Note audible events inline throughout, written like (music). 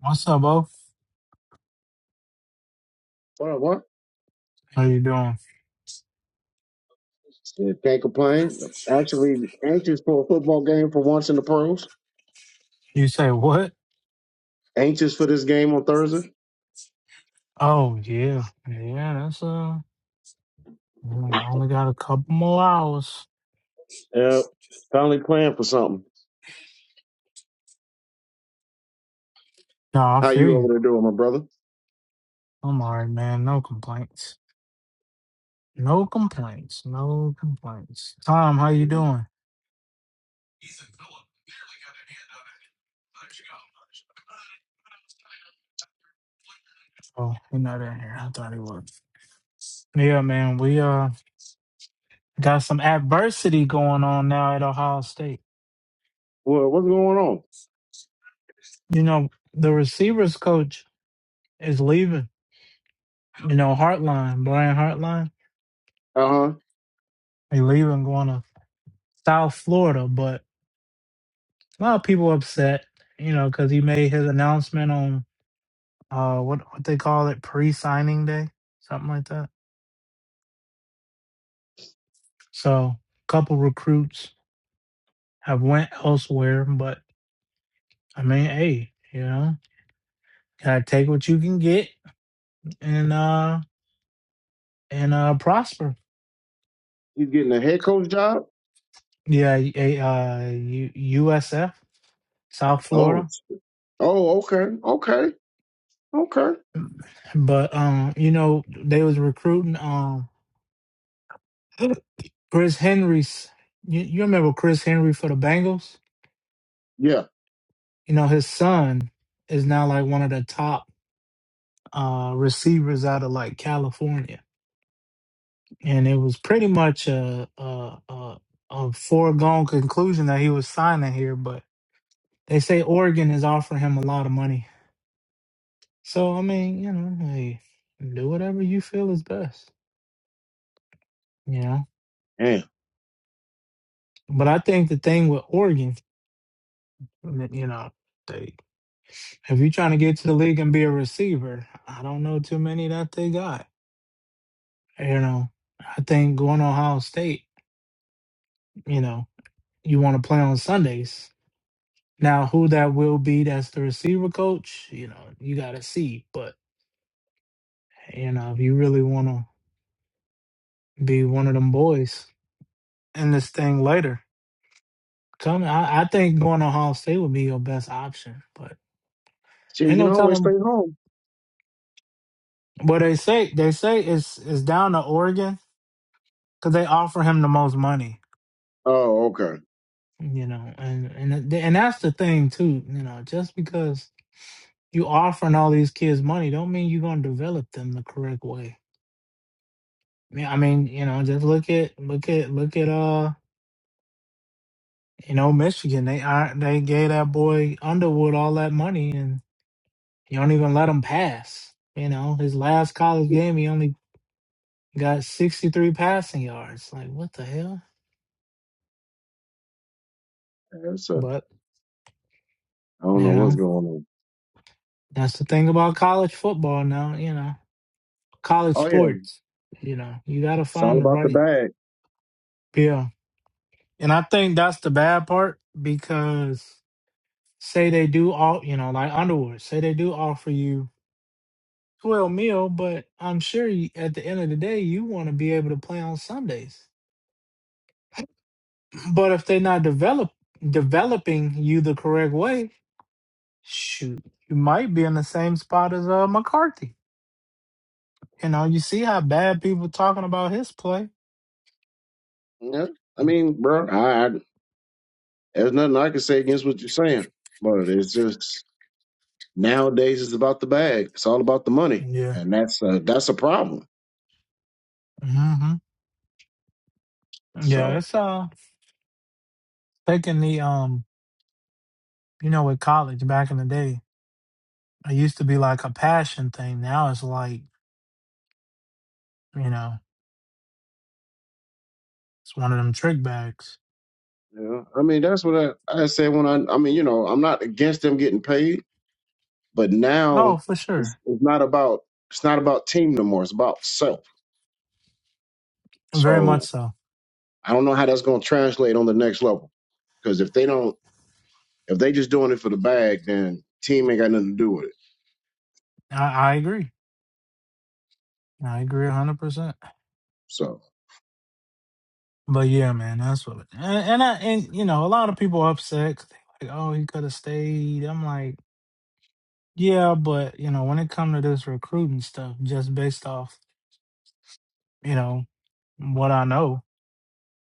What's up, Bo? What I want? How you doing? Can't complain. Actually, anxious for a football game for once in the pros. You say what? Anxious for this game on Thursday. Oh yeah, yeah. That's uh, only only got a couple more hours. Yeah, finally playing for something. No, I How feel you you. over there doing, my brother? I'm alright, man. No complaints. No complaints. No complaints. Tom, how you doing? Oh, he not in here. I thought he was. Yeah, man. We uh got some adversity going on now at Ohio State. Well, what's going on? You know, the receivers coach is leaving. You know, Heartline, Brian Heartline, Uh huh. he leaving going to South Florida, but a lot of people upset, you know, because he made his announcement on uh what what they call it pre-signing day, something like that. So, a couple recruits have went elsewhere, but I mean, hey, you know, gotta take what you can get and uh and uh prosper. He's getting a head coach job. Yeah, a- uh U- USF, South Oh, Florida. Oh, okay, okay, okay. But um, you know, they was recruiting um Chris Henry's. You, you remember Chris Henry for the Bengals? Yeah, You know, his son is now like one of the top uh receivers out of like California, and it was pretty much a a a, a foregone conclusion that he was signing here. But they say Oregon is offering him a lot of money. So I mean, you know, hey, do whatever you feel is best. You know, Damn. but I think the thing with Oregon N- You know, they if you're trying to get to the league and be a receiver, I don't know too many that they got. You know, I think going to Ohio State, you know, you want to play on Sundays. Now, who that will be that's the receiver coach, you know, you got to see. But, you know, if you really want to be one of them boys in this thing later, come. I, I think going to Ohio State would be your best option. But shit, he ain't can no always stay telling home. what they say. They say it's, it's down to Oregon because they offer him the most money Oh, okay. you know and and th- and that's the thing too you know just because you offering all these kids money don't mean you're going to develop them the correct way i mean I mean, you know just look at look at look at uh you know michigan they are they gave that boy underwood all that money and you don't even let him pass you know his last college Yeah, game he only got 63 passing yards like what the hell That's a, but I don't you know what's know going on. that's the thing about college football now you know college Oh yeah, sports. You know, you got to it's all find the about the right. bag. Yeah. And I think that's the bad part because say they do all, you know, like Underwood, say they do offer you 12 mil, but I'm sure you, at the end of the day, you want to be able to play on Sundays. (clears throat) But if they're not develop developing you the correct way, shoot, you might be in the same spot as uh, McCarthy. You know, you see how bad people talking about his play. Yeah, I Mm, mean, bro, I, I There's nothing I can say against what you're saying, but it's just nowadays it's about the bag. It's all about the money, Yeah. and that's a, that's a problem. hmm Yeah, So, it's uh. taking the um you know with college back in the day it used to be like a passion thing now it's like you know it's one of them trick bags you know, I mean, that's what I, I say when I I mean, you know, I'm not against them getting paid, but oh now for it's, sure it's not about it's not about team no more. It's about self. very much So so I don't know how that's going to translate on the next level because if they don't if they just doing it for the bag, then team ain't got nothing to do with it. i, I agree i agree 100% So, but yeah man that's what and, and i and you know a lot of people are upset 'cause they like oh he could have stayed i'm like yeah but you know when it come to this recruiting stuff just based off you know what i know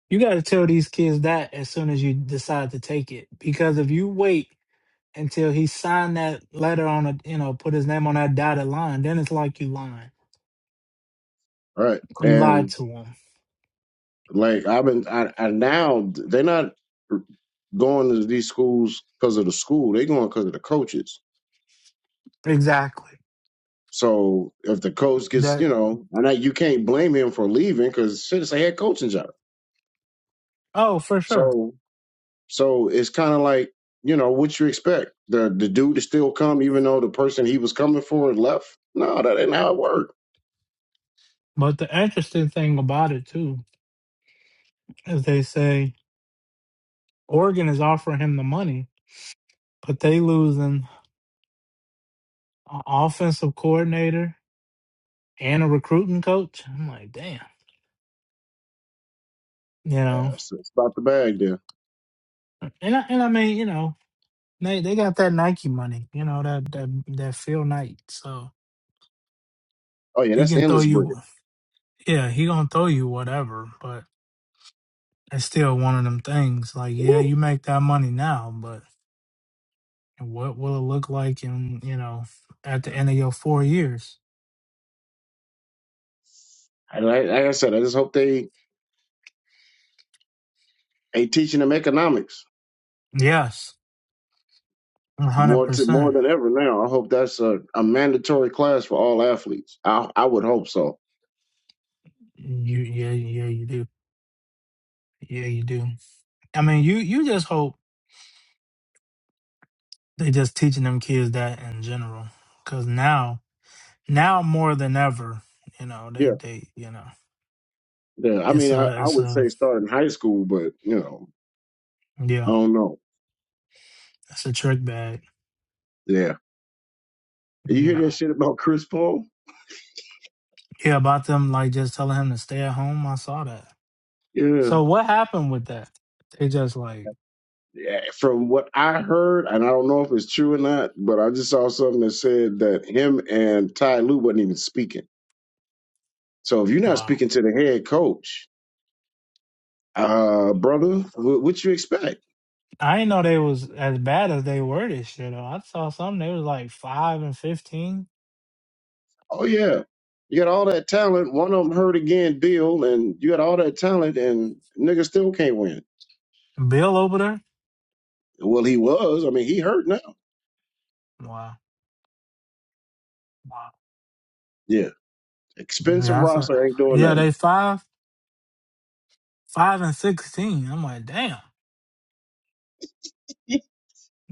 You got to tell these kids that as soon as you decide to take it, because if you wait until he signed that letter on a, you know, put his name on that dotted line, then it's like you lying. all right, You and lied to him. Like I've been, I, I now they're not going to these schools because of the school. They're going because of the coaches. Exactly. So if the coach gets, That. you know, and I, you can't blame him for leaving because shit, it's a head coaching job. Oh, for sure. So so it's kind of like you know what you expect. The the dude to still come even though the person he was coming for left. No, that ain't how it worked. But the interesting thing about it too is they say Oregon is offering him the money, but they losing an offensive coordinator and a recruiting coach. I'm like, damn. You Yeah, know, it's, it's about the bag there. and I, and I mean, you know, They they got that Nike money, you know that that that Phil Knight. So Oh yeah, he that's can throw endless bread. you, yeah, he gonna throw you whatever. But it's still one of them things. Like, yeah, Woo. you make that money now, but what will it look like in you know at the end of your four years? And Like, like I said, I just hope they ain't teaching them economics Yes, one hundred more to more percent. than ever now. I hope that's a, a mandatory class for all athletes. I I would hope so. You yeah yeah you do yeah you do. I mean you you just hope they just teaching them kids that in general because now now more than ever, you know they Yeah, they you know. yeah. I It's mean, I, a, I it's would a, say start in high school, but you know, yeah, I don't know. it's a trick bag, Yeah, you you hear that know. shit about Chris Paul? Yeah, about them like just telling him to stay at home. I saw that. Yeah. So what happened with that? They just like, yeah, from what I heard, and I don't know if it's true or not, but I just saw something that said that him and Ty Lue wasn't even speaking. So if you're not wow. speaking to the head coach, uh, brother, wh- what you expect? I didn't know they was as bad as they were this year though. I saw some they was like five and fifteen. Oh yeah, you got all that talent. One of them hurt again, Bill, and you got all that talent, and nigga still can't win. Bill over there. Well, he was. I mean, he hurt now. Wow. Wow. Yeah, expensive Yeah, I saw. roster ain't doing Yeah, nothing. they five, five and sixteen. I'm like, damn, (laughs)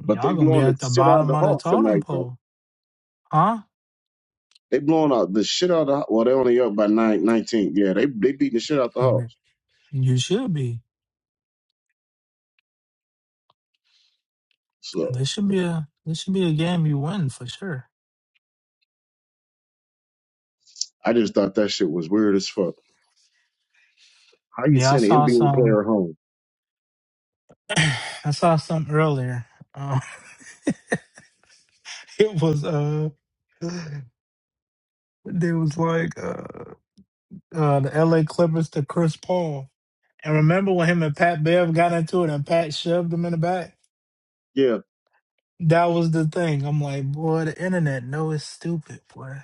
But they y'all gonna be blowing the at the shit out of bottom the of the Hawks totem tonight, bro. pole, huh? They blowing out the shit out of the. Well, they only up by nine, nineteen. Yeah, they they beating the shit out the (laughs) Hawks. You should be. So This should be a this should be a game you win for sure. I just thought that shit was weird as fuck. How you Yeah, I send an saw NBA some. player home? (clears throat) I saw some earlier. Uh, (laughs) it was uh, there was like uh, uh, the L.A. Clippers to Chris Paul. And remember when him and Pat Bev got into it and Pat shoved him in the back? Yeah, That was the thing. I'm like, boy, the internet know it's stupid, boy.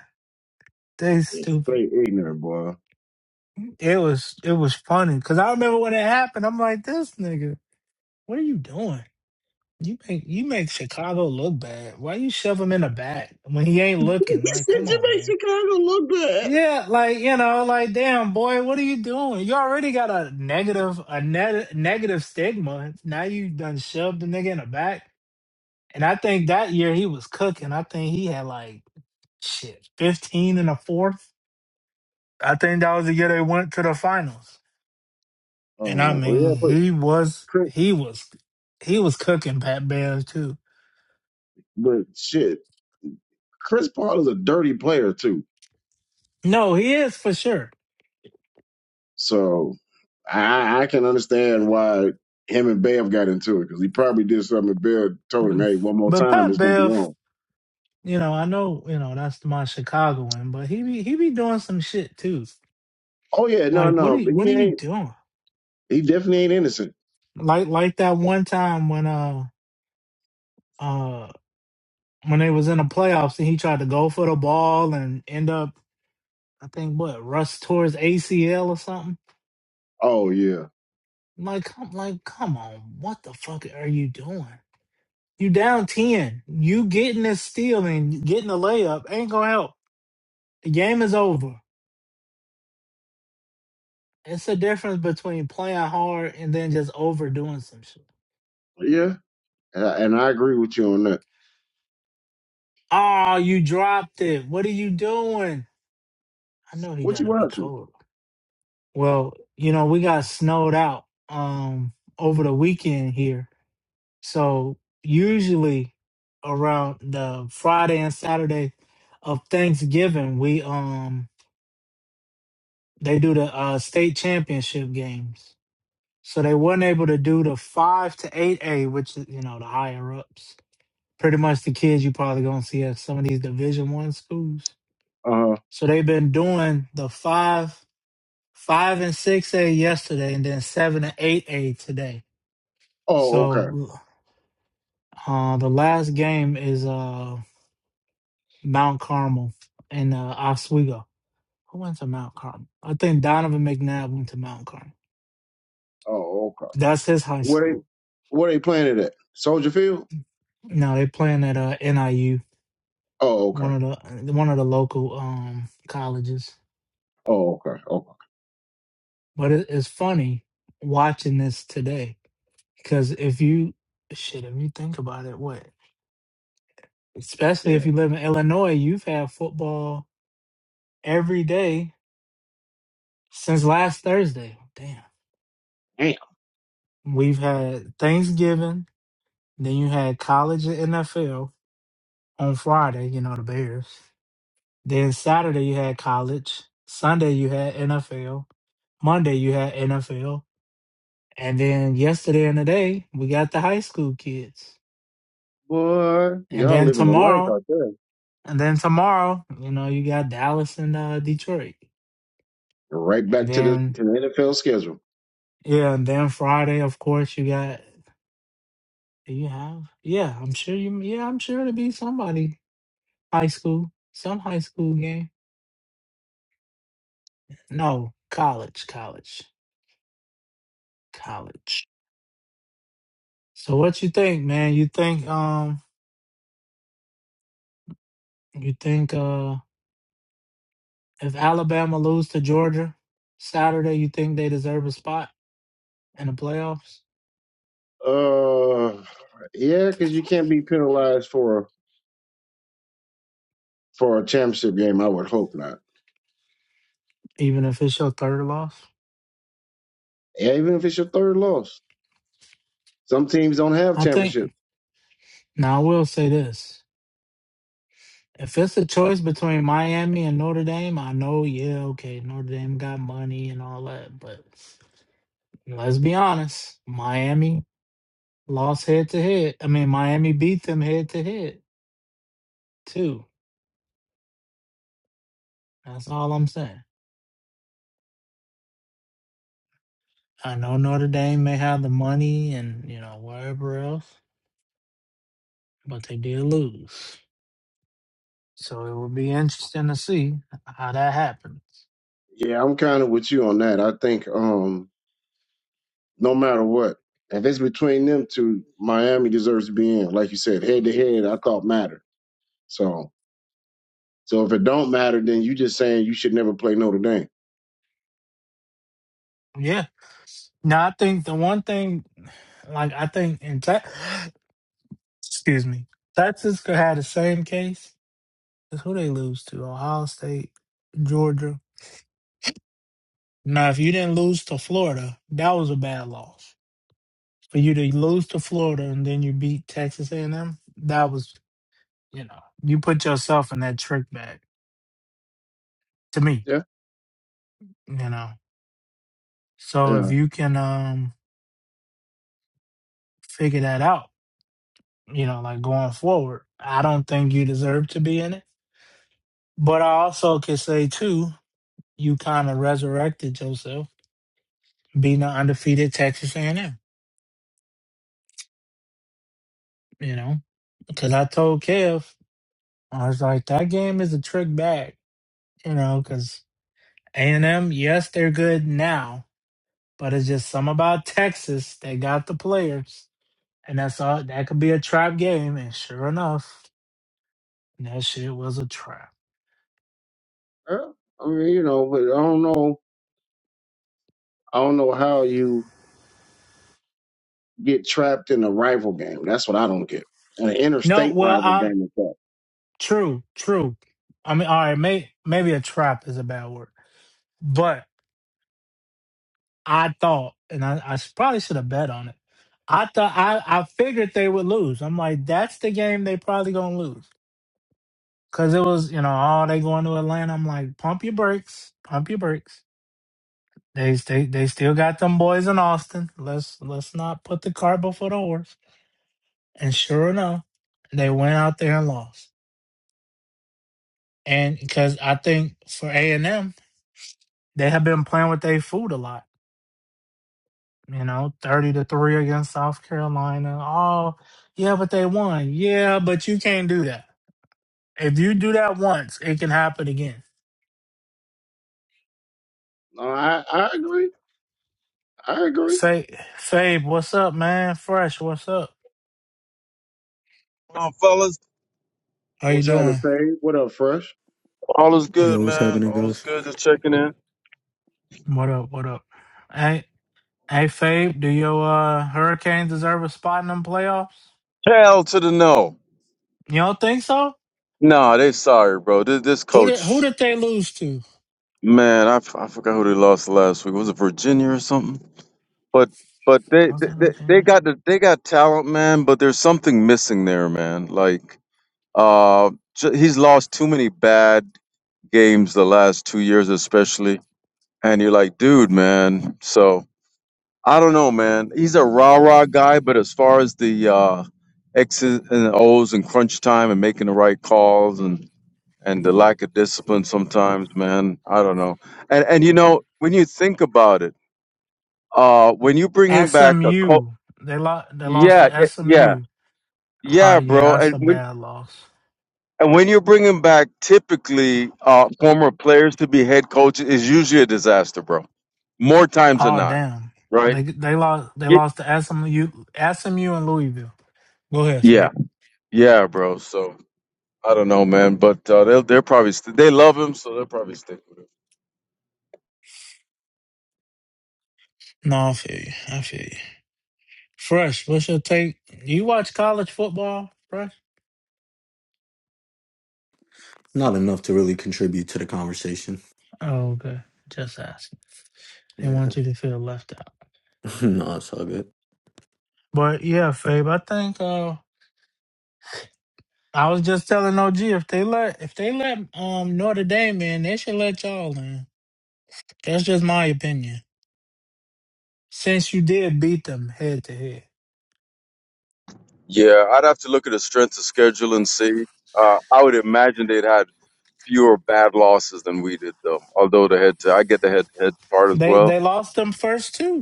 They it's stupid. straight ignorant, boy. (laughs) It was it was funny because I remember when it happened. I'm like, this nigga, what are you doing? You make you make Chicago look bad. Why you shove him in the back when he ain't looking? He Like, said come you on, make man. Chicago look bad. Yeah, like you know, like damn boy, what are you doing? You already got a negative a net, negative stigma. Now you done shoved the nigga in the back. And I think that year he was cooking. I think he had like shit fifteen in the fourth. I think that was the year they went to the finals. And I Oh mean, yeah, but he was he was he was cooking Pat Bears too. But shit, Chris Paul is a dirty player too, No, he is for sure. so I, I can understand why him and Bev got into it because he probably did something. And Bev told him, Um, "Hey, one more But time, Pat it's gonna be Bev, on." you know, I know, you know, that's my Chicagoan, but he be he be doing some shit too. Oh yeah, no, Like what no, are you but what he are you ain't. doing? He definitely ain't innocent. Like like that one time when uh uh when they was in the playoffs and he tried to go for the ball and end up I think what Russ tore his ACL or something. Oh yeah, Like come like come on, what the fuck are you doing? You down ten. You getting this steal and getting the layup ain't gonna help. The game is over. It's a difference between playing hard and then just overdoing some shit. yeah, and I, and I agree with you on that. Oh, you dropped it. What are you doing? I know he What you gotta be watching? cold. Well, you know, we got snowed out um over the weekend here. So usually around the Friday and Saturday of Thanksgiving, we um they do the uh state championship games. So they weren't able to do the five to eight A, which is you know the higher ups pretty much the kids you probably gonna see at some of these division one schools. Uh huh. So they've been doing the five five and six A yesterday and then seven and eight A today. Oh okay. So uh the last game is uh Mount Carmel and uh Oswego. Who went to Mount Carmel? I think Donovan McNabb went to Mount Carmel. Oh okay. That's his high Where they school. where they playing it at? Soldier Field. No, they playing at uh NIU, Oh okay. one of the one of the local um colleges. Oh okay. Okay. But it, it's funny watching this today Because if you shit, if you think about it, what especially if Yeah. you live in Illinois, you've had football every day since last Thursday. Damn, Damn, we've had Thanksgiving, then you had college and NFL on Friday. You know the Bears. Then Saturday you had college. Sunday you had NFL. Monday you had NFL. And then yesterday and today we got the high school kids. boy, And y'all then living the life tomorrow out there. And then tomorrow, you know, you got Dallas and uh, Detroit. Right And back to the then to the NFL schedule. yeah, and then Friday, of course, you got do you have yeah, I'm sure you yeah, I'm sure it'll be somebody high school, some high school game. No, college, college, college. So what you think, man? You think um you think uh if Alabama lose to Georgia Saturday, you think they deserve a spot in the playoffs? Uh, yeah, because you can't be penalized for for a championship game. I would hope not. Even if it's your third loss? Yeah, even if it's your third loss, some teams don't have I think championships. now I will say this. If it's a choice between Miami and Notre Dame, I know, yeah, okay, Notre Dame got money and all that, but let's be honest, Miami lost head to head. I mean, Miami beat them head to head too. That's all I'm saying. I know Notre Dame may have the money and you know wherever else, but they did lose. So it will be interesting to see how that happens. Yeah, I'm kind of with you on that. I think um, no matter what, if it's between them two, Miami deserves to be in. Like you said, head to head, I thought mattered. So so if it don't matter, then you just saying you should never play Notre Dame. Yeah. Now I think the one thing, like I think in tech. (gasps) Excuse me. Texas could have the same case. 'Cause Who they lose to? Ohio State, Georgia. Now, if you didn't lose to Florida, that was a bad loss. For you to lose to Florida and then you beat Texas A&M, that was, you know, you put yourself in that trick bag. To me, Yeah, you know. So if yeah. you can um figure that out, you know, like going forward, I don't think you deserve to be in it. But I also could say too, you kind of resurrected yourself being an undefeated Texas A&M, you know, because I told Kev, I was like, that game is a trick back, you know, because A&M, yes, they're good now, but it's just some about Texas. They got the players, and that's all. That could be a trap game, and sure enough, that shit was a trap. Uh, I mean, you know, but I don't know. I don't know how you get trapped in a rival game. That's what I don't get. An No, interstate well, rival um, game is that. true, true. I mean, all right, may, maybe a trap is a bad word, but. I thought, and I I probably should have bet on it. I thought I, I figured they would lose. I'm like, that's the game they probably gonna lose because it was you know all they going to Atlanta. I'm like, pump your brakes, pump your brakes. They they they still got them boys in Austin. Let's let's not put the cart before the horse. And sure enough, they went out there and lost. And because I think for A and M, they have been playing with their food a lot you know, 30 to 3 against South Carolina. Oh, yeah, but they won. Yeah, but you can't do that. If you do that once, it can happen again. No, I, I agree. I agree. Say, Fabe, what's up, man? Fresh, what's up? on, fellas? How you What's happening, doing? Paige? What up, Fresh? All is You good, Yo, what's man. happening, All is guys? good. Just checking in. What up? What up? Hey, hey, Fabe, do your uh, Hurricanes deserve a spot in them playoffs? Hell to the no. You don't think so? Nah, they sorry, bro. This, this Who did Who coach, did they lose to? man, I, f- I forgot who they lost last week. Was it Virginia or something? But but they Was they, it they they Virginia? got the they got talent, man. But there's something missing there, man. Like uh, j- he's lost too many bad games the last two years, especially. And you're like, dude, man. So. I don't know, man. He's a rah rah guy, but as far as the uh, X's and O's and crunch time and making the right calls and and the lack of discipline sometimes, man, I don't know. And and you know when you think about it, uh, when you're bringing back a co- SMU. They lost. They lost yeah, to yeah, yeah, SMU. All yeah, right, yeah, bro, that's and a when. bad loss. And when you're bringing back typically uh, former players to be head coaches is usually a disaster, bro. More times than Oh not, damn. right? They they lost they Ye- lost to SMU SMU and Louisville. Go ahead, Yeah, Fade. yeah, bro. So. I don't know, man, but uh, they'll they're probably st- they love him, so they'll probably stick with him. No, I feel you. I feel you. Fresh, what's your take? You watch college football, Fresh? Not enough to really contribute to the conversation. Oh, okay. Just asking. They Yeah. want you to feel left out. (laughs) no, it's all good. But yeah, Fabe, I think uh I was just telling OG if they let if they let um Notre Dame in, they should let y'all in. That's just my opinion. Since you did beat them head to head. Yeah, I'd have to look at the strength of schedule and see. Uh, I would imagine they'd had fewer bad losses than we did, though. Although the head, to, I get the head head part as They well. they lost them first too.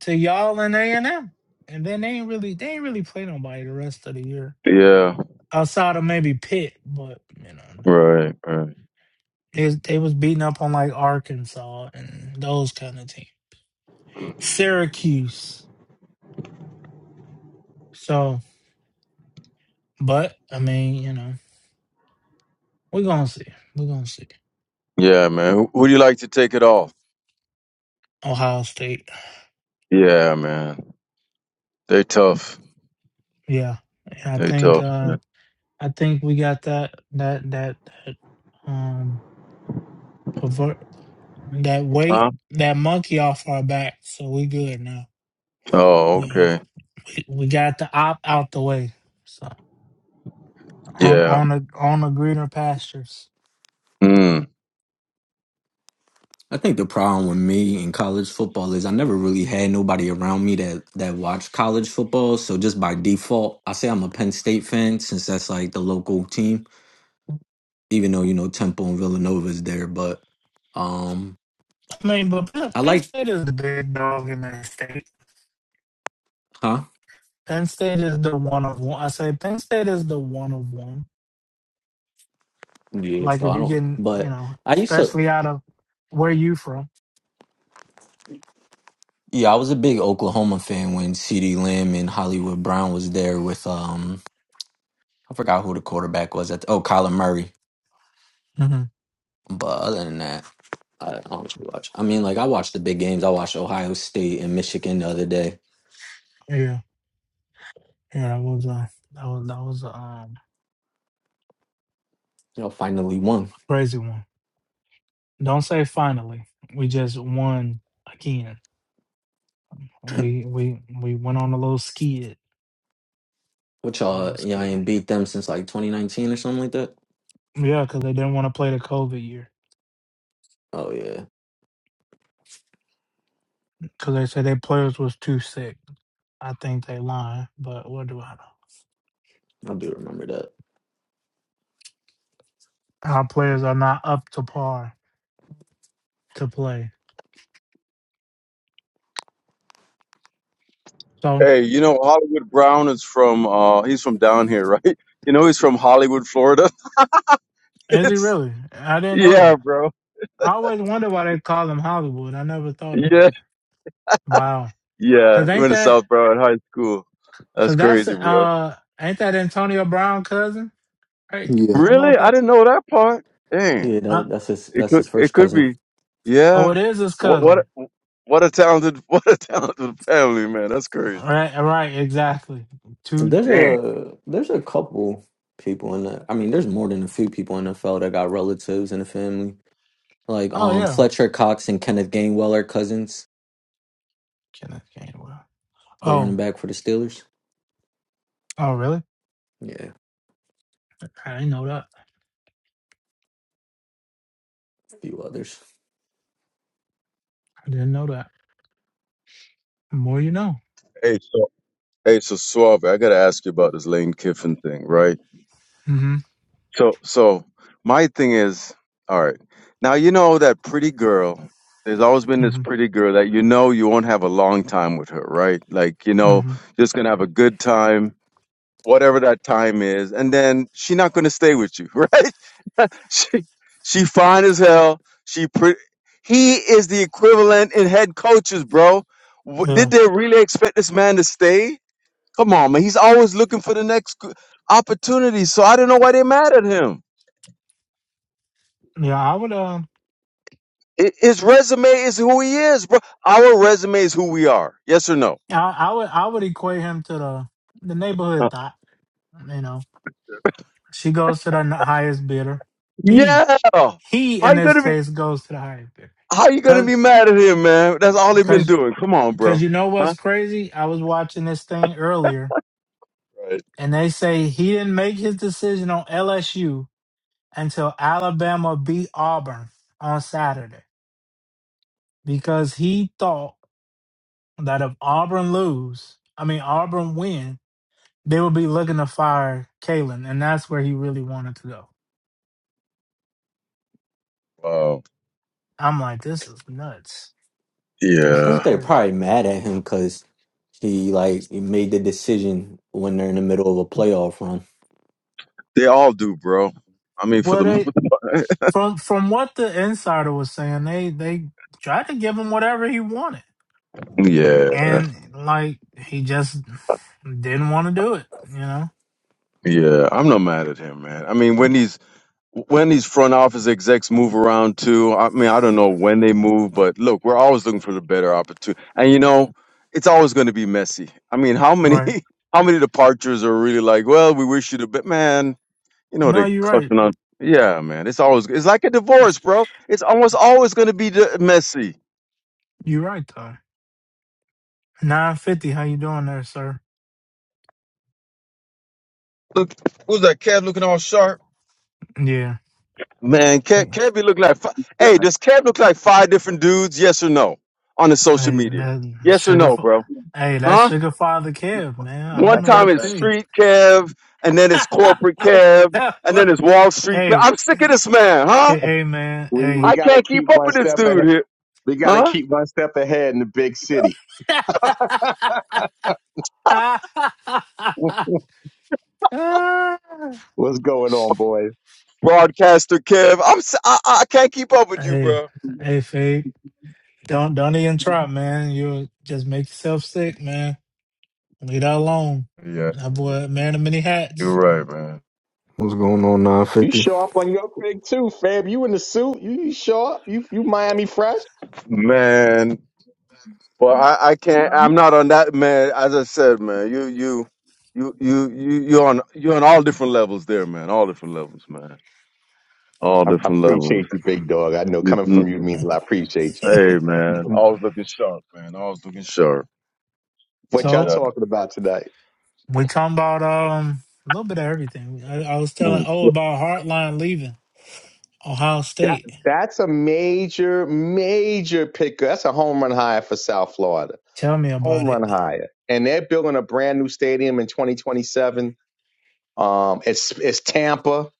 to y'all and A and M, and then they ain't really they ain't really play nobody the rest of the year Yeah, outside of maybe Pitt, but you know that ain't. right, right. They, they was beating up on like Arkansas and those kind of teams, Syracuse. So, but I mean, you know, we're gonna see, we're gonna see Yeah, man. Who, who do you like to take it off? Ohio State. Yeah, man. They tough. Yeah, and I They think tough, uh man. I think we got that that that that um pervert that weight Huh? that monkey off our back, so we good now. Oh, Yeah. okay. We we got the op out the way. So on Yeah. on the on the greener pastures. Mm. I think the problem with me in college football is I never really had nobody around me that that watched college football. So just by default, I say I'm a Penn State fan since that's like the local team, even though you know Temple and Villanova is there. But um, I mean, but Penn, I Penn like, State is the big dog in that state. huh? Penn State is the one of one. I say Penn State is the one of one. Yeah. Like So if I you don't. getting, you But know, I used to. especially out of where you from. Yeah, I was a big Oklahoma fan when C.D. Lamb and Hollywood Brown was there with um I forgot who the quarterback was at. The, oh, Kyler Murray. hmm But other than that, I don't really watch. I mean, like I watched the big games. I watched Ohio State and Michigan the other day. Yeah, yeah, that was a that was that was a um, Y'all finally won. crazy one. Don't say finally. We just won again. We we we went on a little skid, Which a y'all little y'all skid. ain't beat them since like 2019 or something like that. Yeah, because they didn't want to play the COVID year Oh yeah, because they said their players was too sick. I think they lying, but what do I know? I do remember that. Our players are not up to par to play. So Hey, you know Hollywood Brown is from uh he's from down here, right? (laughs) You know he's from Hollywood, Florida. (laughs) is he It's. really? I didn't know Yeah, that. bro. I always wonder why they call him Hollywood. I never thought about it. Yeah, Wow, yeah. because He ain't went to that South Broward High School. That's because that's crazy, bro. uh ain't that Antonio Brown cousin right? Yeah. Something Really? like I that. didn't know that part. Damn. Yeah, Uh, that, that's his It that's could. his It first could cousin. be. oh, Yeah. it is his What? What? cousin. a- What a talented. (laughs) What a talented family, man. That's crazy. Right, right, exactly. Two. There's Damn. a there's a couple people in the I mean, there's more than a few people in the NFL that got relatives in the family. Like Oh um yeah, Fletcher Cox and Kenneth Gainwell are cousins, Kenneth Gainwell. the running Oh, back for the Steelers. oh really? Yeah. I didn't know that. few others. I didn't know that. The more you know. Hey, so. Hey, so Suave, I gotta ask you about this Lane Kiffin thing, right? hmm So, so my thing is, all right. Now you know that pretty girl. There's always been this hmm pretty girl that you know you won't have a long time with her, right? Like you know, hmm just gonna have a good time, whatever that time is, and then she not gonna stay with you, (laughs) right? (laughs) she she fine as hell. She pretty. He is the equivalent in head coaches, bro. W- Did Yeah. they really expect this man to stay? Come on, man. He's always looking for the next g- opportunity. So I don't know why they mad at him. Yeah. I would. Um. I- His resume is who he is, bro. Our resume is who we are. Yes or no? I, I would. I would equate him to the the neighborhood Uh, thought. You know, she goes to the n- highest bidder. He Yeah. How he in you this gonna be? case goes to the highest bidder. How you gonna Cause be mad at him, man? That's all they've been cause doing. Come on, cause bro. you know what's Huh? crazy? I was watching this thing earlier, Right. and they say he didn't make his decision on LSU until Alabama beat Auburn on Saturday because he thought. that if Auburn lose, I mean Auburn win, they would be looking to fire Kalen, and that's where he really wanted to go. Wow. I'm like, this is nuts. I This is think Yeah. they're crazy. probably mad at him because he like made the decision when they're in the middle of a playoff run. They all do, bro. I mean, for Well, the most they part. (laughs) from from what the insider was saying, they they tried to give him whatever he wanted, Yeah. and like he just didn't want to do it. You know, Yeah. I'm not mad at him, man. I mean, when he's when these front office execs move around too, I mean, I don't know when they move, but look, we're always looking for the better opportunity. And you know, it's always going to be messy. I mean, how many, right? (laughs) how many departures are really like, well, we wish you the best, man. You know, No, they you're right. clucking on. Yeah, man, it's always, it's like a divorce, bro. It's almost always going to be the messy. You're right, though. Nine fifty. How you doing there, sir? Look, who's that Kev looking all sharp? Yeah. Man, Kev, Kev be looking like, fi- That's hey, does Kev look like five different dudes? Yes or no on the social Hey, media? that Yes or sugar. no, Fa- bro? hey, that Huh? sugar father Kev, man. I One don't know time that's what it's that. to. street Kev, and then it's corporate Kev, tell and you. then it's Wall (laughs) Street Kev. hey, I'm sick of this man, huh? hey, hey, man. We we I Hey. gotta can't keep keep up one with this step dude ahead. here, We gotta huh? keep one step ahead in the big city. (laughs) (laughs) What's going on, boys? Broadcaster Kev, I'm si I, I can't keep up with you, hey, bro. hey, Fade. Don't don't even try, man. You'll just make yourself sick, man. Leave that alone. Yeah, That boy, man of many you're hats. right, man. What's going on, You 950? show up on your big too, Fab. You in the suit? You, you show up? You you Miami fresh? Man, but I, I can't. I'm not on that man. As I said, man, you you you you you you're on you're on all different levels there, man. All different levels, man. All I, I different levels. appreciate you, big dog. I know coming from you Hey, means a lot. I appreciate man. you. Always looking sharp, man. Always looking sharp. What No y'all So doubt. talking about tonight? we talking about um a little bit of everything. I, I was telling Mm. oh Hey, about Heartline leaving Ohio That State. that's a major major pickup. That's a home run hire for South Florida. Tell me home about it. run higher. And they're building a brand new stadium in 2027. Um, it's it's Tampa.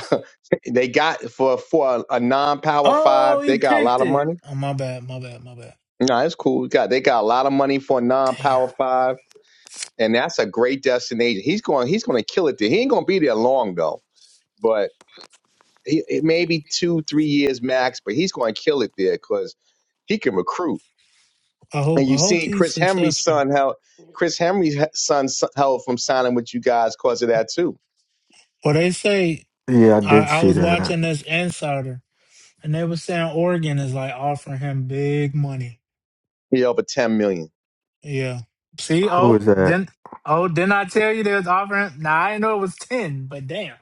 (laughs) They got for for a, a non-power five. Oh, They he got a lot picked of it. money. Oh, my bad, my bad, my bad. No, it's cool. Got they got a lot of money for a Damn. non-power five, and that's a great destination. He's going. He's going to kill it there. He ain't going to be there long though, but he it may two, three years max. But he's going to kill it there because he can recruit. I And hope I you hope seen he's Chris Henry's successful. son held Chris Henry's son held from signing with you guys because of that too Well, they say Yeah, I I, did I see was that. watching this insider, and they were saying Oregon is like offering him big money. He over ten million. Yeah. See, Who oh, is that? didn't oh didn't I tell you they was offering? nah, I didn't know it was ten, but damn.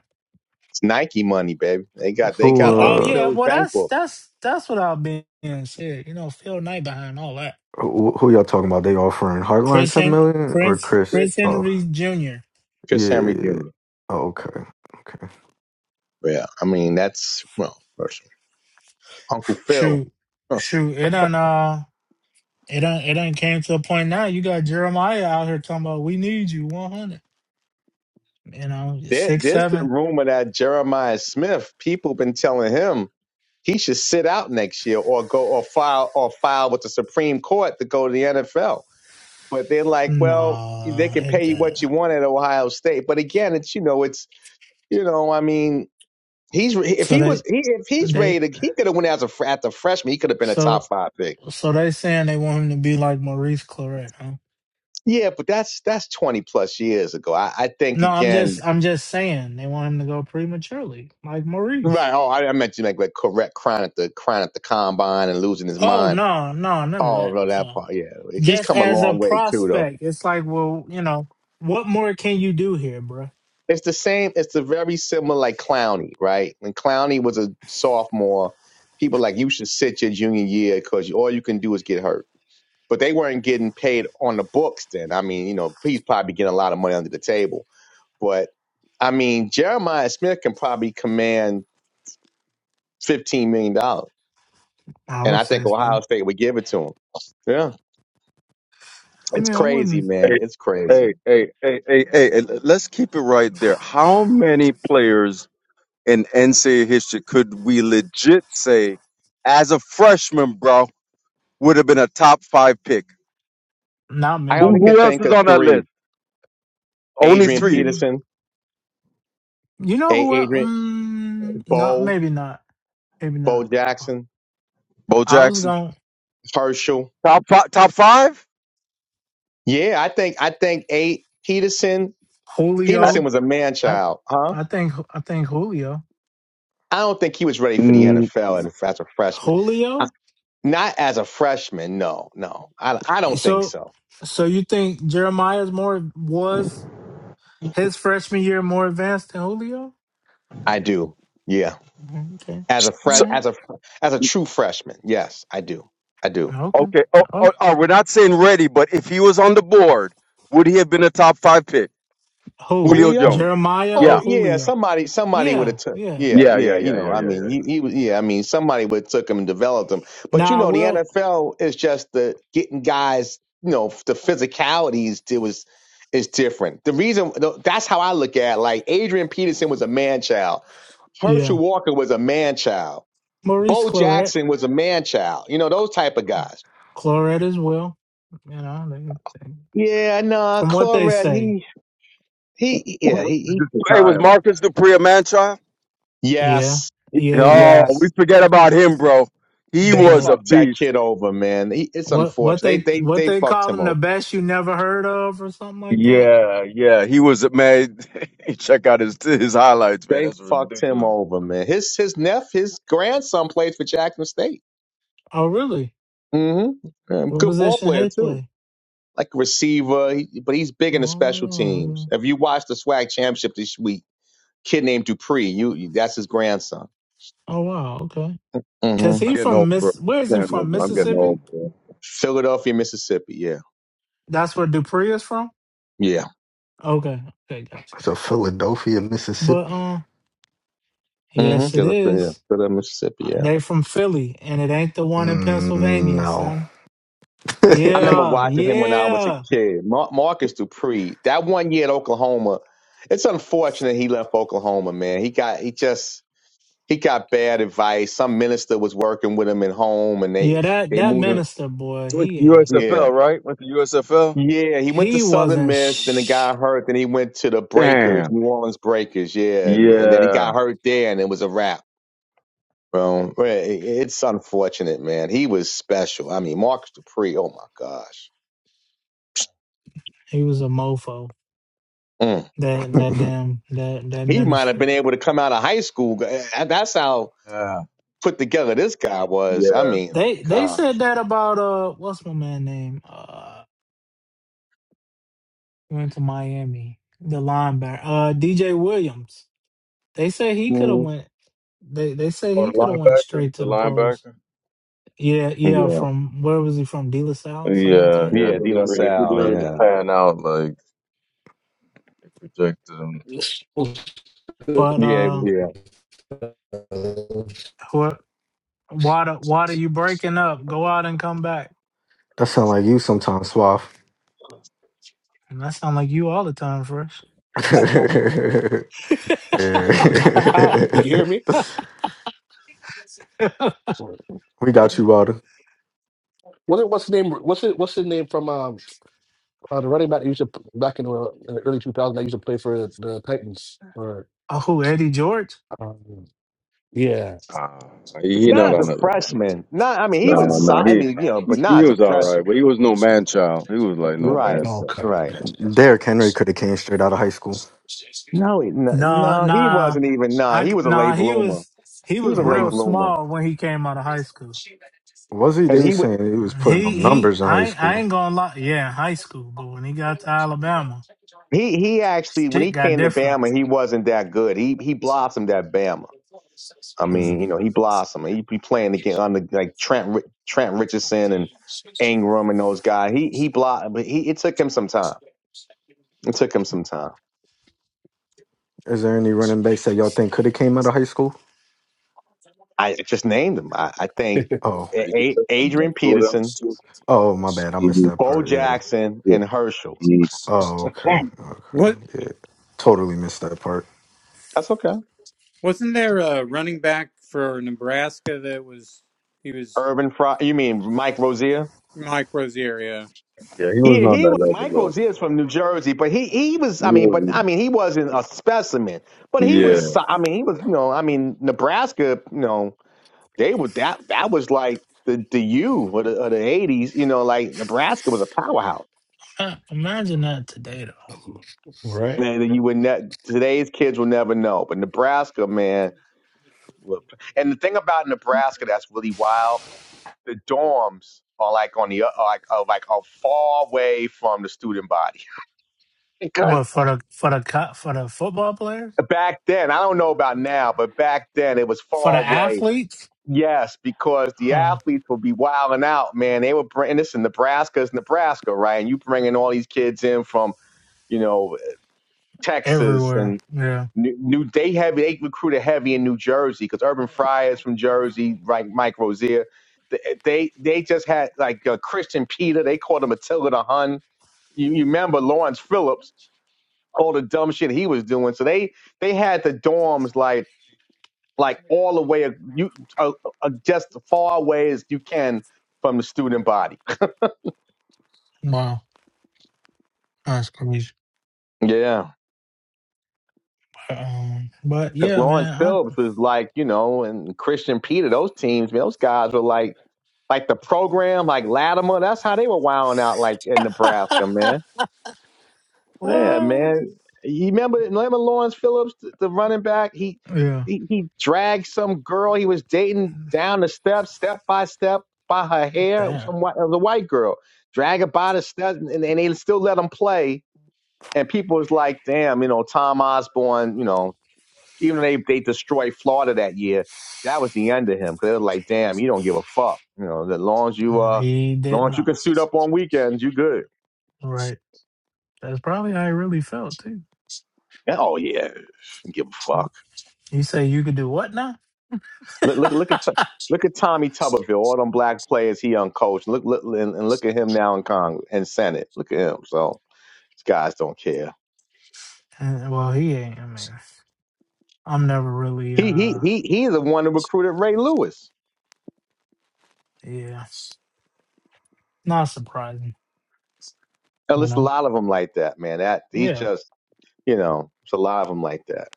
It's Nike money, baby. They got they Who Yeah, got Oh Uncle uh yeah, Phil's well bank that's book. that's that's what I've been said. You know, Phil Knight behind all that. who, who y'all talking about? They offering Heartline Chris 10 Hen- million or Chris Chris? Chris, Chris Oh, Henry Jr. yeah. Chris yeah, Henry yeah. Jr. Oh, okay. Okay. Yeah, I mean that's well, first Uncle Phil. Shoot, Huh. shoot, it done. Uh, It done, it done came to a point now. You got Jeremiah out here talking about we need you one hundred. You know There, six there's seven. been rumor that Jeremiah Smith. People been telling him he should sit out next year or go or file or file with the Supreme Court to go to the NFL. But they're like, well, they Nah, can it, pay you what uh, you want at Ohio State. But again, it's you know, it's you know, I mean, He's if so he was they he, if he's they ready to he could have went as a fr- at the freshman he could have been a top so five pick. so they saying they want him to be like Maurice Claret, huh? Yeah, but that's that's twenty plus years ago. I, I think No, I'm again. just I'm just saying they want him to go prematurely like Maurice. Right. Oh, I, I meant you make like correct crying at the crying at the combine and losing his Oh mind. no no none of Oh that. no, that Uh, part. Yeah, Like, he's just come a as a long way too though. prospect, it's like well you know what more can you do here, bruh? It's the same. It's the very similar like Clowney, right? When Clowney was a sophomore, people like you should sit your junior year because all you can do is get hurt but they weren't getting paid on the books then. I mean, you know, he's probably getting a lot of money under the table. But I mean, Jeremiah Smith can probably command fifteen million dollars. I And would I say think so. Ohio State would give it to him. Yeah. I It's mean I crazy, wouldn't. man. It's crazy. hey, hey, hey, hey, hey, and let's keep it right there. How many players in NCAA history could we legit say, as a freshman, bro, would have been a top five pick? Not I Who, many. only who could else think is of on that three. list? Only Adrian three. Mm, Peterson, You know A who? el- Adrian Mm, no, Bo, maybe not. Maybe Bo not. Jackson, Bo I was Jackson. going Herschel. Top five? Top five? Yeah, I think I think A Peterson Uh, Peterson Julio. was a man I child, huh? I think I think Julio. I don't think he was ready for the mm, NFL as a freshman. Julio. Not as a freshman. No, no. I I don't think So so. so you think Jeremiah's more was his freshman year more advanced than Julio? I do. Yeah. Mhm, Okay. As a All so, fresh right. as a as a true freshman. Yes, I do. I do. Okay. okay. Oh, oh, Okay. oh, we're not saying ready, but if he was on the board, would he have been a top five pick? Who? Julio Julio? Jones. Jeremiah Oh or Yeah. yeah, Julio? somebody somebody would Yeah. have took Yeah. yeah, Yeah, yeah, yeah, you yeah, know, yeah, I yeah, mean he, yeah. he was yeah, I mean somebody would have took him and developed him. But you Now I know, the will. NFL is just the getting guys, you know, the physicalities it was is different. The reason that's how I look at it. like Adrian Peterson was a man child. Herschel Yeah. Walker was a man child. Maurice Bo Claret. Jackson was a man child. You know, those type of guys. Claret as well. You know. They, they, Yeah, no, nah, from what they Clorette, say. he, he, yeah, Clark he, is he. just a Hey, was child. Marcus Dupree a man child? Yeah, Yes, yeah, he Oh, was we yes. forget about him, bro. He They was the a fucked that beast. kid over, man. He, it's what what unfortunate. they They, they, what they they fucked call him him the over. best you never heard of or something like that. Yeah, yeah, he was a man. (laughs) Check out his his highlights, man. They That's fucked him ridiculous. over, man. His, his nephew, his grandson plays for Jackson State. Oh, really? Mm-hmm. Um, What good ball position player he too. play? Like a receiver, he, but he's big in the special teams. Oh, If you watch the Swag Championship this week, kid named Dupree, you, you that's his grandson. oh wow, okay. Mm-hmm. Cause I'm he getting from old, bro. Miss. Where is he Damn, from? I'm getting Mississippi. old, bro. Philadelphia, Mississippi. Yeah, That's where Dupree is from. yeah. Okay, okay, gotcha, So gotcha, gotcha. Philadelphia, But Mississippi? uh, Mm-hmm. yes, it Philadelphia, is. Philadelphia, Mississippi. Yeah. They from Philly, and it ain't the one in Mm, Pennsylvania, no. son. I remember (laughs) Yeah, watching him when I was a yeah, kid. Mar- Marcus Dupree. That one year at Oklahoma. It's unfortunate he left Oklahoma, man. He got he just he got bad advice. Some minister was working with him at home, and they yeah. That they that moved him. minister boy, You went he ain't. to Yeah, USFL, right? Went to USFL. yeah. He went to He Southern wasn't. Miss, then he Sh- got hurt. Then he went to the Breakers, Damn. New Orleans Breakers. Yeah, and, and then he got Yeah. hurt there, and it was a wrap. Well, well, it- it's unfortunate, man. He was special. I mean, Marcus Dupree. Oh my gosh, he was a mofo. Mm. That that damn that that he might have minister. been able to come out of high school. Uh, That's how Yeah. put together this guy was. I Yeah. mean, my They they God. said that about uh what's my man name? Uh went to Miami. The linebacker. Uh DJ Williams. They said he could have Mm. went they they said Oh, he the could have went linebacker. straight The to the pros. linebacker. Yeah, yeah, Yeah, from where was he from? De La Salle, something like Yeah, that. yeah. yeah, He De La didn't really, he Salle. didn't really Yeah, pan out like they projected him. (laughs) But yeah, uh yeah. what Wada Wada, you breaking up. Go out and come back. that sound like you sometimes, Swaff. And that sound like you all the time, Fresh. (laughs) How? (laughs) you Yeah. (laughs) hear me? (laughs) We got you, Wilder. What it- what's the name? What's it? What's the name from um uh, the running back that used to p- back in the, in the early 2000s that used to play for the Titans or Oh, who? Eddie George? um, yeah. Ah, he, he Not not as a No. on it. freshman. Not. I mean, he No, was. so- no, I he, mean, you know, but he he not as a was all right, freshman. but he was no man child. He was like no Right. man No, child. okay. Right. Derrick Henry could have came straight out of high school. No, he- no, Nah, no, he nah. wasn't even. Nah, I he was a nah. late He bloomer. was he He was was a late real Uh, bloomer, small when he came out of high school. was he? They and he was wa- saying he was Uh, putting up He he. numbers in high I ain't- I school. ain't gonna lie. Yeah, high school. But when he got to Alabama, He he actually when shit he got came to different. (laughs) Bama, he wasn't that good. He he blossomed at Bama. I Mm. mean, you know, he blossomed. He be playing again under like Trent Ri- Trent Richardson and Ingram and those guys. He he blocked, but he it took him some time. It took him some time. Is there any running backs that y'all think could have came out of high school? I just named him. I, I think Oh, Yeah, he A- just A- took them, man. Adrian Two of them, Peterson, 2 oh, my bad. I missed Mhm, that Bo part. Yeah. Jackson, Yeah. and Herschel. mhm. Oh, okay. Okay. What Yeah. Totally missed that part. That's okay. wasn't there a running back for Nebraska that was he was Urban Fry. You mean Mike Rozier? Mike Rosario? Yeah, he was Yeah, not he that wa- level Mike though. Rozier's from New Jersey, but he he was He I mean, but I wasn't. mean he wasn't a specimen, but he Yeah, Yeah, was so- I mean he was you know I mean Nebraska you know they were that that was like the the U of the, of the '80s you know like Nebraska was a powerhouse Huh, Imagine that today though. All right. man that you would ne- today's kids will never know, but Nebraska man wa- and the thing about Nebraska that's really wild the dorms are like on the o- are like are like are far away from the student body (laughs) What for the for the co- for the football players back then, I don't know about now, but back then it was for the far away. athletes? Yes, because the Uh, athletes would be wilding out, man. They were bringing this in Nebraska, it's Nebraska, right? And you bringing all these kids in from, you know, Texas everywhere. and Yeah. New, New they heavy, they recruited heavy in New Jersey because Urban Fry is from Jersey, right? Mike Rozier. Th- They they just had like uh, Christian Peter. They called him Attila the Hun. You, you remember Lawrence Phillips, all the dumb shit he was doing. So they they had the dorms like like all the way uh, you uh, uh, just as far away as you can from the student body. Wow. That's crazy. Yeah, Um, but because yeah, Lawrence man. Phillips was like you know, and Christian Peter, those teams, man, those guys were like like the program, like Latimer. That's how they were wilding out, like in Nebraska, man. I, Yeah, (laughs) man. You remember, remember Lawrence Phillips, the, the running back? He, yeah. he he dragged some girl he was dating down the steps, step by step, by her hair. Damn. Some white, it was a white girl. Drag her by the steps, and, and they still let him play. And people was like, damn, you know, Tom Osborne, you know, even though they, they destroyed Florida that year, that was the end of him. Because they were like, damn, you don't give a fuck. You know, as long as you, uh, He as did long as you not. can suit up on weekends, you good. Right. That's probably how he really felt too. Oh, yeah, give a fuck. He said you could do what now? Look, look, look at look at Tommy Tuberville, all them black players he uncoached. Look, look, and, and look at him now in Congress and Senate. Look at him. So these guys don't care. And, well, he ain't. I mean, I'm never really. He he uh he he's the one who recruited Ray Lewis. Yeah, not surprising. And You there's a know. lot of them like that, man. That he's Yeah. just you know, there's a lot of them like that.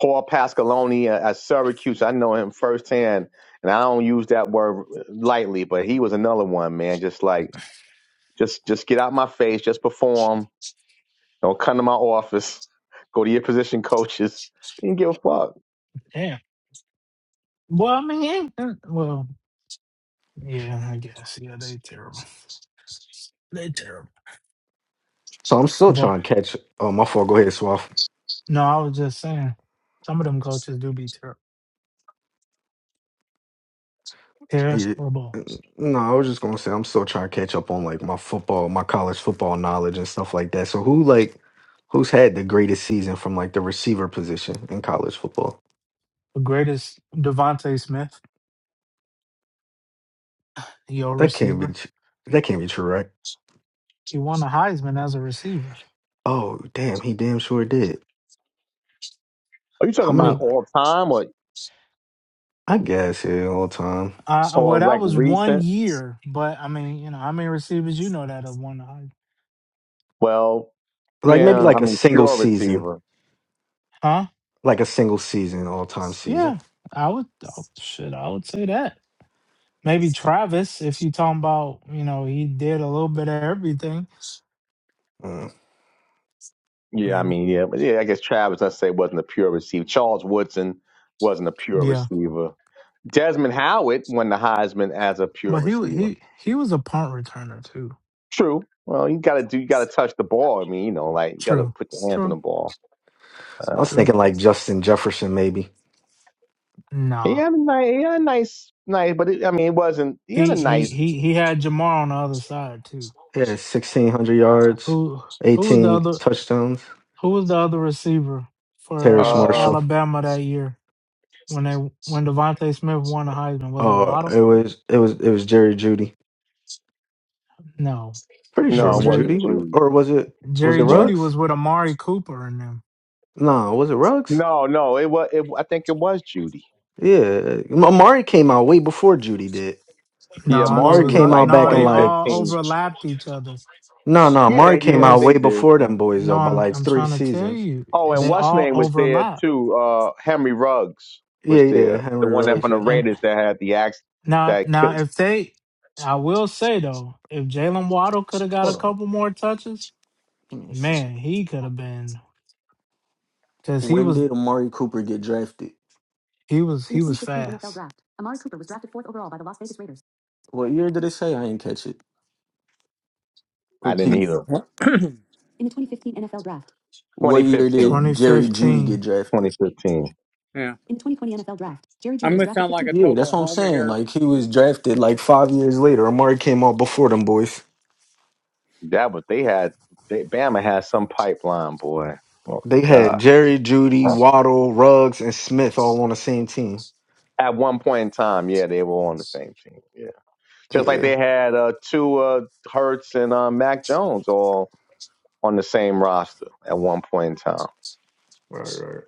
Paul Pasqualoni at, at Syracuse, I know him firsthand, and I don't use that word lightly, but he was another one, man. Just like just just get out my face, just perform Don't come to my office. Go to your position coaches. You didn't give a fuck. Yeah. Well, I mean, he ain't- uh, well, yeah. I guess. Yeah, they terrible. They terrible. So I'm still But trying to catch. Oh, my fault. Go ahead, Swaff. no, I was just saying, some of them coaches do be terrible. Yeah. Terrible. No, I was just gonna say I'm still trying to catch up on like my football, my college football knowledge and stuff like that. So who like who's had the greatest season from like the receiver position in college football? The greatest Devonte Smith, your That can't be receiver. tr- that can't be true, right? He won a Heisman as a receiver Oh damn, he damn sure did. Are you How talking with. many? about all time or I guess yeah, all time. Uh, or well, that like was one recent? year, but I mean, you know, how many receivers you know that have won the Heisman? Well, Like maybe yeah, I like a mean single pure season, receiver. Huh? like a single season, all time season. Yeah, I would. Oh, shit, I would say that. Maybe Travis, if you talking about, you know, he did a little bit of everything. Mm. Yeah, I Maybe. mean yeah, but yeah. I guess Travis, let's say, wasn't a pure receiver. Charles Woodson wasn't a pure Yeah, receiver. Desmond Howard won the Heisman as a pure but he wa- receiver. he he was a punt returner too. True. Well, you gotta do. You gotta touch the ball. I mean, you know, like you gotta True, put your hands on the true, ball. Uh, I was true. thinking like Justin Jefferson maybe. he Nah, had a nice, he had a nice, nice, but it, I mean, it wasn't. He had a he he nice. he he had Jamar on the other side too. Yeah, sixteen hundred Uh, yards, who who was the eighteen other touchdowns. who was the other receiver for Terrace uh Uh, Marshall. Alabama that year? when they when Devontae Smith won the Heisman. Was it Oh, Waddle? it was it was it was Jerry Judy. No, Pretty sure it no. No, it was Jerry Judy, wasn't was Judy. or was it was it Jerry What? Judy Ruggs? was with Amari Cooper and them. No, was it Ruggs? No, no, it was. It, I think it was Judy. Yeah, Amari came out way before Judy did. Yeah, No, they Amari Marmy was was came uh, out like no, back in they like all 2015. overlapped each other. no, no, Yeah, Amari they, It came yeah, out was they way did. before yeah. them boys no. though, by I'm like I'm three trying to tell seasons. you, Oh, and they what's all name was there overlap. too? Uh, Henry Ruggs was Yeah, yeah, there, the Henry one that Ruggs. from the Yeah. And Raiders that had the axe now that now killed. if they, I will say though, if Jalen Waddle could have got a Hold on, couple more touches, give me a second. man, he could have been because he When was did Amari Cooper get drafted? he was he was fast. What year did it say? I didn't catch it. I didn't Repeat. either. What year 2015, did Jerry Judy 2015. get drafted? 2015. yeah. I'm gonna sound like a Yeah, that's total what I'm homer saying. here. Like he was drafted like five years later. Amari came out before them boys. That was they had. They, Bama had some pipeline, boy. Oh They had God. Jerry, Judy, Waddle, Ruggs, and Smith all on the same team. At one point in time, yeah, they were on the same team. Yeah. just like they Yeah, had uh, two uh, Hertz and uh, Mac Jones all on the same roster at one point in time, right,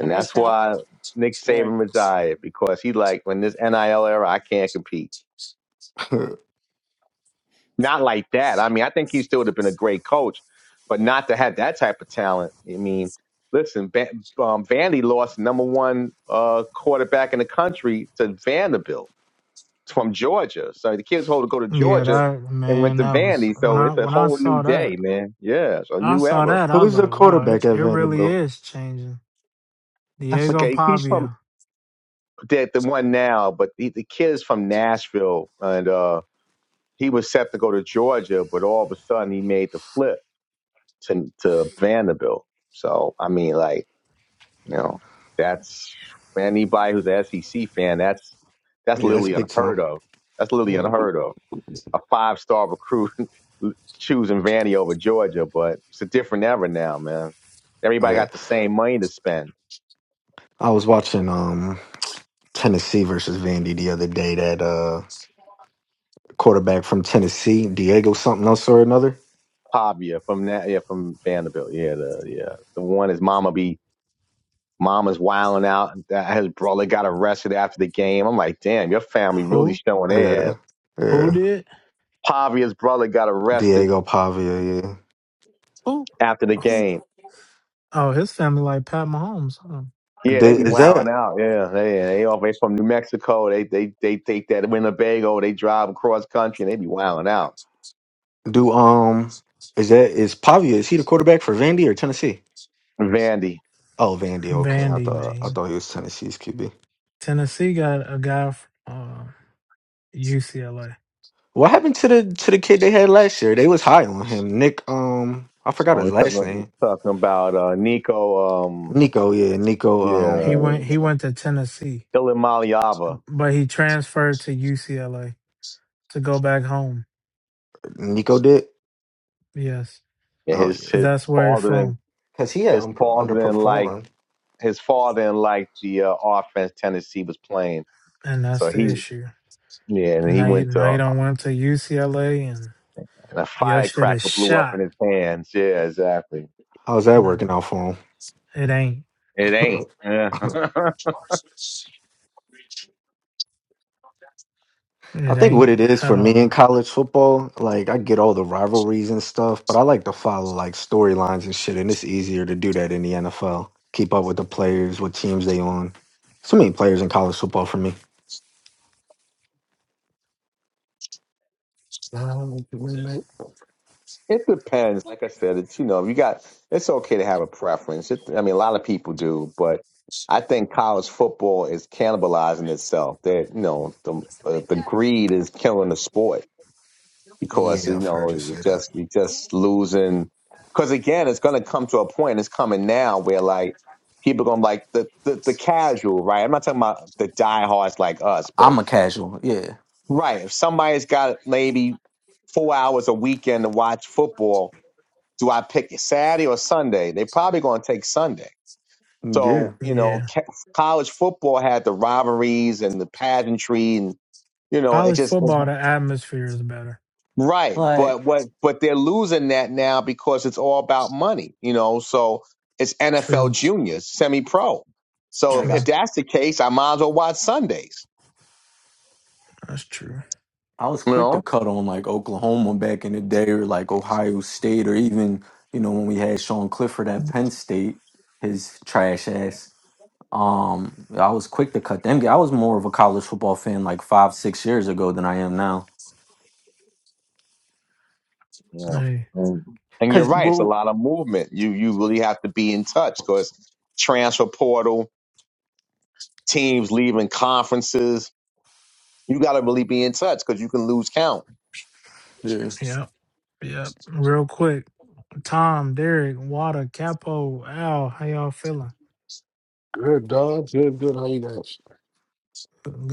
I'm gonna that's sound. why Nick Go ahead. Saban retired because he like when this NIL era, I can't compete. right. (laughs) Not like that. I mean, I think he still would have been a great coach, but not to have that type of talent. I mean, listen, Van- um, Vandy lost number one uh, quarterback in the country to Vanderbilt from Georgia. So the kids were to go to Yeah, Georgia that and went man, to that was Vandy. when So I it's a when I whole new saw day, that. man. Yeah, it's a I new saw era. that, I was Who's the like, wow, it, quarterback at it really Vanderbilt? is changing. I Diego forget. He's from Pavia. the, the one now, but the, the kid is from Nashville, and uh, he was set to go to Georgia, but all of a sudden he made the flip to to Vanderbilt. So I mean, like you know, that's anybody who's an SEC fan. That's that's Yeah, that's literally big time. unheard of. That's literally Yeah, unheard of. a five star recruit (laughs) choosing Vandy over Georgia, but it's a different era now, man. Everybody okay. got the same money to spend. I was watching um Tennessee versus Vandy the other day. That uh quarterback from Tennessee, Diego something else or another. Pavia from that, yeah, from Vanderbilt, yeah, the yeah, the one is Mama be Mama's wilding out. That His brother got arrested after the game. I'm like, damn, your family really Who? showing their Yeah, ass. Who yeah. did? Pavia's brother got arrested Diego Pavia. Yeah. Who? after the Who? game. Oh, his family like Pat Mahomes. Huh? Yeah, they be Th- Is Ex- that? wilding out. Yeah, they they all they from New Mexico. They they they take that Winnebago. They drive across country and they be wilding out. Do um is that is Pavia, is he the quarterback for Vandy or Tennessee? Vandy. Oh Vandy, okay. I Vandy, thought I man. thought he was Tennessee's QB. Tennessee got a guy from uh, UCLA. What happened to the to the kid they had last year? They was high on him. Nick um I forgot Uh, we're his last talking, name. talking about uh, Nico, um, Nico, yeah, Nico yeah, He um went he went to Tennessee, Ilimaliava. but he transferred to UCLA to go back home. Nico did. Yes, Yeah, Oh his yeah. cuz his that's where he's father in from, Cause he had his un- father in like underperformed. his father in like the uh, offense Tennessee was playing. and that's So the he issue. yeah, and he Now you, went now to you don't went to UCLA and and a your shit is firecracker blew up shot. in his hands. Yeah, exactly. How's that No, working out for it ain't. It him? (laughs) ain't. Yeah. (laughs) I It think ain't what it is at for me in all. college football, like I get all the rivalries and stuff, but I like to follow like storylines and shit, and it's easier to do that in the NFL. Keep up with the players, what teams they on. So many players in college football for me. Um, good, man. It depends. Like I said, it's you know, you got it's okay to have a preference. It, I mean, a lot of people do, but I think college football is cannibalizing itself. That you know, the uh, the greed is killing the sport because Yeah, you I've know, heard you you say that. just you just losing. Because again, it's going to come to a point. It's coming now where like people going to like the, the the casual, right? I'm not talking about the diehards like us, but I'm a casual. Yeah. right, if somebody's got maybe four hours a weekend to watch football do I pick Saturday or Sunday? They're probably going to take Sunday. Yeah. So, you know, Yeah. ca- college football had the rivalries and the pageantry and, you know, it College just, football, the atmosphere is better. right. Like But what, but they're losing that now because it's all about money, you know, so it's NFL True. juniors, semi pro. So if, like I, if True. that's the case, I might as well watch Sundays, That's true. I was you quick to know? cut on like Oklahoma back in the day or like Ohio State or even, you know, when we had Sean Clifford at Penn State, his trash ass. Um, I was quick to cut them. Yeah, I was more of a college football fan like five, six years ago than I am now. Yeah. Hey. Mm. And you're Cause right. It's a well, lot of movement. You, you really have to be in touch because transfer portal, teams leaving conferences, You got to really be in touch because you can lose count. yeah. Yep. Yep. Real quick. Tom, Derek, Water, Capo, Al, how y'all feeling? Good dog. Good, good. How you guys?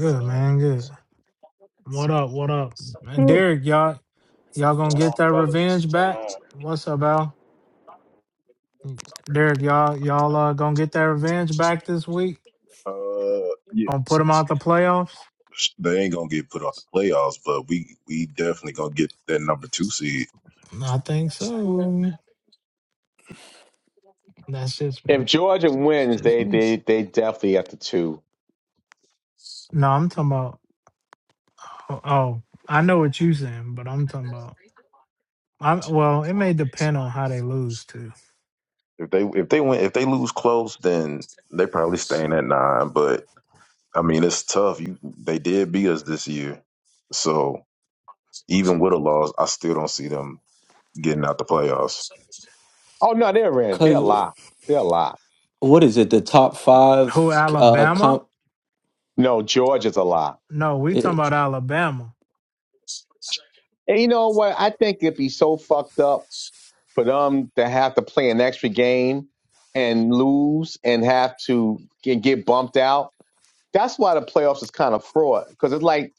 going on? man. Good. What up? What up? Derek, y'all y'all What's gonna going get on, that fellas? What's revenge going back? on? What's up, Al? Derek, y'all y'all uh, gonna get that revenge back this week? Uh, yeah, Gonna put them out the playoffs? they ain't gonna get put out the playoffs, but we we definitely gonna get that number two seed. No, I think so. That's just If me. Georgia It's wins, just they me. they they definitely have to two. No, I'm talking about. Oh, oh, I know what you saying, but I'm talking about. I'm well. It may depend on how they lose too. If they if they win if they lose close, then they probably staying at nine. But I mean, it's tough. You they did beat us this year, so even with a loss, I still don't see them getting out the playoffs. Oh no, they're in. They're a Cause lot. They're a lot. what is it? The top Who five uh Alabama? comp. No, Georgia's a lot. No, we talking It, about Alabama. And you know what? I think it'd be so fucked up for them to have to play an extra game and lose and have to get, get bumped out. That's why the playoffs is kind of fraud because it's like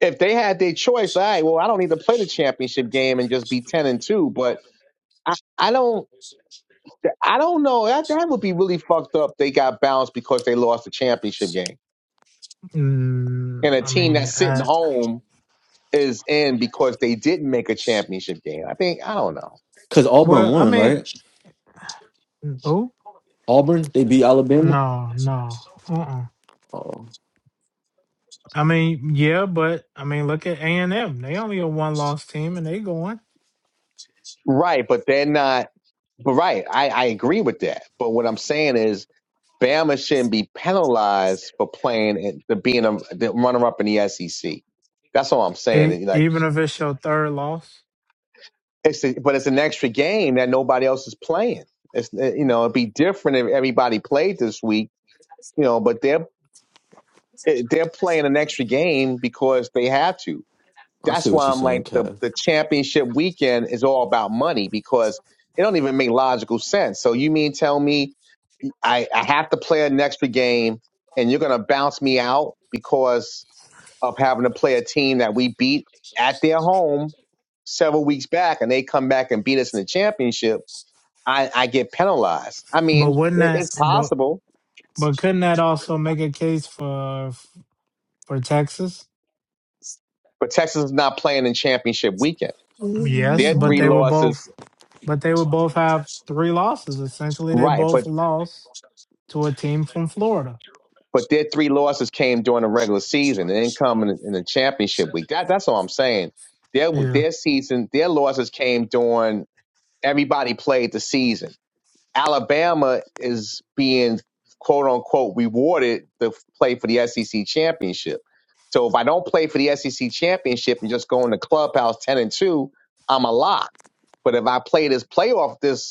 if they had their choice, all right, well, I don't need to play the championship game and just be ten and two. But I, I don't. I don't know. That that would be really fucked up. They got bounced because they lost the championship game, Mm, and a I team mean, that's sitting uh, home is in because they didn't make a championship game. I think I don't know. Cause Auburn well, I won, mean, right? who? Auburn, they beat Alabama. No, no. uh. uh Oh, I mean, yeah, but I mean, look at A and M. They only a one loss team, and they going Right, but they're not. But right, I I agree with that. But what I'm saying is, Bama shouldn't be penalized for playing and the being a the runner up in the SEC. That's all I'm saying. e- And, Like even if it's your third loss. it's a, but it's an extra game that nobody else is playing. It's eh, you know it'd be different if everybody played this week you know, but they're it- they're playing an extra game because they have to. I see That's what why you're I'm saying, like the Kev. the championship weekend is all about money because it don't even make logical sense. So you mean tell me I, I have to play an extra game and you're gonna bounce me out because of having to play a team that we beat at their home several weeks back and they come back and beat us in the championship, I, I get penalized. I But mean, wouldn't it, that? it's But possible, but couldn't that also make a case for for Texas? but Texas is not playing in championship weekend. Yes, Their but three they were losses both. But they would both have three losses. Essentially, they Right, both but lost to a team from Florida. but their three losses came during the regular season and then come in, in the championship week. That that's all I'm saying. Their Yeah, their season, their losses came during everybody played the season. Alabama is being quote unquote rewarded to play for the SEC championship. So if I don't play for the SEC championship and just go in the clubhouse ten and two, I'm a lock. But if I play this playoff this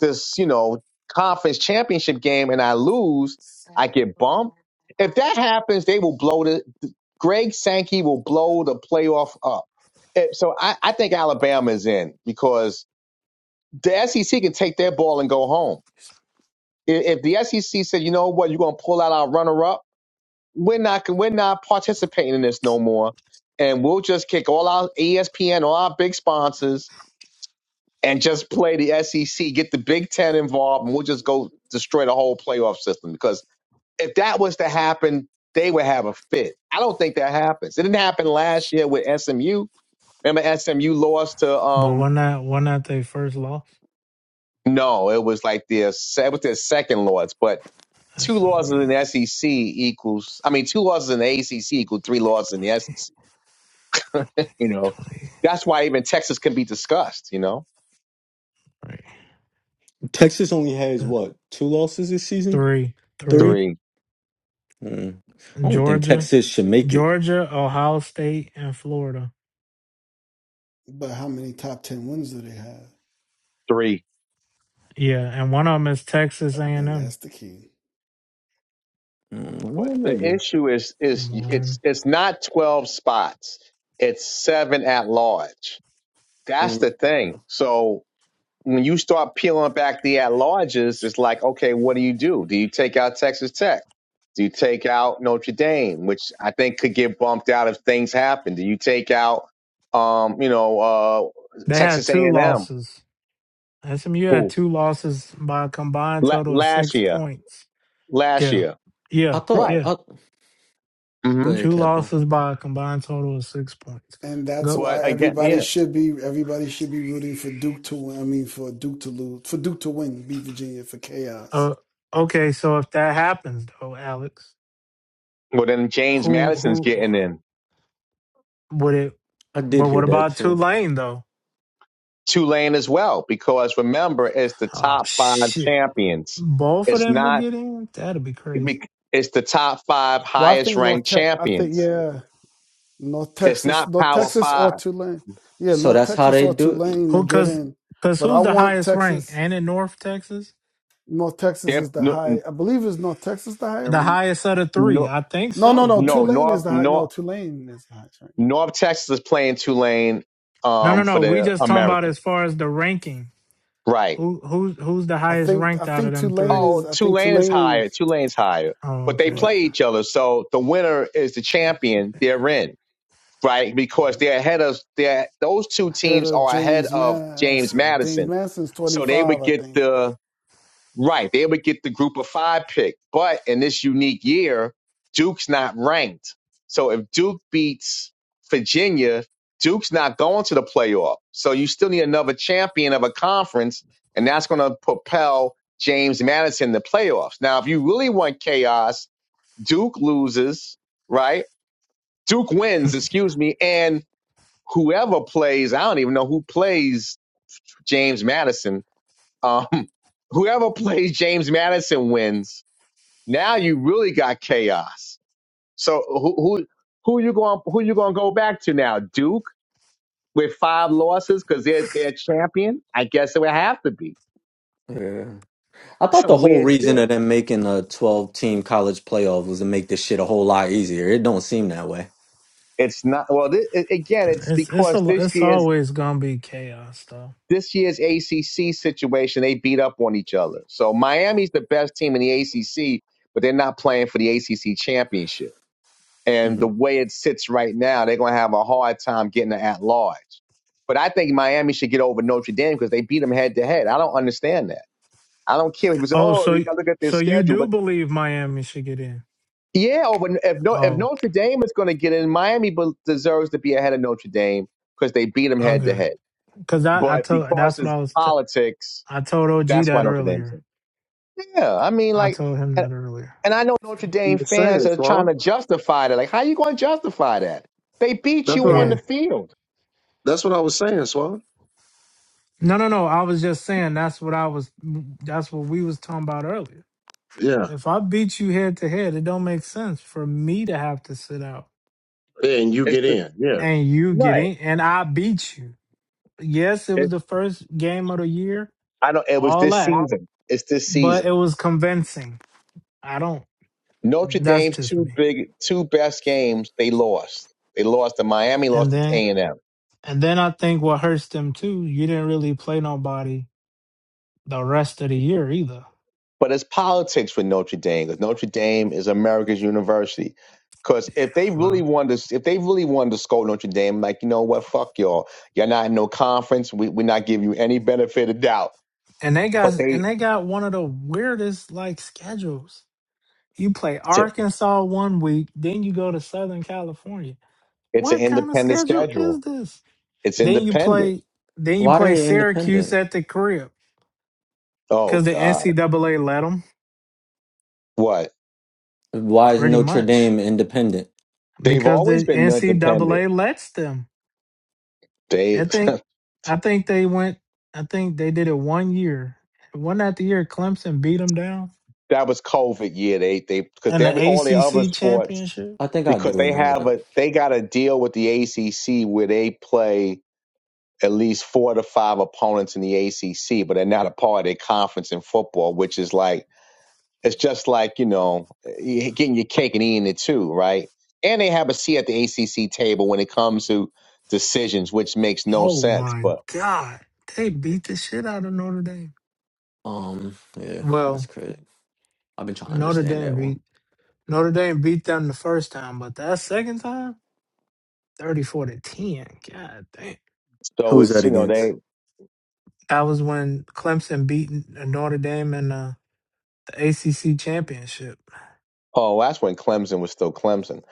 this, you know, conference championship game and I lose, I get bumped. If that happens, they will blow the Greg Sankey will blow the playoff up. Eh, So I, I think Alabama is in because the SEC can take their ball and go home. I- If the SEC said, you know what, you're gonna pull out our runner up, we're not we're not participating in this no more, and we'll just kick all our ESPN, all our big sponsors, and just play the SEC, get the Big Ten involved, and we'll just go destroy the whole playoff system. Because if that was to happen, they would have a fit. I don't think that happens. It didn't happen last year with SMU. Remember, SMU lost to but um when that when that they first loss? no, it was like their se- was their second loss, but two losses SMU in the SEC equals I mean two losses in the ACC equal three losses in the SEC. You know, twenty that's why even Texas can be discussed. You know, Texas only has three what two losses this season? three Three? three three, Mm. I don't think Georgia. Texas should make it. Georgia, Ohio State, and Florida. but how many top 10 wins do they have? three. Yeah, and one of them is Texas And A&M. that's the key. Mm. Why But did the they do- issue is is it's One. it's not twelve spots. It's seven at large. That's Or- the thing. So when you start peeling back the at larges, it's like, okay, what do you do? Do you take out Texas Tech? Do you take out Notre Dame, which I think could get bumped out if things happen? Do you take out, um, you know, uh, They had Texas A two and M, losses. SMU had who two losses by a combined la- total of last six year, points. last Yeah, year, I yeah, thought. right? yeah. I, go hmm ahead, Two Capo. losses by a combined total of six points. And that's Go. why But again, everybody yeah. should be everybody should be rooting for Duke to win. I mean, for Duke to lose, for Duke to win, beat Virginia for chaos. Uh, okay, so if that happens though, Alex, Well, then James who Madison's who getting in. would it? I did But hear what that about too. Tulane though? Tulane as well, because remember, it's the Oh top five shit! champions. Both of It's them would not, get in. That'd be crazy. it's the top five Well, I highest think ranked North Tech. I think champions. yeah, North It's Texas, not North Power S- Texas or Five. Tulane. Yeah, So North that's how Texas they or do it. Tulane to Who? get Cause, in. cause But I who's the want highest rank? Texas. And in North Texas, North Texas They're, is the no, high. I believe is North Texas the higher the ranked. highest of the three, no, I think No, no, so. no. Yeah. no, Tulane is North, the high. North, No, Tulane is the highest ranked. North Texas is playing Tulane No, no, um, for no. We the just talking about American. as far as the ranking. Right. Who, who's, who's the I highest think. I ranked out of think them Tulane three? Oh, is. I think Tulane is Tulane. higher. Tulane's higher. Oh, But they okay. Right. play each other. So the winner is the champion they're in, right? Because they're ahead of, they're, those two Ahead teams of are ahead James of James Madison. James Madison Madison's So they 25, would I get think. the right. They would get the group of five pick. But in this unique year, Duke's not ranked. So if Duke beats Virginia, Duke's not going to the playoff. So you still need another champion of a conference, and that's going to propel James Madison to playoffs. Now, if you really want chaos, Duke loses, right? Duke wins, excuse me, and whoever plays, I don't even know who plays James Madison um, (laughs) whoever plays James Madison wins. Now you really got chaos. So who who who you going who you going to go back to now? Duke with five losses because they're they're champion. I guess it would have to be Yeah. I thought the some whole weird reason shit. of them making a twelve-team college playoff was to make this shit a whole lot easier. It don't seem that way. It's not well. This, again, it's It's, it's because a, this it's year's always gonna be chaos though. this year's ACC situation they beat up on each other. So Miami's the best team in the ACC, but they're not playing for the ACC championship. And the Mm. way it sits right now, they're going to have a hard time getting it at large. But I think Miami should get over Notre Dame because they beat them head to head. I don't understand that. I don't care. People say, Oh, "Oh, you so, got to look at their so you schedule," do but believe Miami should get in? yeah, over if no, if Oh, Notre Dame is going to get in, Miami deserves to be ahead of Notre Dame because they beat them head to okay. head. Cause I, I But told, because that's what it's I was, t- politics, I told OG that's why that Notre Dame's earlier. in. Yeah, I mean, I like, told him and, that earlier. and I know Notre You Dame were fans saying, are trying Swan. to justify that. Like, how you going to justify that? They beat That's you what I. on Yeah. the field. That's what I was saying, Swan. No, no, no. I was just saying that's what I was. That's what we was talking about earlier. Yeah. If I beat you head to head, it don't make sense for me to have to sit out And you It's get the in. Yeah. and you get right. in, and I beat you. Yes, it was It's, the first game of the year, I don't. It was all this that, season. It's this but it season. was convincing. I don't. Notre That's Dame's just two me. big, two best games they lost. They lost to Miami, And lost to then, A and M. and then I think what hurts them too. You didn't really play nobody the rest of the year either. But it's politics with Notre Dame because Notre Dame is America's university. Because if they really Wow. wanted to, if they really wanted to scold Notre Dame, like you know what, fuck y'all, you're not in no conference. We we're not giving you any benefit of doubt. And they got But they, and they got one of the weirdest like schedules You play Arkansas one week, then you go to Southern California. it's an What kind of independent schedule is schedule. this? It's Then you independent. play, then you Why are play they Syracuse independent? at the crib Oh because the God, NCAA let them what? Why is pretty Notre much Dame independent? They've because always the been independent. NCAA lets them. They I think, I think they went. I think they did it one year. One that the year Clemson beat them down (laughs) that was COVID year. They they because in the they all the other ACC sports championship. I think I because do they remember have that. a they got a deal with the ACC where they play at least four to five opponents in the ACC, but they're not a part of their conference in football, which is like It's just like, you know, you- getting your cake and eating it too, right? And they have a seat at the ACC table when it comes to decisions, which makes no Oh sense. my But God, they beat the shit out of Notre Dame. Um. Yeah, that's Well, crazy. I've been trying to Notre understand Dame that one. beat Notre Dame beat them the first time, but that second time, 34 to 10. God damn. so Who's Whew. it's, that you know, against? they, That was when Clemson beat Notre Dame in uh, the ACC championship. oh, that's when Clemson was still Clemson.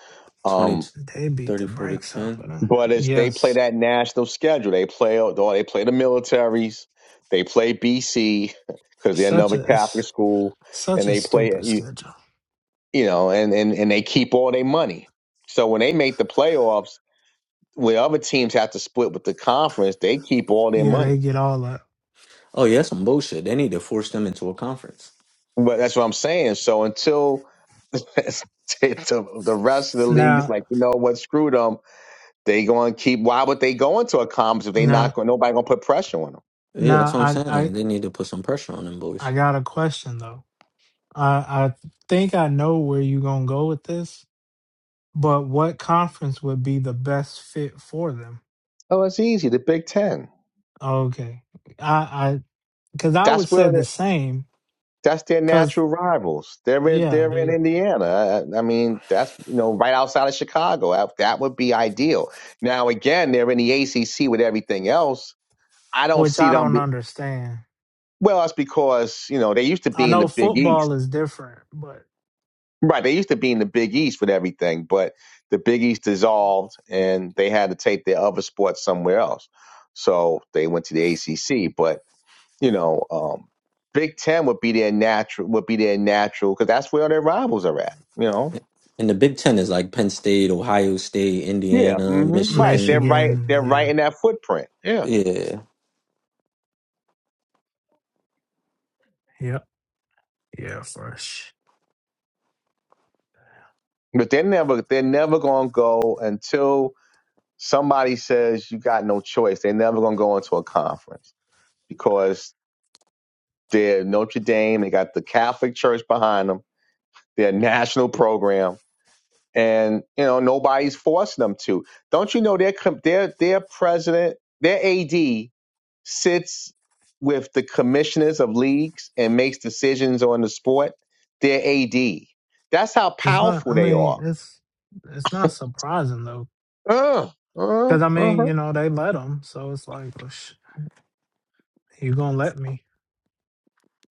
20, um. They beat the 34 to brakes off 10. of them. But if they play Yes. that national schedule, they play oh, they play the militaries, they play BC because they're Such another a Catholic it's school, such and a they play stupid you, schedule. you know, and, and and they keep all their money. So when they make the playoffs, where other teams have to split with the conference, they keep all their Yeah, they money. get all that. Oh, yeah, that's some bullshit. They need to force them into a conference. But that's what I'm saying. So until (laughs) the, the rest of the leagues, Now, like you know what, screw them. They going to keep. Why would they go into a conference if they not now, going? Nobody going to put pressure on them. Yeah, now that's what I'm I I saying. They need to put some pressure on them I boys. got a question though. I I think I know where you're going to go with this, but what conference would be the best fit for them? Oh, it's easy. The Big Ten. Okay. I I because I That's would say where the the, same. that's their Because natural rivals. They're in, yeah, they're in they Indiana. I, I mean, that's you know right outside of Chicago. That, that would be ideal. Now again, they're in the ACC with everything else. I don't which see I them. don't Be, understand. well, that's because you know they used to I be in the know Big East. football is different, but Right, they used to be in the Big East with everything, but the Big East dissolved and they had to take their other sports somewhere else. So they went to the ACC, but You know, um, Big Ten would be their natural would be their natural because that's where their rivals are at. You know. And the Big Ten is like Penn State, Ohio State, Yeah. Indiana, hmm right. They're Michigan. right. Michigan, They're right yeah, in that footprint. Yeah. Yeah. yep, yeah, fresh. But they're never they're never gonna go until somebody says you got no choice. They're never gonna go into a conference because they're Notre Dame. They got the Catholic Church behind them. They're a national program, and you know nobody's forcing them to. Don't you know their com- their their president, their AD sits with the commissioners of leagues and makes decisions on the sport, they're AD. That's how It's not. powerful I they mean, are. it's it's not surprising though, Uh, uh, because I uh-huh. mean, you know, they let them, so it's like, oh, sh- you gonna let me?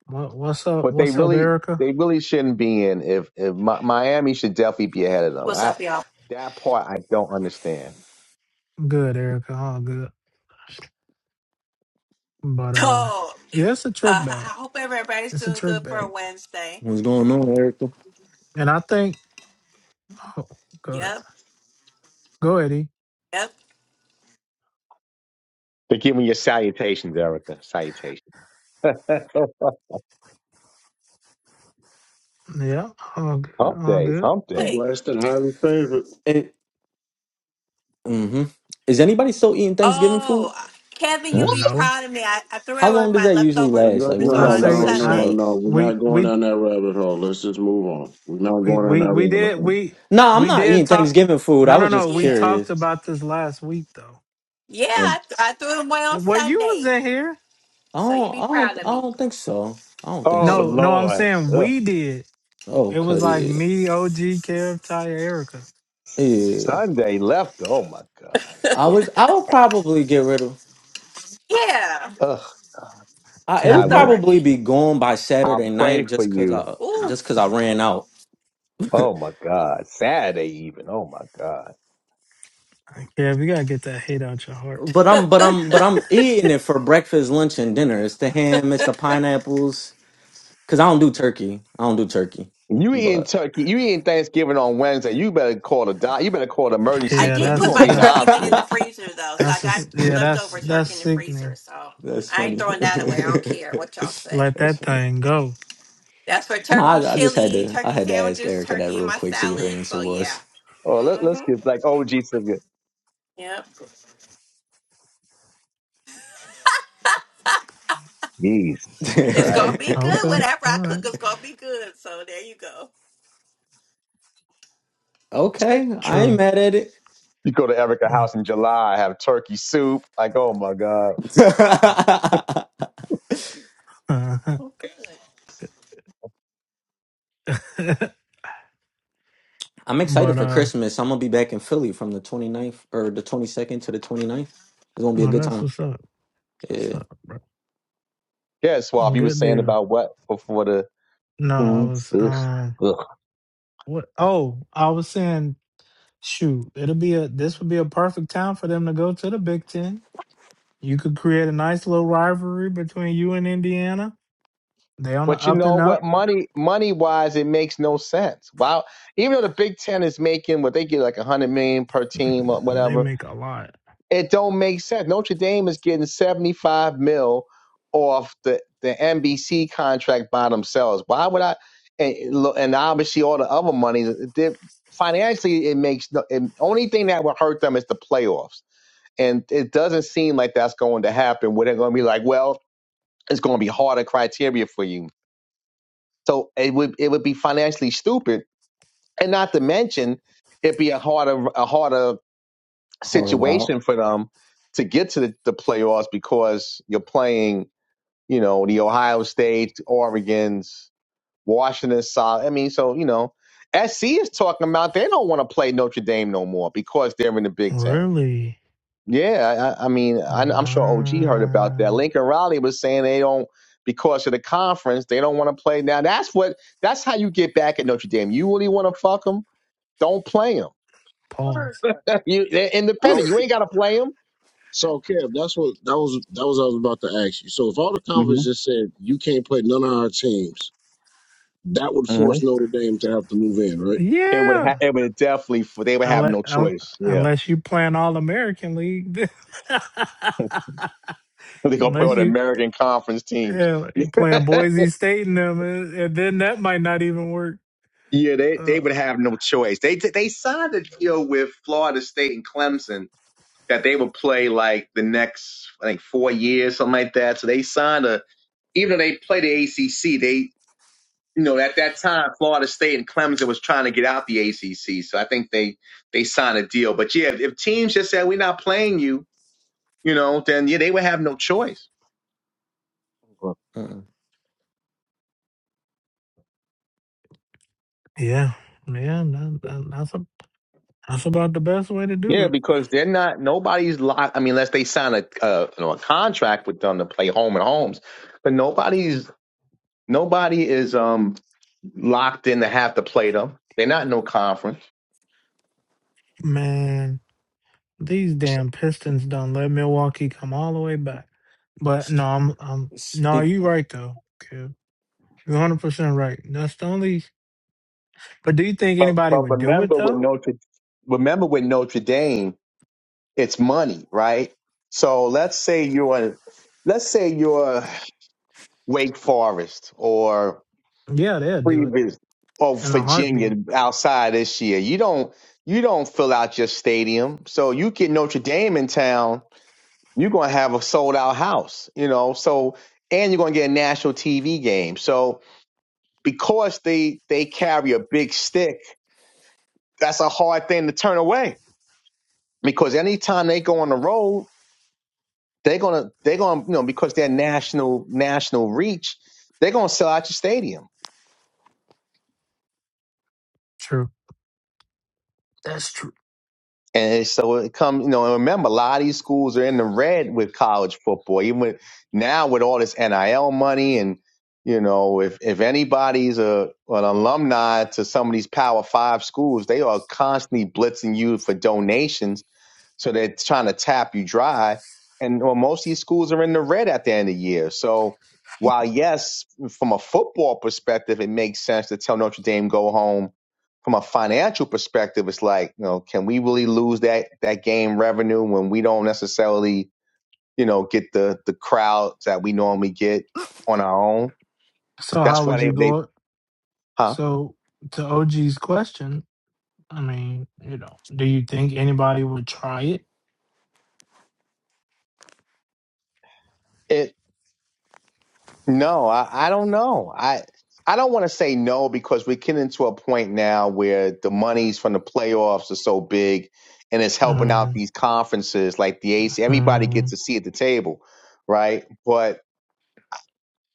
What what's up? But they What's up, really, Erica? they really shouldn't be in. If, if Mi- Miami should definitely be ahead of them. What's I up, y'all? that part I don't understand. Good, Erica. All good. But So, uh, uh, yeah, it's a trick back. I hope everybody's It's a doing trick good for back, a Wednesday. What's going on, Erica? and I think. Oh, good. Yep, Go, Eddie. yep. They're giving you salutations, Erica. Salutations. (laughs) hump Yeah, all good. All days, good. hump day. Quick. Blessed and highly favored. It, mm-hmm. Is anybody still eating Thanksgiving food? Oh, Kevin, you'll What? be No, proud of me. I, I threw How away long does my that usually leftovers last? No, Like, when do I no, y'all on wrap no, say that shit I. no, Sunday. up? no. We're We not going we down that rabbit hole. Let's just move on. We're not we going down we that we rabbit did hole. we Nah, I'm we not did eating talk. Thanksgiving food. No, I no, was no. just We Yeah. talked curious. about this last week though. Yeah, Um, I, I threw them away on Well, you was Sunday. in here. I So you'll don't, be I proud don't, of I me. don't think so. I don't think Oh No, so. no. I'm Lord. saying Ugh. we did. It was Okay, like yeah. me, OG, Kev, Ty, Erica. Yeah, Sunday left. Oh my God. I Ugh. was. I would probably get rid of. Yeah, Ugh. I, it Kev, I would you will. got leftover probably hate. be gone by I'll Saturday pray night, for just cause you. I Ooh, just cause I ran out. (laughs) Oh my God. Saturday even. Oh my God. Kev, you gotta get that hate out your heart. but I'm but I'm but I'm eating it for breakfast, lunch, and dinner. It's the ham, it's the pineapples. Cause I don't do turkey. I don't do turkey. You eating But turkey. You eating Thanksgiving on Wednesday. You better call the doc. You better call the emergency I Yeah, because did you're (laughs) put that's going to my be in the that's turkey meat in hospital. the freezer though, so I that's got just, yeah, that's leftover that's turkey in the freezer. sickening. So that's I ain't funny. throwing that away. I don't care what (laughs) y'all say. Let that's that funny. thing go. That's for No, turkey I, I just had chili, to. I turkey had to ask sandwiches, Erica that turkey in real my quick, see what her salad. answer So yeah. was. Oh, let, let's Mhm. get like OG Sylvia. Yep. Jesus It's Christ. gonna be good. (laughs) Okay, Whatever all I right, cook is gonna be good. So there you go. Okay, I ain't true. mad at it. You go to Erica's Mm. house in July, have turkey soup. Like, oh my God. (laughs) Uh, Good. (laughs) I'm excited but for uh, Christmas. I'm gonna be back in Philly from the 29th or the 22nd to the 29th. It's gonna be a oh, good that's time. what's up. That's What's Yeah, up, bro? Yeah, Swab, you were Good saying deal. about what before the No, I foods. was Ugh. um, Ugh. what? Oh, I was saying, shoot, it'll be a this would be a perfect time for them to go to the Big Ten. You could create a nice little rivalry between you and Indiana. They on the But you up know and what? up. Money, money wise, it makes no sense. Wow. Even though the Big Ten is making what they get like a hundred million per team or They whatever, make a lot. It don't make sense. Notre Dame is getting 75 mil off the, the NBC contract by themselves. Why would I? And, lo- and obviously all the other money. they- Financially, it makes no. It, only thing that would hurt them is the playoffs, and it doesn't seem like that's going to happen. Where they're going to be like, well, it's going to be harder criteria for you. So it would it would be financially stupid, and not to mention it'd be a harder a harder horror route. situation for them to get to the, the playoffs because you're playing, you know, the Ohio State, Oregon's, Washington solid. I mean, so you know, SC is talking about they don't want to play Notre Dame no more because they're in the Big Ten. Really? Yeah, I, I mean, I, I'm sure OG heard about that. Wow. Lincoln Riley was saying they don't because of the conference they don't want to play. Now that's what that's how you get back at Notre Dame. You really want to fuck them? Don't play them. Pause. (laughs) you, they're I, independent. You ain't got to play So, Kev, that's what that was. That was what I was about to ask you. So, if all the conference them. just said you can't play none of our teams, that would hmm force Notre Dame to have to move in, right? It would Yeah. ha- it would definitely they would have Unless, no choice. Yeah. unless you play an All American League. (laughs) (laughs) They're gonna put Unless on you American conference teams. yeah, Yeah, you playing Boise State and them, and and then that might not even work. yeah, they, Uh, they would have no choice. They they signed a deal with Florida State and Clemson that they would play like the next I think four years, something like that. So they signed a even though they play the ACC, they you know at that time Florida State and Clemson was trying to get out the ACC. So I think they they signed a deal. But yeah, if teams just said we're not playing you, you know, then yeah, they would have no choice. Uh-uh. yeah, yeah, that, that- that's a, that's about the best way to do Yeah, it, because they're not nobody's locked. I mean, unless they sign a uh, you know, a contract with them to play home and homes, but nobody's nobody is um locked in to have to play them. They're not in no conference. man. These damn Pistons done let Milwaukee come all the way back. But no, I'm, I'm no, Speak. you right though. Okay. You're 100 percent right. That's the only. But do you think But, anybody but would do it remember with though? Notre remember with Notre Dame, it's money, right? So let's say you're let's say you're Wake Forest or. Yeah, they'll do it previous of in a Virginia heartbeat. outside this year. You don't you don't fill out your stadium. So you get Notre Dame in town, you're gonna have a sold out house, you know. So and you're gonna get a national TV game. So because they they carry a big stick, that's a hard thing to turn away. Because anytime they go on the road, they're gonna they're gonna you know, because they're national national reach, they're gonna sell out your stadium. True. That's true. And so it comes, you know, and remember, a lot of these schools are in the red with college football, even with, now with all this NIL money. And, you know, if, if anybody's a, an alumni to some of these Power Five schools, they are constantly blitzing you for donations so they're trying to tap you dry. And well, most of these schools are in the red at the end of the year. So while yes, from a football perspective, it makes sense to tell Notre Dame go home. From a financial perspective, it's like, you know, can we really lose that that game revenue when we don't necessarily, you know, get the the crowds that we normally get on our own? So That's how why would they you they go? huh? So to OG's question, I mean, you know, do you think anybody would try it? it. No, I, I don't know. I I don't want to say no because we're getting to a point now where the monies from the playoffs are so big and it's helping hmm out these conferences like the AC. Everybody hmm gets a seat at the table, right? But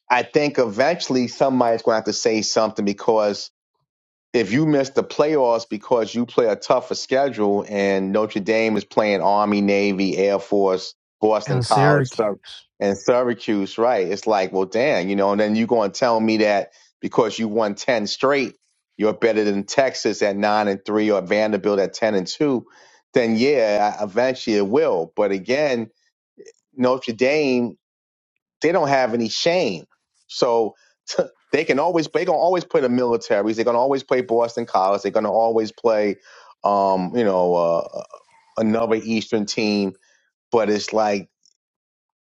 I think eventually somebody's going to have to say something because if you miss the playoffs because you play a tougher schedule and Notre Dame is playing Army, Navy, Air Force, Boston And College, Syr- Syracuse. and Syracuse, right? It's like, well, damn, you know, and then you are going to tell me that because you won 10 straight, you're better than Texas at 9 and 3 or Vanderbilt at 10 and 2, then yeah, eventually it will. But again, Notre Dame they don't have any shame. So (laughs) they can always they gonna always play the militaries. They're gonna always play Boston College. They're gonna always play, um, you know, uh, another Eastern team. But it's like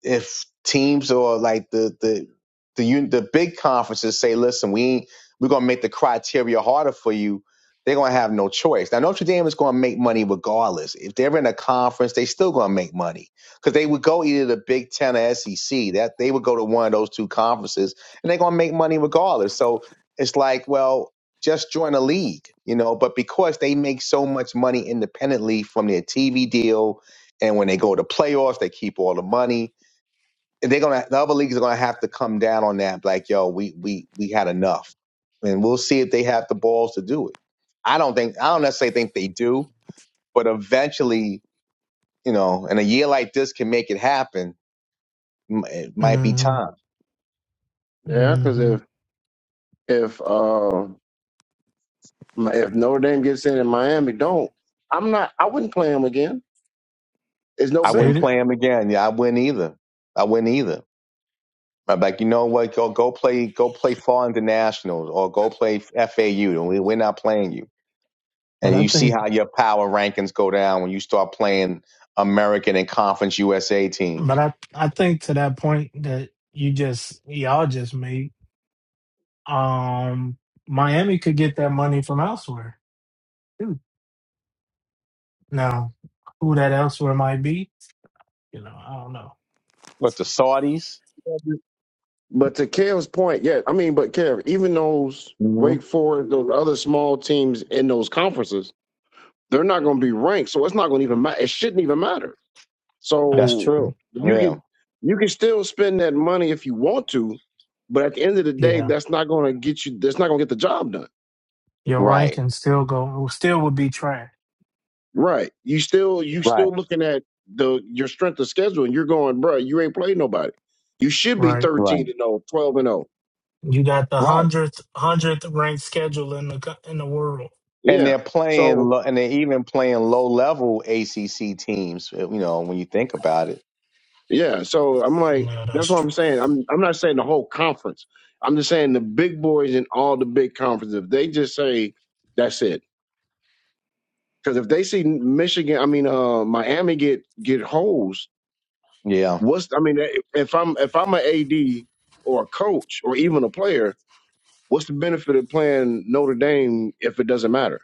if teams or like the the the un- the big conferences say, listen, we ain't, we're gonna make the criteria harder for you. They're gonna have no choice. Now Notre Dame is gonna make money regardless. If they're in a conference, they still gonna make money because they would go either the Big Ten or SEC. That they would go to one of those two conferences, and they're gonna make money regardless. So it's like, well, just join a league, you know. But because they make so much money independently from their TV deal, and when they go to playoffs, they keep all the money they're gonna the other leagues are gonna have to come down on that. Like, yo, we we we had enough, and we'll see if they have the balls to do it. I don't think I don't necessarily think they do, but eventually, you know, and a year like this can make it happen. M- It might be hmm time. Yeah, because hmm if if uh Mi- if Notre Dame gets in and Miami don't, I'm not. I wouldn't play them again. It's no I Said wouldn't it, benefit. play him again. Yeah, I wouldn't either. I wouldn't either. I'm like, you know what? Go go play go play Fall Internationals or go play FAU. We- We're not playing you. but And I you see think, how your power rankings go down when you start playing American and Conference USA teams but I, I think to that point that you just y'all just made. Um, Miami could get that money from elsewhere too. Now, who that elsewhere might be, you know, I don't know. What the Saudis? But to Kev's point, yeah, I mean, but Kev, even those hmm Wake Forest, those other small teams in those conferences, they're not going to be ranked, so it's not going to even matter. It shouldn't even matter. That's That's So true. true. you Yeah, can you can still spend that money if you want to, but at the end of the day, Yeah, that's not going to get you. That's not going to get the job done. your right, ranking still go still would be trash. Right? You still you Yeah. Right. still looking at the your strength of schedule, and you're going, bruh, you ain't played nobody. You should be Right. Right. thirteen and 0, 12 and zero. You got the Right. hundredth hundredth ranked schedule in the co- in the world. and Yeah. they're playing, So lo- and they're even playing low level ACC teams. eh, You know, when you think about it, yeah. So I'm like, Yeah, that's that's what I'm true. saying. I'm I'm not saying the whole conference. I'm just saying the big boys in all the big conferences. If they just say that's it, Because if they see Michigan, I mean uh, Miami get get holes. yeah, What's I mean, if I'm if I'm an AD or a coach or even a player, what's the benefit of playing Notre Dame if it doesn't matter?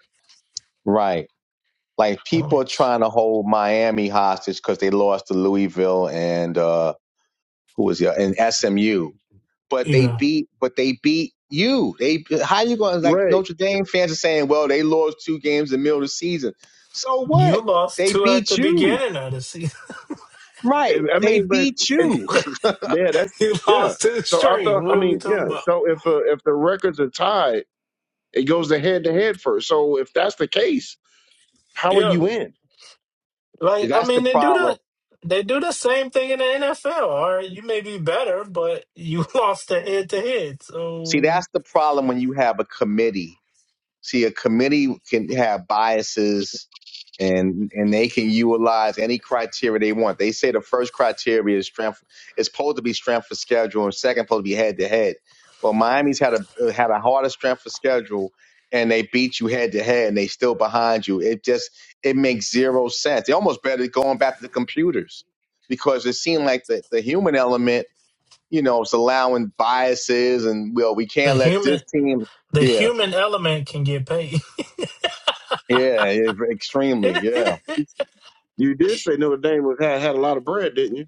right. Like people are Thanks. trying to hold Miami hostage because they lost to Louisville and uh, who was the and SMU, but they Yeah, beat, but they beat you. They how you going to like Right. Notre Dame fans are saying, well, they lost two games in the middle of the season. So you what? lost They two at beat the you. beginning of the season. If- Right. I They mean, but beat (laughs) it, you. you yeah, that's yeah. lost two So I straight. thought, What I are we mean, talking yeah. about? So if uh, if the records are tied, it goes to head to head first. So if that's the case, how are Yeah, you in? like I That's the mean, they do the problem. they do the same thing in the NFL. All right, you may be better, but you (laughs) lost the head to head. See, So that's the problem when you have a committee. See, a committee can have biases and and they can utilize any criteria they want. They say the first criteria is strength is supposed to be strength for schedule and second supposed to be head to head. Well, Miami's had a uh, had a harder strength for schedule and they beat you head to head and they still behind you. It just it makes zero sense. They almost better going back to the computers because it seemed like the, the human element you know, it's allowing biases and well, we the can't let human this team. the Yeah, human element can get paid. yeah, yeah, extremely. (laughs) Yeah, You did say Notre Dame was, had had a lot of bread, didn't you?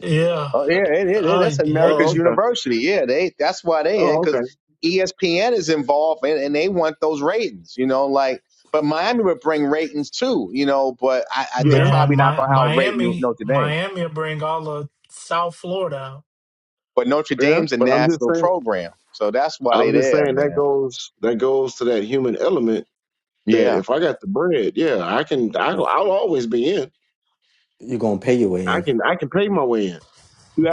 yeah. oh, yeah, it, it, it- Oh that's yeah. Oh, America's okay. university. Yeah, they that's why they in Oh, because okay. ESPN is involved and, and they want those ratings. You know, like but Miami would bring ratings too. You know, but I, I they Yeah, Man, probably not my, gonna outrate New, Miami, Notre Dame. Miami will bring all of South Florida out. But Notre yeah. Dame's a But I'm just national saying. program, so that's why they I'm just there, saying that man. goes that goes to that human element Yeah. that if I got the bread, yeah, I can I, I'll always be in. You're gonna pay your way I in. can I can pay my way in.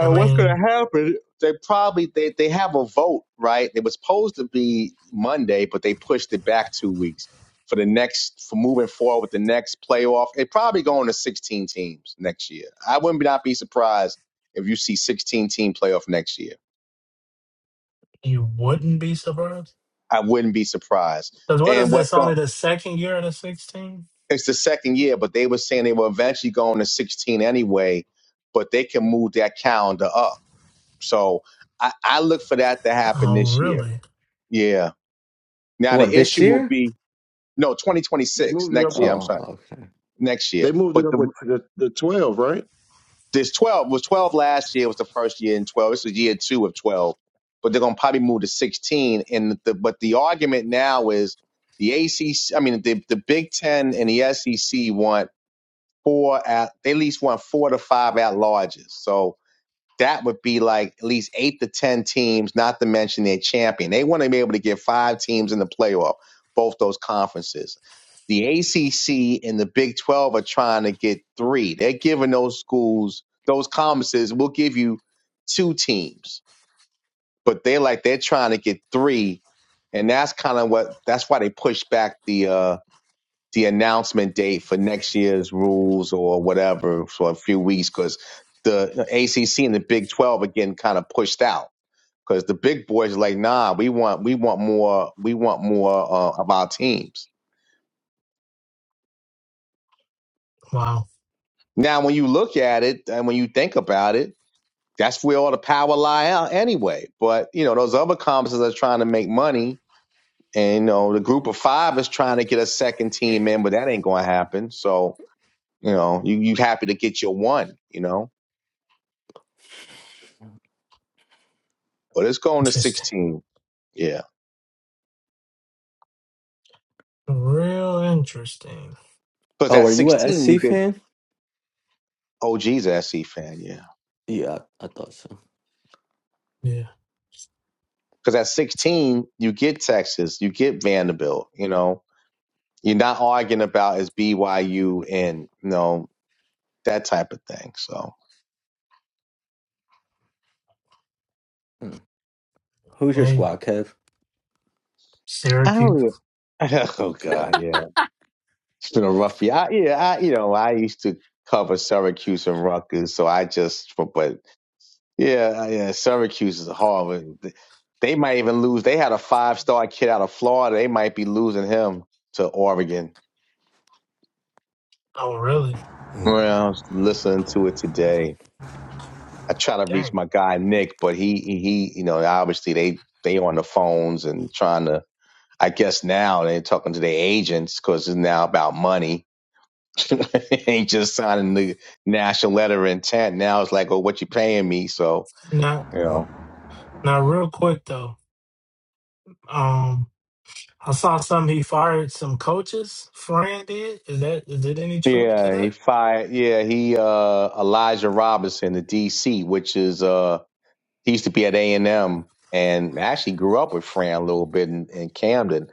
I what's going mean, to happen? They probably they, they have a vote, right? It was supposed to be Monday, but they pushed it back two weeks for the next for moving forward with the next playoff. It probably going to sixteen teams next year. I wouldn't be, not be surprised if you see sixteen team playoff next year. you wouldn't be surprised. I wouldn't be surprised. Because what And is what's this? going? Only the second year of the 16? It's the second year, but they were saying they were eventually going to sixteen anyway, but they can move that calendar up. So I, I look for that to happen Oh, this year. really? Yeah. Now What the this issue will year? be no They 2026 moved it up next with year. I'm Oh, sorry, okay. next year. they moved it But up with the the, the twelve, right? this 12 was 12 last year. Was the first year in 12. This is year two of 12. But they're gonna probably move to 16. And the but the argument now is the ACC. I mean the the Big Ten and the SEC want four at they at least want four to five at larges. So that would be like at least eight to ten teams, not to mention their champion. They want to be able to get five teams in the playoff, both those conferences. The ACC and the Big Twelve are trying to get three. They're giving those schools, those conferences, we'll give you two teams, but they're like they're trying to get three, and that's kind of what that's why they pushed back the uh, the announcement date for next year's rules or whatever for a few weeks because the ACC and the Big 12 again kind of pushed out because the big boys are like, nah, we want we want more we want more uh, of our teams. Wow. Now, when you look at it and when you think about it, that's where all the power lie out anyway. But you know those other conferences are trying to make money, and you know the group of five is trying to get a second team in, but that ain't going to happen. So you know you you happy to get your one, you know. Well, let's go on to Interesting. 16. Yeah. Real interesting. Because Oh, at are you a 16, you SC get fan? OG's a SC fan. Yeah. Yeah, I, I thought so. Yeah. Because at 16, you get Texas, you get Vanderbilt, you know, you're not arguing about is BYU and, you know, that type of thing. So Mm. Who's your Hey, squad, Kev? I Syracuse. don't even- (laughs) Oh, Okay. God. Yeah. It's been a rough year. I, yeah. I, you know, I used to cover Syracuse and Rutgers. So I just, but Yeah, uh, yeah. Syracuse is hard. but They might even lose. They had a five star kid out of Florida. They might be losing him to Oregon. Oh, really? Well, I was listening to it today. I try to reach Dang. my guy Nick, but he he, you know obviously they they on the phones and trying to. I guess now they're talking to their agents because it's now about money. (laughs) They Ain't just signing the national letter of intent. Now it's like, oh, what you paying me? So Now, you know. now, real quick though. Um, I saw some. He fired some coaches. Fran did. Is that? Is there any truth to Yeah, he that? fired. Yeah, he uh Elijah Robinson, the DC, which is uh he used to be at A and M, and actually grew up with Fran a little bit in, in Camden.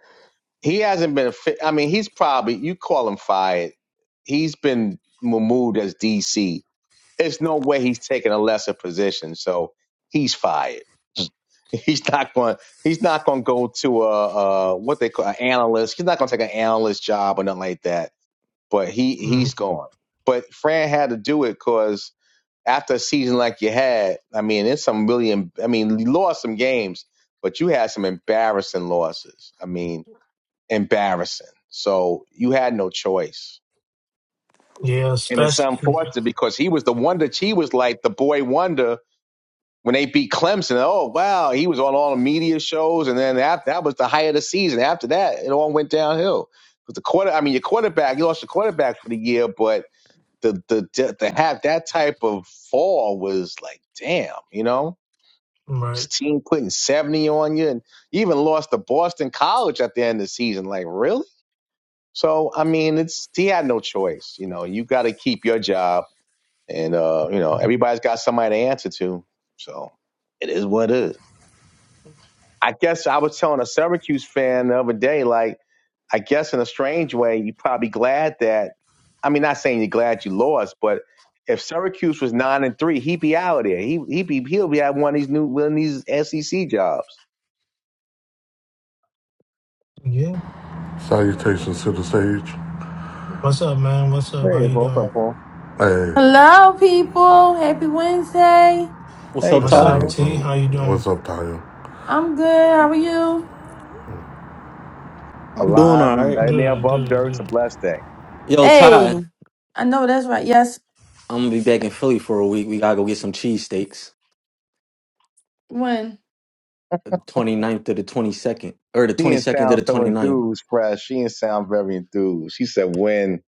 He hasn't been. Fi- I mean, he's probably you call him fired. He's been removed as DC. There's no way he's taking a lesser position, so he's fired. (laughs) He's not going. He's not going to go to a, a what they call an analyst. He's not going to take an analyst job or nothing like that but he Mhm. he's gone. But Fran had to do it because after a season like you had, I mean, it's some really. em- I mean, you lost some games, but you had some embarrassing losses. I mean, embarrassing. So you had no choice, Yeah, and it's especially yeah. unfortunate because he was the wonder. He was like the boy wonder when they beat Clemson. Oh wow, he was on all the media shows, and then after, that was the height of the season. After that, it all went downhill. But the quarter, I mean, your quarterback, you lost your quarterback for the year, but the the to have that type of fall was like damn, you know. right. This team putting seventy on you, and you even lost to Boston College at the end of the season. Like really? So I mean, it's he had no choice. You know, you got to keep your job, and uh, you know everybody's got somebody to answer to. So it is what it is. I guess I was telling a Syracuse fan the other day, like, I guess in a strange way, you're probably glad that. I mean, not saying you're glad you lost, but if Syracuse was nine and three, he'd be out of there. He he be he'll be at one of these new one of these SEC jobs. Yeah. Salutations to the stage. What's up, man? What's up? How Hey, you what's doing? up, Paul? Hey, Hello, people. Happy Wednesday. What's Hey, up, happy What's Ty? up, Tyre, Wednesday. T? How you doing? What's up, Tayo? I'm good. How are you? I'm doing alive all and, right. and they Good, above dirt. It's a good, blessed day. Yo, Ty, Hey, I know that's right. Yes. I'm gonna be back in Philly for a week. We gotta go get some cheesesteaks. When? Twenty ninth to the 22nd, or the She didn't 22nd to sound the so twenty ninth. enthused, fresh. She didn't sound very enthused. She said, "When?"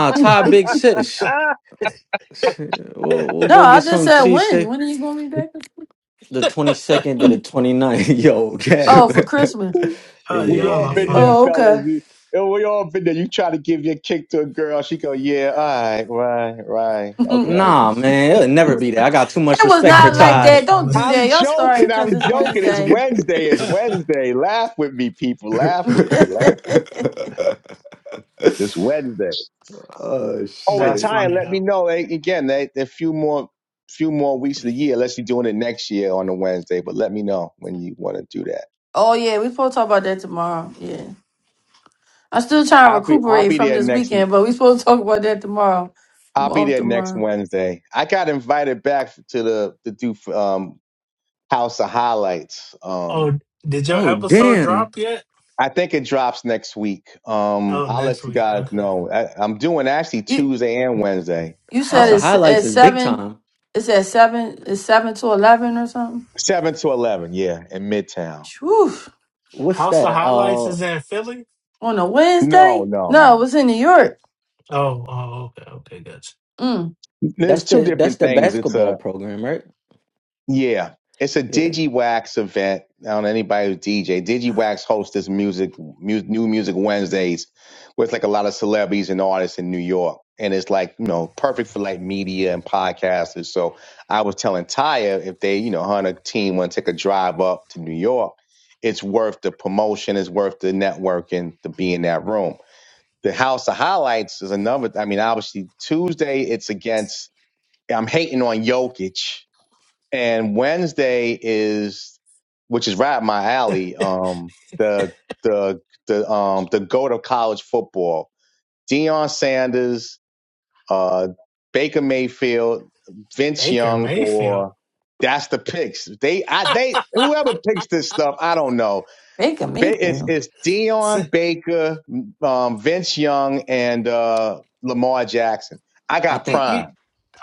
(laughs) no, Ty Big Sis. Ah, Shit, We'll, we'll go I get just some said good. when. cheesesteak. When are you going to be back? The 22nd to (laughs) the 29th. (laughs) Yo, Oh, Shit, for Cap. Christmas. (laughs) y'all, We y'all all are been yeah. there, funny. Oh, fellas. okay. You- We all been there. You try to give your kick to a girl, she go, yeah, all right, right, right, (laughs) it okay. Nah, man, it'll never be that. I got too much was respect for not Boy, like that's Ty. that. Don't funny. (laughs) do that. I'm Y'all starting joking. I'm because it's joking. It's Wednesday. Wednesday. It's Wednesday. Laugh with me, people. Laugh with me. (laughs) Laugh with (laughs) me. Just Wednesday. oh, Oh, and That's shit. Ty, funny let me though. know eh, again. They, a few more, few more weeks of the year. Unless you're doing it next year on a Wednesday, but let me know when you want to do that. oh, yeah. we supposed to talk about that tomorrow. Yeah. I'm still trying to I'll be, I'll recuperate be from there this next. weekend, but we supposed to talk about that tomorrow. I'm I'll be off there next tomorrow. Wednesday. I got invited back to the to do um House of Highlights. Um, Oh, did your Oh, episode damn. drop yet? I think it drops next week. Um, Oh, I'll next let you week. guys Okay. know. I, I'm doing actually Tuesday and Wednesday, You said House of um, it's at Highlights Eh? is big seven. time. It's at seven. It's seven to eleven or something. seven to eleven. Yeah, in Midtown. Whew. What's House of that? Highlights Uh, is in Philly. On a Wednesday? No, no, No, it no. was in New York. Oh, oh, okay, okay, gotcha. Mm. There's that's two the that's different the things. It's a basketball program, right? Yeah, it's a Yeah. DigiWax event. I don't know anybody who's DJ. DigiWax hosts this music, mu- new music Wednesdays, where it's like a lot of celebrities and artists in New York, and it's like you know perfect for like media and podcasters. So I was telling Taya if they, you know, her and her team want to take a drive up to New York, it's worth the promotion, it's worth the networking to be in that room. The House of Highlights is another. I mean, obviously Tuesday it's against. I'm hating on Jokic and Wednesday is which is right up my alley. Um, the the the um the goat of college football. Deion Sanders, uh, Baker Mayfield, Vince Baker Young, Mayfield. or that's the picks. They I (laughs) they whoever picks this stuff, I don't know. Baker Ba- It's Mayfield. it's so, Deion Baker, um, Vince Young, and uh, Lamar Jackson. I I got you, think you, Prime,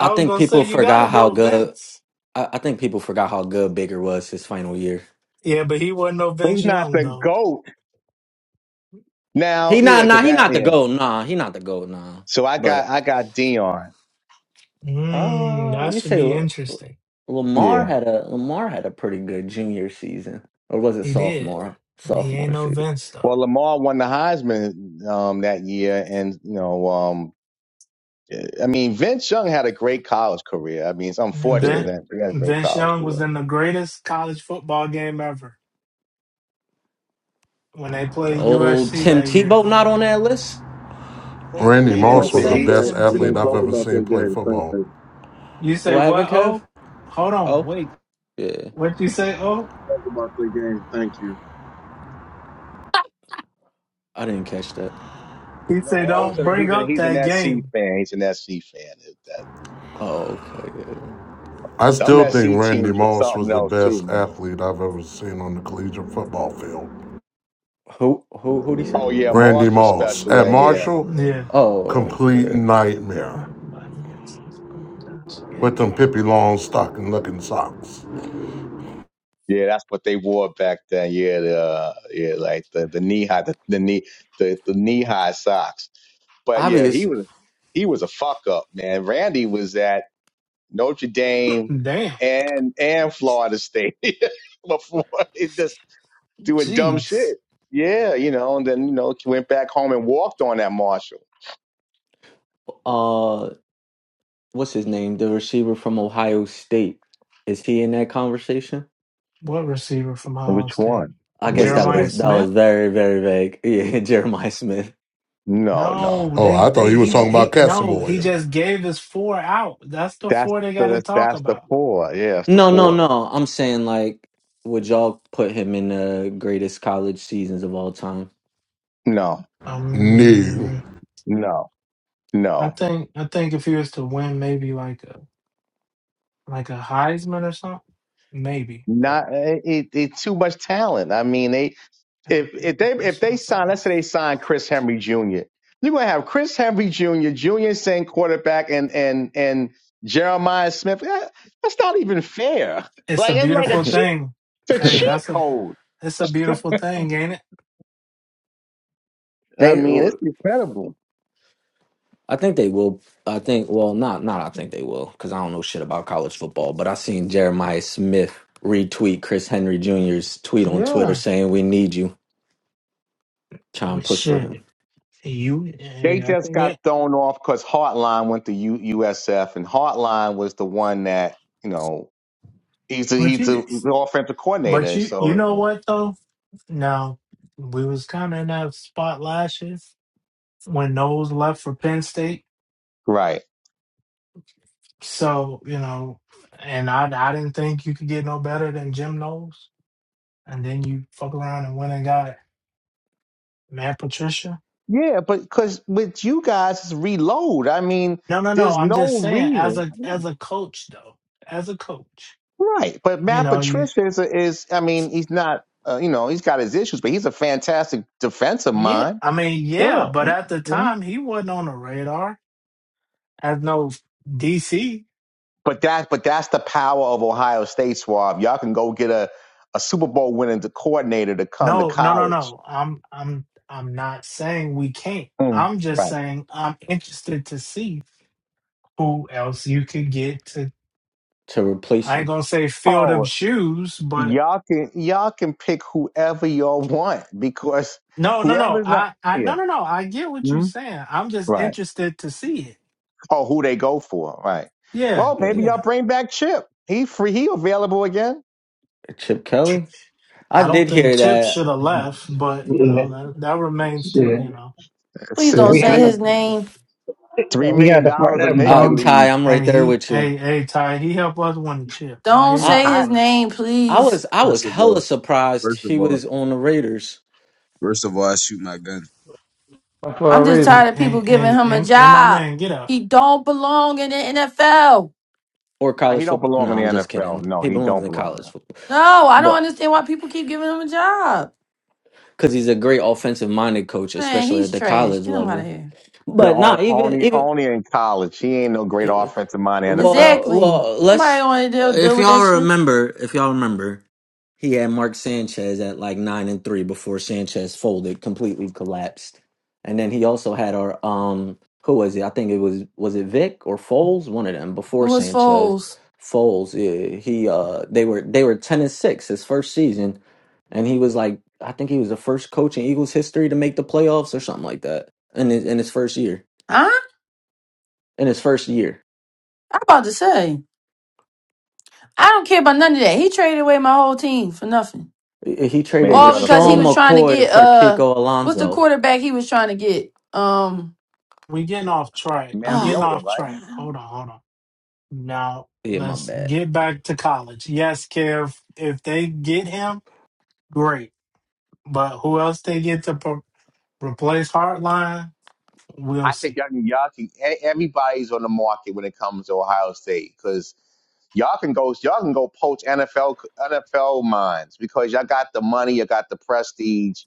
I was think gonna say people you gotta forgot how go good Vince. I, I think people forgot how good Baker was his final year. Yeah, but he wasn't no but he's Vince not Young the though. goat He now. Yeah, not because nah he that not the yeah. goat nah he not the goat nah. So I got But I got Dion. Mm, uh, that you should say be L- L- interesting. Lamar Yeah. had a Lamar had a pretty good junior season or was it He did. sophomore He ain't sophomore no season? (laughs) Vince though. Well, Lamar won the Heisman um, that year, and you know, um, I mean, Vince Young had a great college career. I mean, it's unfortunate Yeah. Vince, that he had a great Vince college Young was career. in the greatest college football game ever when they played Old USC Tim that year. Tebow not on that list. They We Randy they They didn't didn't. didn't talk Moss they- was the about say He best that. Tim We athlete don't I've Tebow. talk ever about seen that play game. Thank football. you. You say What what? happened, Kev? Oh, hold on, Oh wait. yeah, What you say? We Oh, didn't talk about that game. Thank you. I didn't catch that. he no, say don't also bring he's an up he's an that SC game. fan. He's an SC fan. That, Oh okay. Yeah. I them still think SC Randy teams was Moss was something the else too, best man. athlete I've ever seen on the collegiate football field. Who who who would he say? Oh yeah, Morse Randy was Moss special. at uh, Yeah. Marshall, Yeah. Oh complete yeah, nightmare forty-five minutes. Let's play Josh with Giddy. them Pippi Longstocking looking socks. Yeah, that's what they wore back then. Yeah, the uh, yeah, like the the knee high, the, the knee, the, the knee high socks. But yeah, he obvious. was he was a fuck up, man. Randy was at Notre Dame Damn. and and Florida State (laughs) before it just doing dumb Jeez. shit. Yeah, you know, and then you know he went back home and walked on that Marshall. uh, what's his name? The receiver from Ohio State. Is he in that conversation? What receiver from Ohio Which State? one? I guess Which it's that a, Jeremiah was that Smith. was very very vague. (laughs) Yeah, Jeremiah Smith. no, no. No, Oh, I they thought he they was he j- talking about he no, he Casamoyer. just gave his four out. That's the That's four they got to the talk that's the about. four. Yeah, that's the No, no, four. no. I'm saying like, would y'all put him in the greatest college seasons of all time? No, I No. mean, no, I no. think I think if he was to win, maybe like a like a Heisman or something, maybe. But Not eh, it, it. Too much talent. I mean, they you if know, if they if they personal sign, foul. let's say they sign Chris Henry Jr., you're gonna have Chris Henry Jr., Junior Saint quarterback, and and and Jeremiah Smith. That- that's not even fair. It's Like a it's like a beautiful cheat, thing. it's a Hey, cheat (laughs) that's a code. it's a beautiful thing, ain't it? I they, mean, well, it's incredible. I think they will. I think well, not not. I think they will because I don't know shit about college football. But I seen Jeremiah Smith retweet Chris Henry Jr.'s tweet on Twitter Yeah. saying, "We need you." Try and push for Shit, him you. They Hey, I just think got it. thrown off because Hartline went to U- USF, and Hartline was the one that you know he's a, But he's you, the offensive but coordinator. you, you know So what though? No, we was kind of in that spot last year. when Knowles left for Penn State. right. So, you know, and I I didn't think you could get no better than Jim Knowles. And then you fuck around and went and got Matt Patricia. Yeah, but because with you guys, it's reload. I mean, No, no, no. there's I'm just no saying, as reason, a as a coach though. As a coach. right? But You Matt know, you Patricia is, is I mean, he's not, uh, you know, he's got his issues, but he's a fantastic defensive yeah. mind. I mean, yeah, Yeah. but at the Mhm. time he wasn't on the radar as no DC. But that, but that's the power of Ohio State, Swab. Y'all can go get a, a Super Bowl winning coordinator to come to No, no, no, college. no. I'm I'm I'm not saying we can't. Mm, I'm just right. saying I'm interested to see who else you could get to to replace I ain't him. gonna say fill them Oh, shoes, but y'all can y'all can pick whoever y'all want because no, no, no. whoever's not, I, I yeah, no no no. I get what you're Mhm. saying. I'm just interested to see it. Oh, who they go for, right? Yeah, Well, Uh, maybe yeah. y'all bring back Chip. He free. He available again. Chip Kelly. I I don't did think hear Chip that, should have left, but you Yeah, know, that that remains to you shit. know. Please S- Yeah, don't and we say had Three his the name. yeah, three we million had the part dollars and that make uh, you bump Ty. leave. I'm right Hey there he with you. hey hey Ty, he helped us win the chip. I Don't hear say I you, I his but name, I please. was I was First of hella all, surprised first of he all, was on the Raiders first of all, I shoot my gun. for I'm a just reason. hey tired of hey people giving hey him a hey, hey my job. man, get up. He don't belong in the NFL. or nah. college He don't football. No, belong in I'm the just NFL. kidding. No, He he belongs don't in belong college there. football, No, I don't but understand why people keep giving him a job. because he's a great offensive minded coach, Man, especially at he's the trash. college Get him out of level. here. No, But not on, even only even. only in college. He ain't no great uh, offensive mind in the NFL. Well, Exactly. well, Nobody let's. want to deal, deal If with that y'all shit. remember, if y'all remember, He had Mark Sanchez at like nine and three before Sanchez folded, completely collapsed. And then he also had our um who was it? I think it was was it Vic or Foles, one of them It before was Sanchez. Foles. Foles, yeah, he uh they were they were ten and six his first season, and he was like I think he was the first coach in Eagles history to make the playoffs or something like that in his in his first year. Huh? In his first year, I'm about to say. I don't care about none of that. He traded away my whole team for nothing. he he traded Man, All y'all because he LaShawn still was trying to McCoy get for uh Kiko what's the Alonso. quarterback he was trying to get? Um We getting off track. We getting oh Mariota, my off right? track. god. Hold on, hold on. Now Yeah, my let's bad. get back to college. Yes, Kev, if they get him, great. But who else they get to pro- replace Hartline, we'll I think see. y'all can, y'all can. e- Everybody's on the market when it comes to Ohio State because y'all can go y'all can go poach NFL NFL minds because y'all got the money, you got the prestige.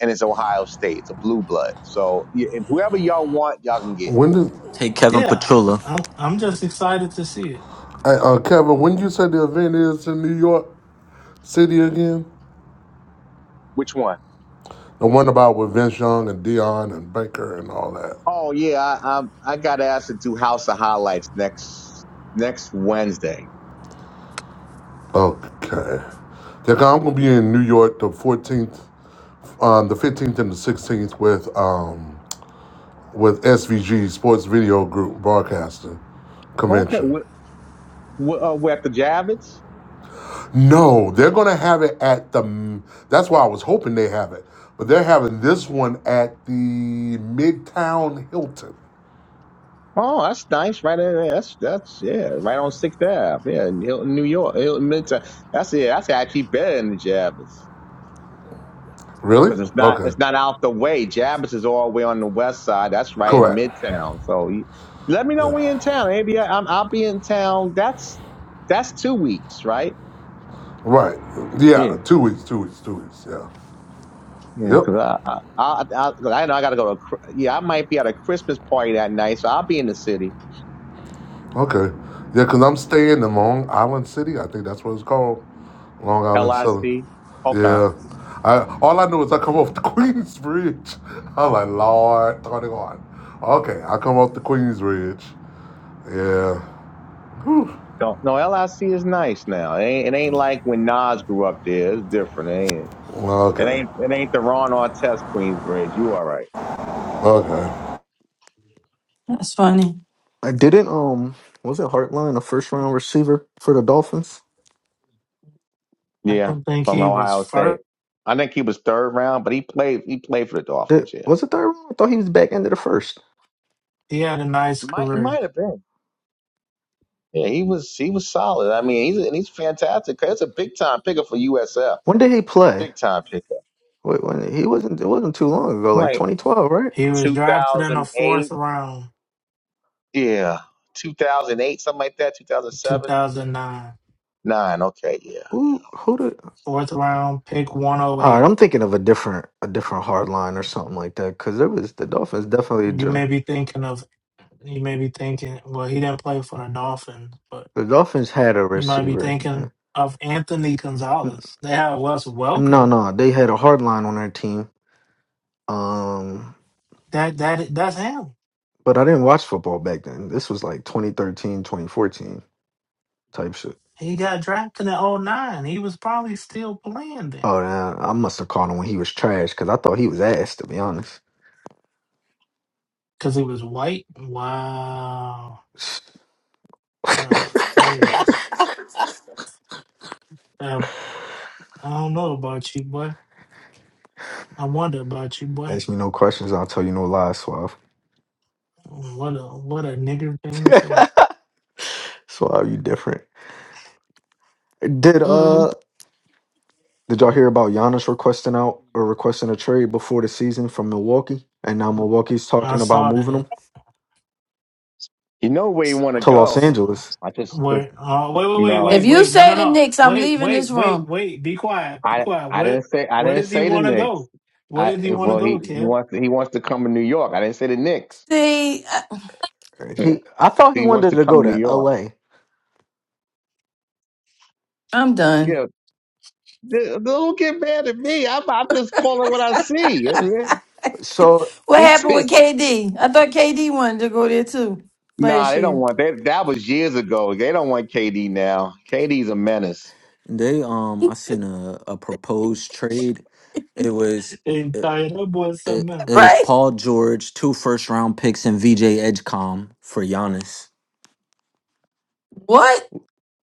and it's Ohio State. It's a blue blood. So y- if whoever y'all want, y'all can get. When did, Take Kevin Yeah, Petrulla. I'm, I'm just excited to see it. uh, uh, Kevin? When did you say the event is in New York? city again? Which one? The one about with Vince Young and Dion and Baker and all that. Oh yeah, I I, I got asked to do House of Highlights next next Wednesday. Okay. Yeah, 'cause I'm gonna be in New York the 14th, um, the 15th and the 16th with um with SVG Sports Video Group Broadcasting Okay, Convention. we, we, uh, we at the Javits. No, they're gonna have it at the. That's why I was hoping they have it, but they're having this one at the Midtown Hilton. Oh, that's nice. Right there. That's that's yeah. Right on Sixth Ave. Yeah, in Hilton, New York. Hilton Midtown. That's yeah. That's actually better than the Javits. Really? because it's not Okay. it's not out the way. Jabbas is all the way on the west side. That's right in Correct. Midtown. So you, let me know Yeah. when you're in town. Maybe I, I'm, I'll be in town. That's that's two weeks, right? Right. Yeah, Yeah. Two weeks. Two weeks. Two weeks. Yeah. yeah. Yep. Because I I, I I 'cause I know I got to go to. a cr- Yeah, I might be at a Christmas party that night, so I'll be in the city. Okay. Yeah, because I'm staying in Long Island City. I think that's what it's called. Long Island City. LIC. Okay. Yeah. I all I know is I come off the (laughs) Queensbridge. I'm like, Lord, turn it on. Okay, I come off the Queensbridge. Yeah. Whew. Don't. No, LIC is nice now. It ain't, it ain't like when Nas grew up there. It's different. It ain't. It Okay. ain't. It ain't the Ron Artest Queensbridge. You all right? Okay. That's funny. I didn't. Um, was it Hartline a first round receiver for the Dolphins? I Yeah, don't think from he was Ohio State. first. I think he was third round, but he played. He played for the Did, Dolphins. Yeah, was it third round? I thought he was back into the first. He had a nice He might he career. might have been. Yeah, he was he was solid. I mean, he's and he's fantastic. That's a big time pickup for USF. When did he play? Big time pickup. Wait, when he wasn't. It wasn't too long ago, like Like 2012, right? He was drafted in the fourth 2008. round, Yeah, 2008, something like that. in 2007, 2009. nine. Okay, yeah. Who who did? Fourth round, pick All right, 108. I'm thinking of a different a different Hartline or something like that. Because it was the Dolphins definitely. You dr- may be thinking of, you may be thinking, well, he didn't play for the Dolphins, but The Dolphins had a You might be receiver. Yeah. thinking of Anthony N- Gonzalez. They had Wes No, Welker. no, they had a Hardline on their team. Um, That that that's him. but I didn't watch football back then. This was like 2013, 2014 type shit. He got drafted in '09. He was probably still playing then Oh, damn. I must have caught him when he was trash because I thought he was ass, to be honest. because he was white. Wow, (laughs) that's crazy. Uh, I don't know about you, boy. I wonder about you, boy. Ask me no questions, I'll tell you no lies, Suave. What a what a nigger thing to say. (laughs) Suave, you different. Did Mm. uh did y'all hear about Giannis requesting out or requesting a trade before the season from Milwaukee? And now Milwaukee's I talking about saw moving that. him You know where you want to to Los go. Angeles. I just, just Wait, uh, wait, wait, wait, If wait, no. you wait. No, no, say the no. Knicks, I'm Wait, leaving this wait, wait, room. wait. Be quiet. Be I quiet. I Where, didn't say I where didn't does he say the want to Knicks. go? Where I does he want to well go, he he Kev? wants he wants to come to New York. I didn't say the Knicks. See, I, He I thought he He wants wanted to to go come to New to York. LA. I'm done. Yeah, d- don't get mad at me. I'm, I'm just calling what I see. (laughs) So What It's happened with KD? I thought KD wanted to go there too nah, last they don't year. (laughs) want that. That was years ago. They don't want KD now. KD's a menace. They um I seen a, a proposed trade. It was And tired up boy something it, it else. was Right? Paul George, two first round picks, and VJ Edgecom for Giannis. What?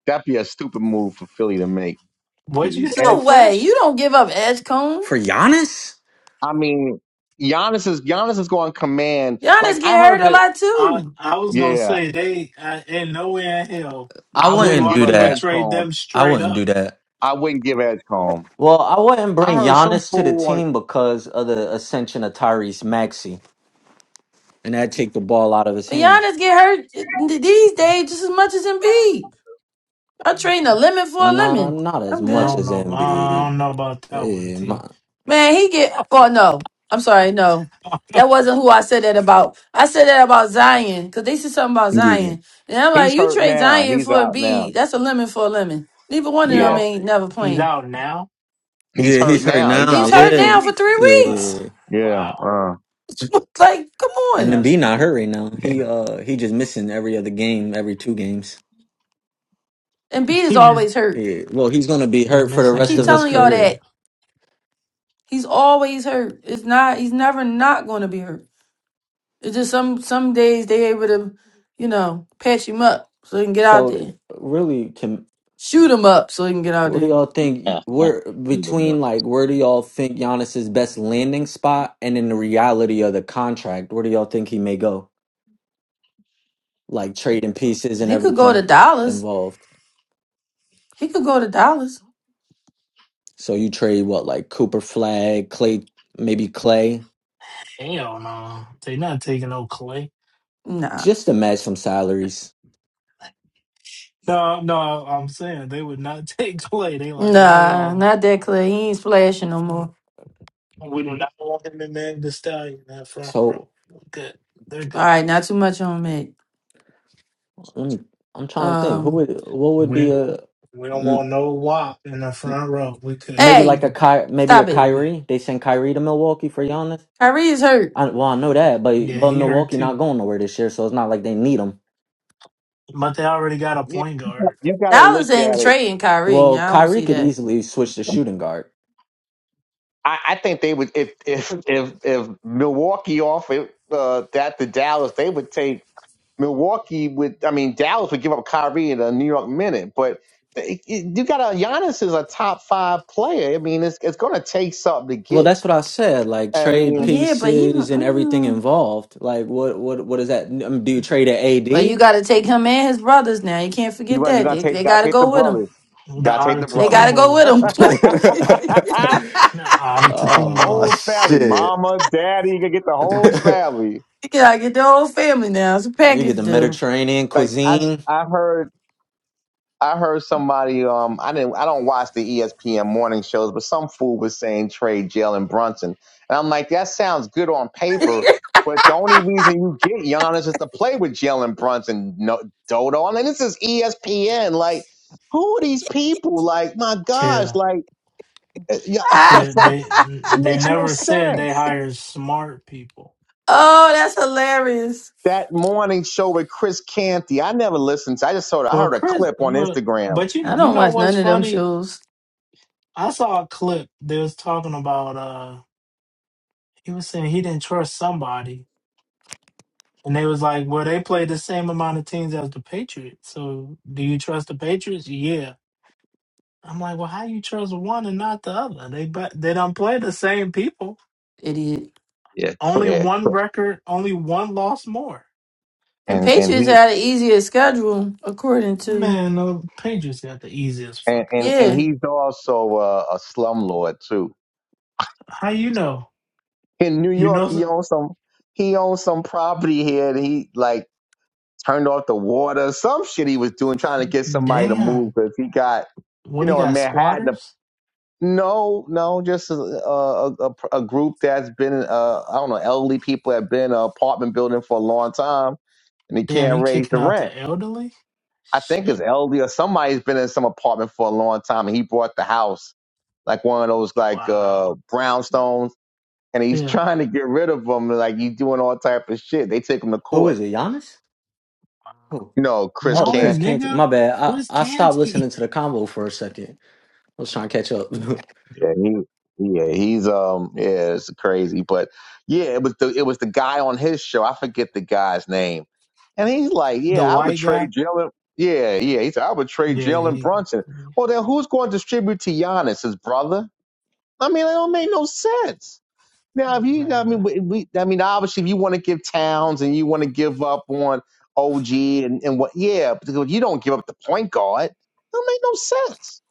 That'd be a stupid move for Philly to make. What Dude, you say And, No way. first? You don't give up Edge For Giannis? I mean, Giannis is Giannis is going to command. Giannis Like get I hurt heard a that. lot I, too. I was going to Yeah, say they, uh, in nowhere in hell, I I wouldn't wouldn't give do up Milwaukee would that. trade Edgecomb. them I straight wouldn't do up. that. I wouldn't give Edgecomb. Well, I wouldn't I bring heard some Giannis to the fool on. team because of the ascension of Tyrese Maxey, and that take the ball out of his But hands. Giannis get hurt uh, these days just as much as Embiid. I trade a lemon for a Nah, lemon. not as I'm I much good. don't as know. I Embiid. don't know about that one, Yeah, T. my, Man, he get Oh no. I'm sorry, no. (laughs) That wasn't who I said that about. I said that about Zion, because they said something about yeah, Zion. And I'm like, He's you hurt trade now. Zion He's for a out B, now. that's a lemon for a lemon. Neither one of He them Yeah, out. ain't never He's playing. out now. he's yeah, he's hurt He hurt now. He's now. he's out for a hurt few Yeah, now for weeks. yeah, three yeah. Wow. weeks. yeah. Yeah. Wow. Uh, (laughs) like, come And on. That's Embiid not hurt right now. yeah. He uh, he just missing every other game, every two games. And (laughs) B is he missed. always hurt. Yeah, well, he's gonna be He hurt for the I missing rest keep of every his telling two y'all games. that. career. He's always hurt. It's not he's never not gonna be hurt. It's just some some days they able to, you know, patch him up so he can get out So, there. really, can Shoot him up so he can get out where do there. y'all think? Uh, uh, Where Either one. between like where do y'all think Giannis's best landing spot, and in the reality of the contract, where do y'all think he may go? Like trading pieces and He could go to everything Dallas. involved. He could go to Dallas. So you trade what like Cooper Flag, Clay, maybe Clay, Hell no. They not taking no Clay. Nah. just to match some salaries. No, no, I'm saying they would not (laughs) take Clay. They like, Nah, hell not no. that clear. He ain't splashing no more. We do not want him in that the stallion in that front row. So We're good. They're All good. right, not too much on that. let me. I'm trying to think. Who Um would what would We be a? we don't want no WAP in the front row. We could. Maybe Hey, like a Ky- maybe a stop We're it. good. Kyrie. They send Kyrie to Milwaukee for Giannis. Kyrie is hurt. I, well, I know that, but Yeah, but he hurt Milwaukee too. not going nowhere this year, so it's not like they need him. But they already got a yeah. point guard. You got to Dallas look ain't at it. trading Kyrie. Well, I don't Kyrie see could that. easily switch to shooting guard. I, I think they would if if if if Milwaukee offered uh, that to Dallas, they would take Milwaukee. Would I mean Dallas would give up Kyrie in a New York minute, but they- you got a Giannis is a top five player. I mean, it's it's going to take something to Well, get. that's what I said. Like I trade mean, Yeah, but he pieces and mm, everything involved. Like what what what is that? Um, Do you trade Well, you an AD? got to take him and his brothers now. You can't you forget want you that. gonna They, they take gotta got to take the go with him. brothers, The gotta take Otta the They got brothers, to go Tucumbos. with him. (laughs) (laughs) (laughs) The Otta oh whole Tucumbos. family, shit! mama, daddy. You gotta get the (laughs) whole family. you got to get the whole family now. It's a you get the package deal. Mediterranean like I s- cuisine. I heard I heard somebody um I didn't I don't watch the ESPN morning shows, but some fool was saying trade Jalen Brunson, and I'm like that sounds good on paper, but the only reason you get Giannis is to play with Jalen Brunson, no Dodo. I mean this is ESPN, like who are these people? Like my gosh, like eh, yeah, (laughs) Ah, it's kid. like They it they makes no never said they sense. hire smart people. oh, that's hilarious. That morning show with Chris Canty, I never listened to. I just saw. it. I Well, heard a Chris, clip on well, Instagram. but you I you don't know watch what's none of them funny? shows, I saw a clip. They was talking about uh, he was saying he didn't trust somebody, and they was like, well, they play the same amount of teams as the Patriots. So do you trust the Patriots? Yeah. I'm like, well, how you trust one and not the other? They but they don't play the same people. idiot. Yeah, for- Only yeah. one record, only one loss more. And and and Patriots he had an easier schedule, according to. Man, the Patriots got the easiest and fucking and, and Yeah. schedule. he's also a, a slumlord too. How you know? In New You York, know, he s- owns some he owns some property here, and he like turned off the water, some shit he was doing trying to get somebody to move damn. because he got you What he know in got? Manhattan. a- Squatters? No, no, just a a, a, a group that's been uh, I don't know elderly people have been in an apartment building for a long time and they Damn, can't he raise kicking the out rent. the elderly? I think it's Shit. elderly or somebody's been in some apartment for a long time and he bought the house like one of those like Wow. uh brownstones, and he's Yeah. trying to get rid of them. Like he's doing all type of shit. They take him to Who court. is it? Giannis? Who? You know, Chris Oh, No, Chris Canty. Canty. nigga. My bad. I Chris I stopped Canty, listening to the combo for a second. I was trying to catch up. (laughs) Yeah, he, yeah, he's um, yeah, it's crazy. But yeah, it was the it was the guy on his show. I forget the guy's name, and he's like, (laughs) the yeah, I would white guy. trade Jalen. Yeah, yeah, he said I would trade Yeah, Jalen he. Brunson. Well, then who's going to distribute to Giannis, his brother? I mean, that don't make no sense. Now, if you, I Man. mean, we, we, I mean, obviously, if you want to give Towns and you want to give up on OG and, and what, yeah, but if you don't give up the point guard. That make no sense.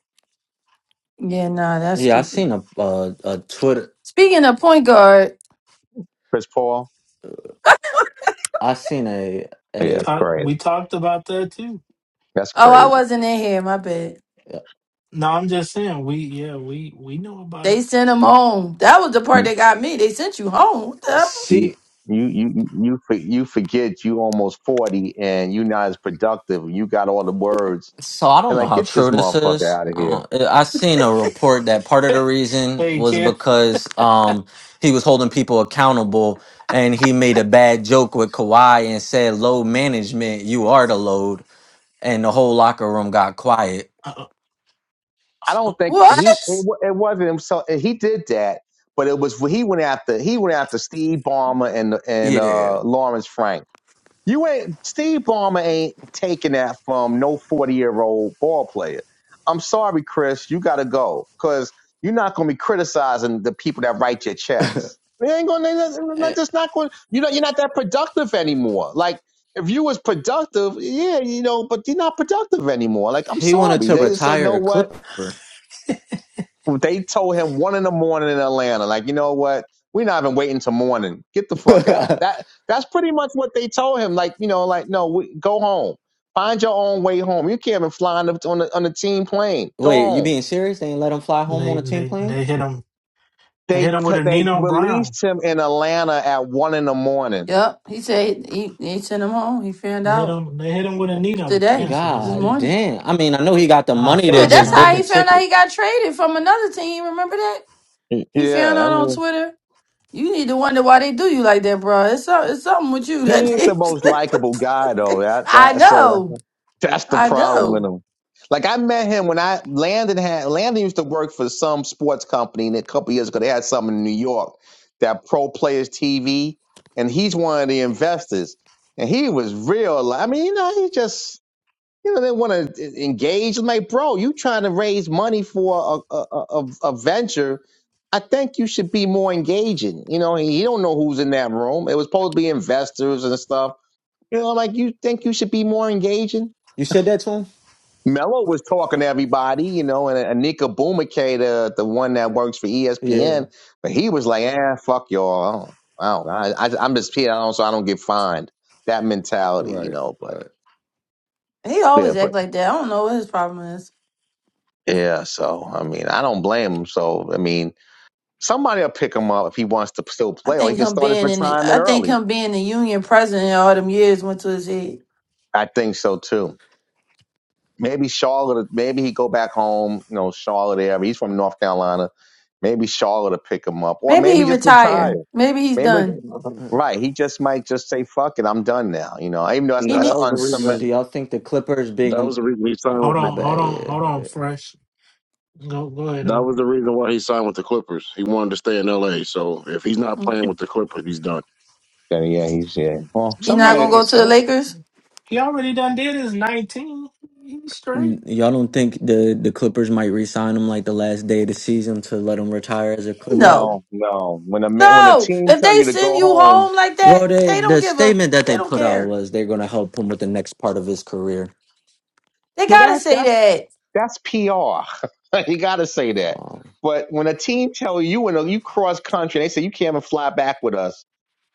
Yeah, nah, that's yeah, I seen stupid. a uh, a Twitter. Speaking of point guard, Chris Paul. I seen a We Yeah, a that's talked. crazy. We talked about that too. That's oh, I crazy. wasn't in here. My bad. No, I'm just saying. We yeah. We we know about They it. sent him home. That was the part You that got me. They sent you home. What? the- you see. you you for- you forget you almost forty and you're not as productive. You got all the words So I and don't know like how get this true this motherfucker is. out of here. Uh, I seen a report that part of the reason Hey, was Kev. because um he was holding people accountable and he made a bad joke with Kawhi and said, "Load management, you are the load," and the whole locker room got quiet. Uh, uh, I don't oh, think he it, shh. What? wa- it wasn't himself. He did that, but it was he went after he went after Steve Ballmer and and Yeah, uh, Lawrence Frank. You ain't Steve Ballmer ain't taking that from no forty year old ball player. I'm sorry, Chris, you got to go because you're not going to be criticizing the people that write your checks. They ain't going. to Eh, just not going. You know, you're not that productive anymore. Like. If you was productive, yeah, you know, but you're not productive anymore. Like, I'm he wanted sorry. to They just say, you retire know a what? Clipper. They told him one in the morning in Atlanta, like, you know what? We're not even waiting till morning. Get the fuck out. (laughs) That that's pretty much what they told him. Like, you know, like, no, we, go home. Find your own way home. You can't even fly on the, on the on the team plane. Go Wait, you home. being serious? They ain't let him fly home on They a team they plane? they hit him. They They hit him with cu- a they Nino Brown. released him in Atlanta at one in the morning. Yep. He said he, he sent him home. He found They hit out him. They hit him with a Nino. today, Cancel this this God bitch. morning. damn. I mean, I know he got the I'll money to Shit, find that's just book how another. a he found out he ticket. got traded from another team. Remember that? He found Yeah, I out on mean, Twitter. You need to wonder why they do you like that, bro. It's, so, it's something with you that he ain't the they. most likable guy (laughs) though. That I that so know. That's the I problem with know. him. Like I met him when I Landon had Landon used to work for some sports company, and a couple years ago they had something in New York that Pro Players TV, and he's one of the investors, and he was real. li- I mean, you know, he just you know they want to engage. I'm like, bro, you trying to raise money for a a, a, a a venture? I think you should be more engaging. You know, he, he don't know who's in that room. It was supposed to be investors and stuff. You know, like you think you should be more engaging. You said that to him? Mello was talking to everybody, you know, and Anika Bumake, the, the one that works for Yeah. ESPN, but he was like, "Ah, fuck y'all. I don't, I don't, I, I, I'm just Peter Allen, so I don't get fined." That mentality, you Right. know. But Right. He yeah, always but act like that. I don't know what his problem is. yeah. So I mean, I don't blame him. So I mean, somebody will pick him up if he wants to still I play, or he think can him start his being in the retirement I think early. him being the union president all them years went to his head. I think so too. Maybe Charlotte. Maybe he go back home. You know, Charlotte area. He's from North Carolina. Maybe Charlotte will pick him up, or Maybe he maybe just retired. retire. Maybe he's Maybe done. Uh, You Right. He just might just say, fuck it, I'm done now. You know, even though that's, He know that's need, that an was the unsubmit. Do reason. y'all think the Clippers big? That was Um, the reason he oh, signed Hold with my on, the. hold bad. on, Yeah. hold on, yeah. fresh. Go go ahead That though. was the reason why he signed with the Clippers. He wanted to stay in L.A. So if he's (sighs) not playing with the Clippers, he's done. Yeah, yeah, he's, yeah. Well, he I not somebody, gonna go mean, to the oh, Lakers. he already done did his nineteen. He's straight. N- Y'all don't think the the Clippers might re-sign him like the last day of the season to let him retire as a Clipper? No, no, no. When a man, when a no. team If tell they you to send go you home, home like Well, that, they they don't the give a. statement that They they don't put out care. was they're gonna help him with the next part of his career. They well, gotta that, say that's, that. that's PR. (laughs) you got to say that. Um, But when a team tell you, when you cross country, they say, you can't even fly back with us.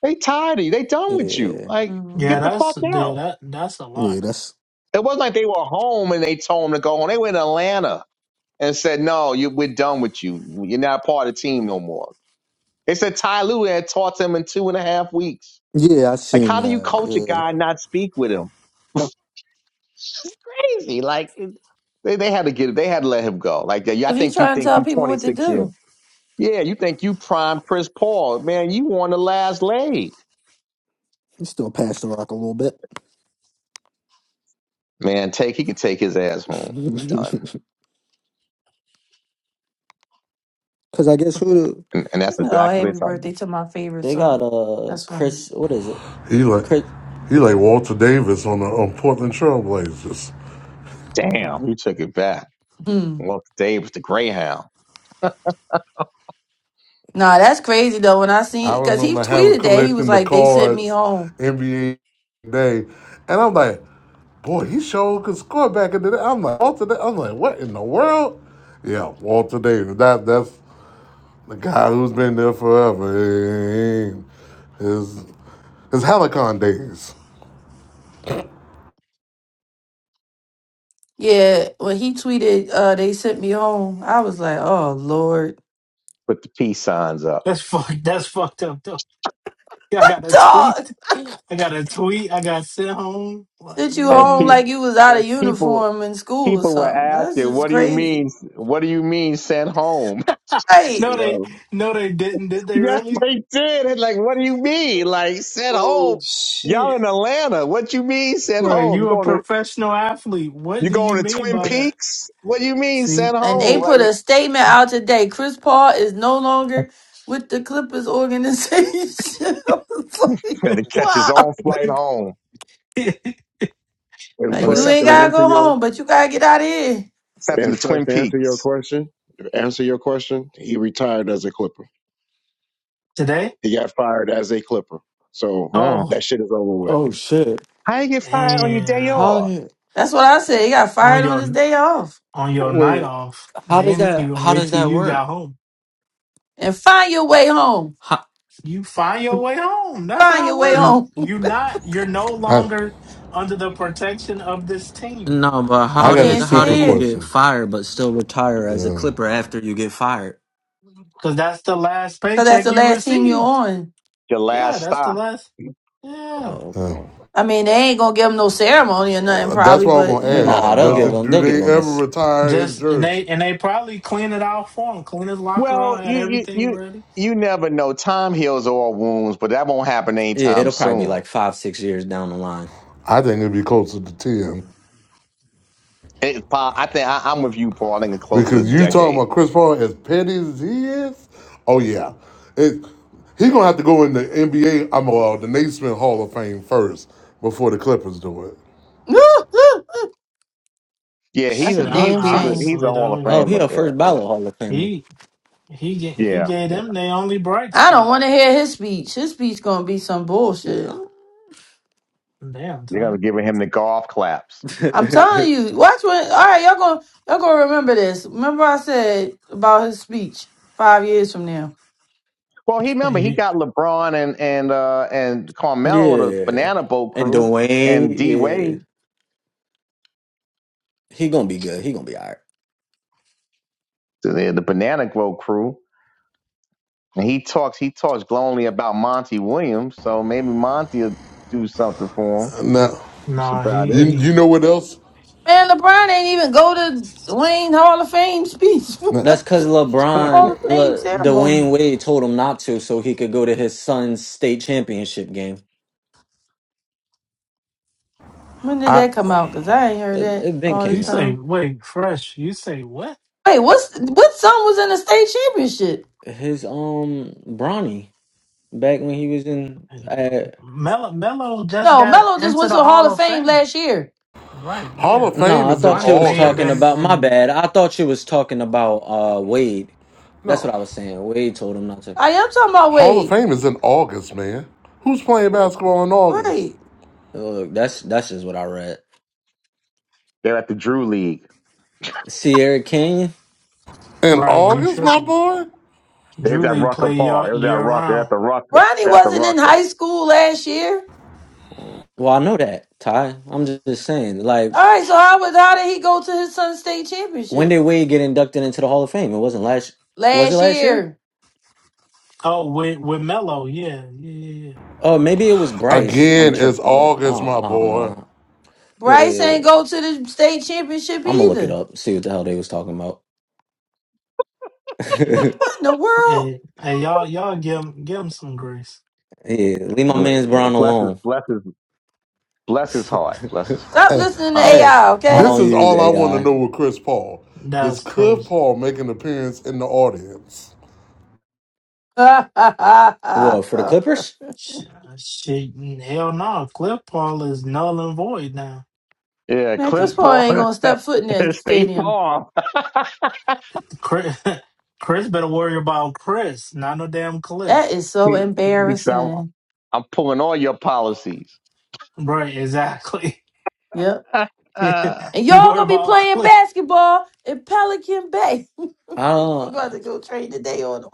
They tired of you. They done with you. yeah. Like, Yeah, hmm get the fuck that's yeah, out. that that's a Yeah, lot. that's It wasn't like they were home and they told them to go home. They were in Atlanta and said, no, you, we're done with you. You're not part of the team no more They said Ty Lue had taught him in two and a half weeks. yeah. I Like, seen how do you that. coach a Yeah, guy and not speak with him? It's just crazy. Like, it- they, they had to get it. They had to let him go. Like, yeah, yeah, I If you think you try and think tell you people what to 26 years. do, Yeah, you think you prime Chris Paul. Man, you on the last leg. he still passed the rock a little bit. Man, take he can take his ass home. He's (laughs) done. Cause I guess who And, and that's oh, exactly happy what they told birthday to my favorite they got son. uh That's funny. Chris what is it? He like Chris he like Walter Davis on the on Portland Trailblazers. him. Damn, you took it back. Hmm. Well, today was the Greyhound. Nah, that's crazy though. When I seen, I because he remember having tweeted that he was collecting the like, "They sent me cards home." NBA day, and I'm like, boy, he sure could score back in the day. I'm like Walter Davis. I'm like, what in the world? Yeah, Walter Davis. That that's the guy who's been there forever. And His his Helicon days. Yeah, when he tweeted, uh, "They sent me home," I was like, "Oh Lord." Put the peace signs up. That's (laughs) fuck that's fucked up though. Yeah, I got a Dog tweet. (laughs) I got a tweet. I got sent home. Like, sent you And, home pe- man. like you was out of and people uniform in school or people were something. That's asking, just "What do you crazy. mean? What do you mean sent home?" (laughs) Right. No, they Yeah. no they didn't, did they Yes, really? they did. It's like, what do you mean? Like sent home? Oh Y'all shit. in Atlanta? What you mean sent bro. home? You you a Going to professional athlete. What you do you going to mean Twin by that? Peaks? What do you mean See, sent And home? they they Like put he a statement out today. Chris Paul is no longer with the Clippers organization. (laughs) I was like, had to catch his wow. own flight home. (laughs) And Like, Or they you fresh sent to ain't to the gotta answer go you. home, but you gotta get out of here. sent him And to Fresh, Twin to answer your Peaks. question, to answer your question, he retired as a Clipper. today? He got fired as a Clipper. So Wow. Oh. that shit is over with. oh shit. How you get fired on your day Damn. How off? he- That's what I said. He got On fired on his your day off. on your night wait, off, how they does didn't that even how wait does till that you got work? home. And find your way home. How, You find your way home. That's Find how your it way works. n- home. You not you're no I longer under the protection of this team. no, but You I how got a did can't how do stay stupid you here. get question. fired but still retire as a Yeah, clipper after you get fired? Cause that's the last Cause that's paycheck the you last team you're received. on. Your Yeah, last that's the stop. last yeah. Oh yeah. okay. I mean, they ain't gonna give him no ceremony or nothing Well, That's probably, why I'm but gonna you know. Oh ask. Nah, they'll Does give no. it him do they'll give they him a ever s- retire his Just and jersey? they and they probably clean it out for him, clean his locker Well, out, had you you everything you ready. you never know. Time heals all wounds, but that won't happen yeah, anytime it'll probably be soon like five, six years down the line. I think it'd be closer to ten. It, Paul, I think I, I'm with you, Paul. I think it's close to a Because you talking decade. about Chris Paul as petty as he is? Oh yeah, it, he gonna have to go in the NBA. I'm uh, the Naismith Hall of Fame first before the Clippers do it. (laughs) Yeah, he's That's a Shit, a hon- he's damn he's a shame. he's a honestly Hall of though, Oh, he he Famer. a Yeah, first yeah, ballot Hall of Famer. he he ga- he yeah, gave yeah. them their only bright I don't spot. want to hear his speech. His speech gonna be some bullshit. Damn, You're gonna be giving him the golf claps. I'm telling (laughs) you. Watch when. All right, y'all gonna y'all gonna remember this. Remember I said about his speech five years from now. Well, he You, remember he you, got LeBron and and uh and Carmelo the yeah. Banana Boat And crew and D Dwayne, yeah. Wade He gonna be good. He gonna be all right. the, the Banana Boat crew, and he talks he talks glowingly about Monty Williams. So maybe Monty will do something for him. Now, That's nah, about he you it. you he. know what else? Man, LeBron ain't even go to Wayne Hall of Fame speech, (laughs) Now, That's because (laughs) Hall of LeBron, Fame Le, ceremony. Dwayne Wade told him not to, so he could go to his son's state championship game. When did I that come out? Cause I ain't heard It, that it been all You this came out. say time. wait, fresh. You say what? Wait, what's what song was in the state championship? His um Bronny back when he was in. Uh, Melo Melo just No, got Melo just into went the to the Hall Hall of of Fame Fame, last year. right? Hall Yeah, of Fame no, I is in thought you Bronny was may have talking been about August. my in. bad. I thought you was talking about uh Wade. That's No, what I was saying. Wade told him not to. I am talking about Hall of Wade. Fame is in August, man. Who's playing basketball in August? Right. Look, that's that's just what I read. They're at the Drew League. Sierra King. In Right, you August, my tripping? boy. There's that Julie Rucker play Paul. year It was at year Rucker. They're At round. the Rucker. Ronnie They're At the wasn't in Rucker. high school last year. Well, I know that Ty. I'm just, just saying. Like, All right, so how was how did he go to his son's state when championship did Wade get inducted into the Hall of Fame? It wasn't last. Was it last last year? year? Oh, with with Melo, yeah, yeah, yeah. Oh, maybe it was Bryce. I'm Again, it's tripping. man. I August, don't, my I don't boy. know. Bryce ain't Uh, go to the state championship I'm gonna look it either. up, see what the hell they was talking about. (laughs) yeah, What in the yeah. world? And and y'all y'all give him give him some grace. leave my man's Brown Bless his alone. bless his bless his (laughs) heart. Bless his heart. Stop Hey, listening to Um hey, AI, I okay? this don't is use all I want to AI. know with Chris Paul. Does That's Cliff crazy. Paul make an appearance in the audience? (laughs) What for the Clippers? Shit, shit hell no. Cliff Paul is null and void now. yeah, Man, Chris He. clip Paul ain't on gonna step foot in that (laughs) stay stadium. farm. Chris, (laughs) Chris better worry about Chris, not no damn That Cliff. is (laughs) so he, he said, I'm, embarrassing. I'm pulling all your policies. Right, exactly. Yep. (laughs) (laughs) and And you y'all worry gonna be about playing Cliff. basketball in Pelican Bay. (laughs) you got Uh to go train today on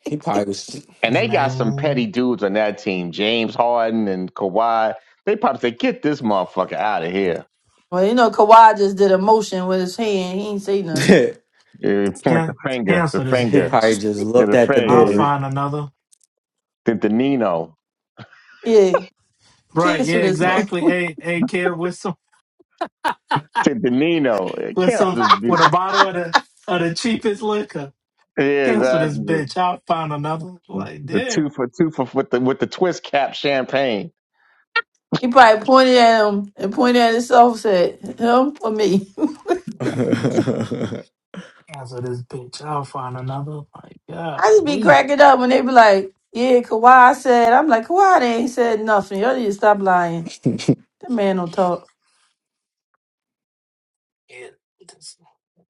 he probably was. they got some petty Man, dudes on that team, James Harden and Kawhi. They probably say, get this motherfucker out of here. Well, you know, Kawhi just did a motion with his hand. He ain't say nothing. (laughs) Yeah, point the can finger, the cancel this he finger, bitch. probably just yeah, looked the at the I'll finger, door. find another. the, the Nino, Yeah, Right, yeah, cancel this move. exactly. Hey, hey, kid, with some, the, the Nino. It with can't some, just be. with a bottle of the, of the cheapest liquor. It is Cancel this that. bitch. I'll find another. Like, The two damn. for two for with the with the twist cap champagne He probably pointed at him and pointed at himself, said, him or me. (laughs) Cancel this bitch. I'll find another. Like, (laughs) I just be golly. cracking up when they be like, yeah, Kawhi said. I'm like, Kawhi they ain't said nothing. Y'all need to stop lying. That man don't talk, Yeah, this-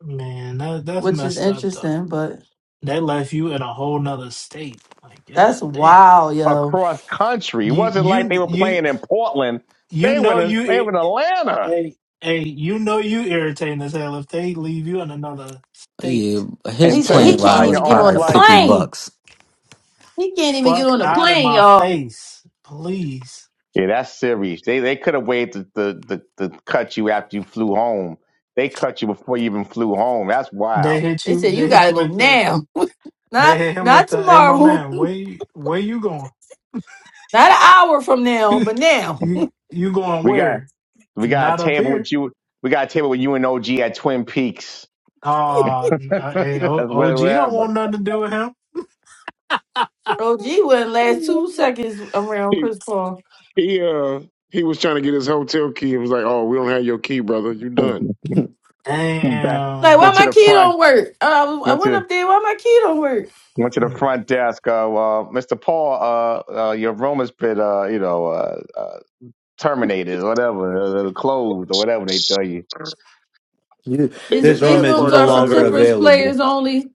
man, that, that's which is messed up though. interesting, but That left you in a whole nother state. Like, that's god damn. wild, yo. across country. It You wasn't you like they were you playing in Portland. you They know went in, you they it, went in Atlanta hey hey you know you irritating as hell if they leave you in another yeah, state. his They said until you Like he plane ride can't find was even your get own on probably the flight. fifty plane. bucks. He can't even get fuck on the out of plane, my y'all. face, please. Yeah, that's serious. They they could have waited to, to, to cut you after you flew home. They cut you before you even flew home. That's They wild. hit They you. said, you They got hit to you go with the. now. (laughs) They Not, hit him with not the. Hey, my tomorrow. man, where you, where you going? Not an hour from (laughs) now, but now. you you going We got where? we got a Not up table here. with you. We got a table with you and OG at Twin Peaks. Uh, (laughs) hey, That's O- OG what- don't whatever. want nothing to do with him. OG wouldn't last two seconds around He Chris Paul. he uh he was trying to get his hotel key and was like, Oh, we don't have your key, brother. You (laughs) done. Back, Like, why went Damn. to my the key front. don't work? I, I Went to went up there. Why my key don't work? Went to the front desk. Uh, well, Mr. Paul, uh, uh, your room has been, uh, you know, uh, uh, terminated, or whatever, uh, closed, or whatever they tell you. You, And the These this these room bad is rooms part no are for about it longer is Clippers players available. only.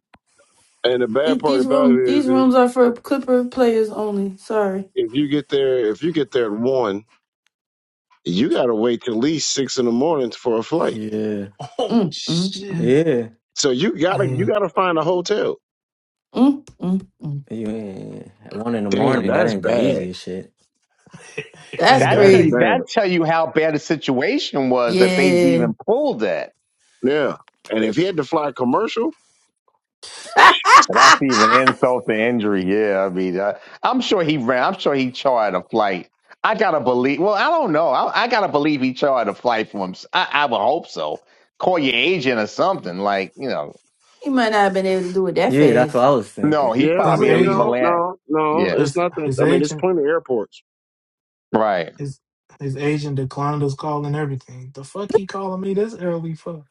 and the bad These, part these about it room is these is rooms are for Clipper players only. Sorry. if you get there if you get there at one, you gotta wait till at least six in the morning for a flight. Yeah, Oh Mm, mm, shit! mm, yeah. So you gotta you Hey, gotta find a hotel. mm, mm, mm. You ain't one in the Damn, morning. That that's ain't the bad. easiest shit. hey, That's That That's tell man. you crazy. bad. that tell you how bad the situation was that they Yeah. even pulled that. Yeah. And if he had to fly commercial, (laughs) That's even insult to injury. Yeah, I mean, uh, I'm sure he ran. I'm sure he chartered a flight. I gotta believe. Well, I don't know. I, I gotta believe he chartered a flight for him. I, I would hope so. Call your agent or something. Like you know, he might not have been able to do it that Yeah, that's what fast. I was no, thinking. he Yeah, I His probably didn't mean, leave a agent, no, land. no, no. Yeah. It's his not that. his I mean, there's agent, plenty of airports. Right. his his agent declined his call and everything. The fuck he calling me this early for?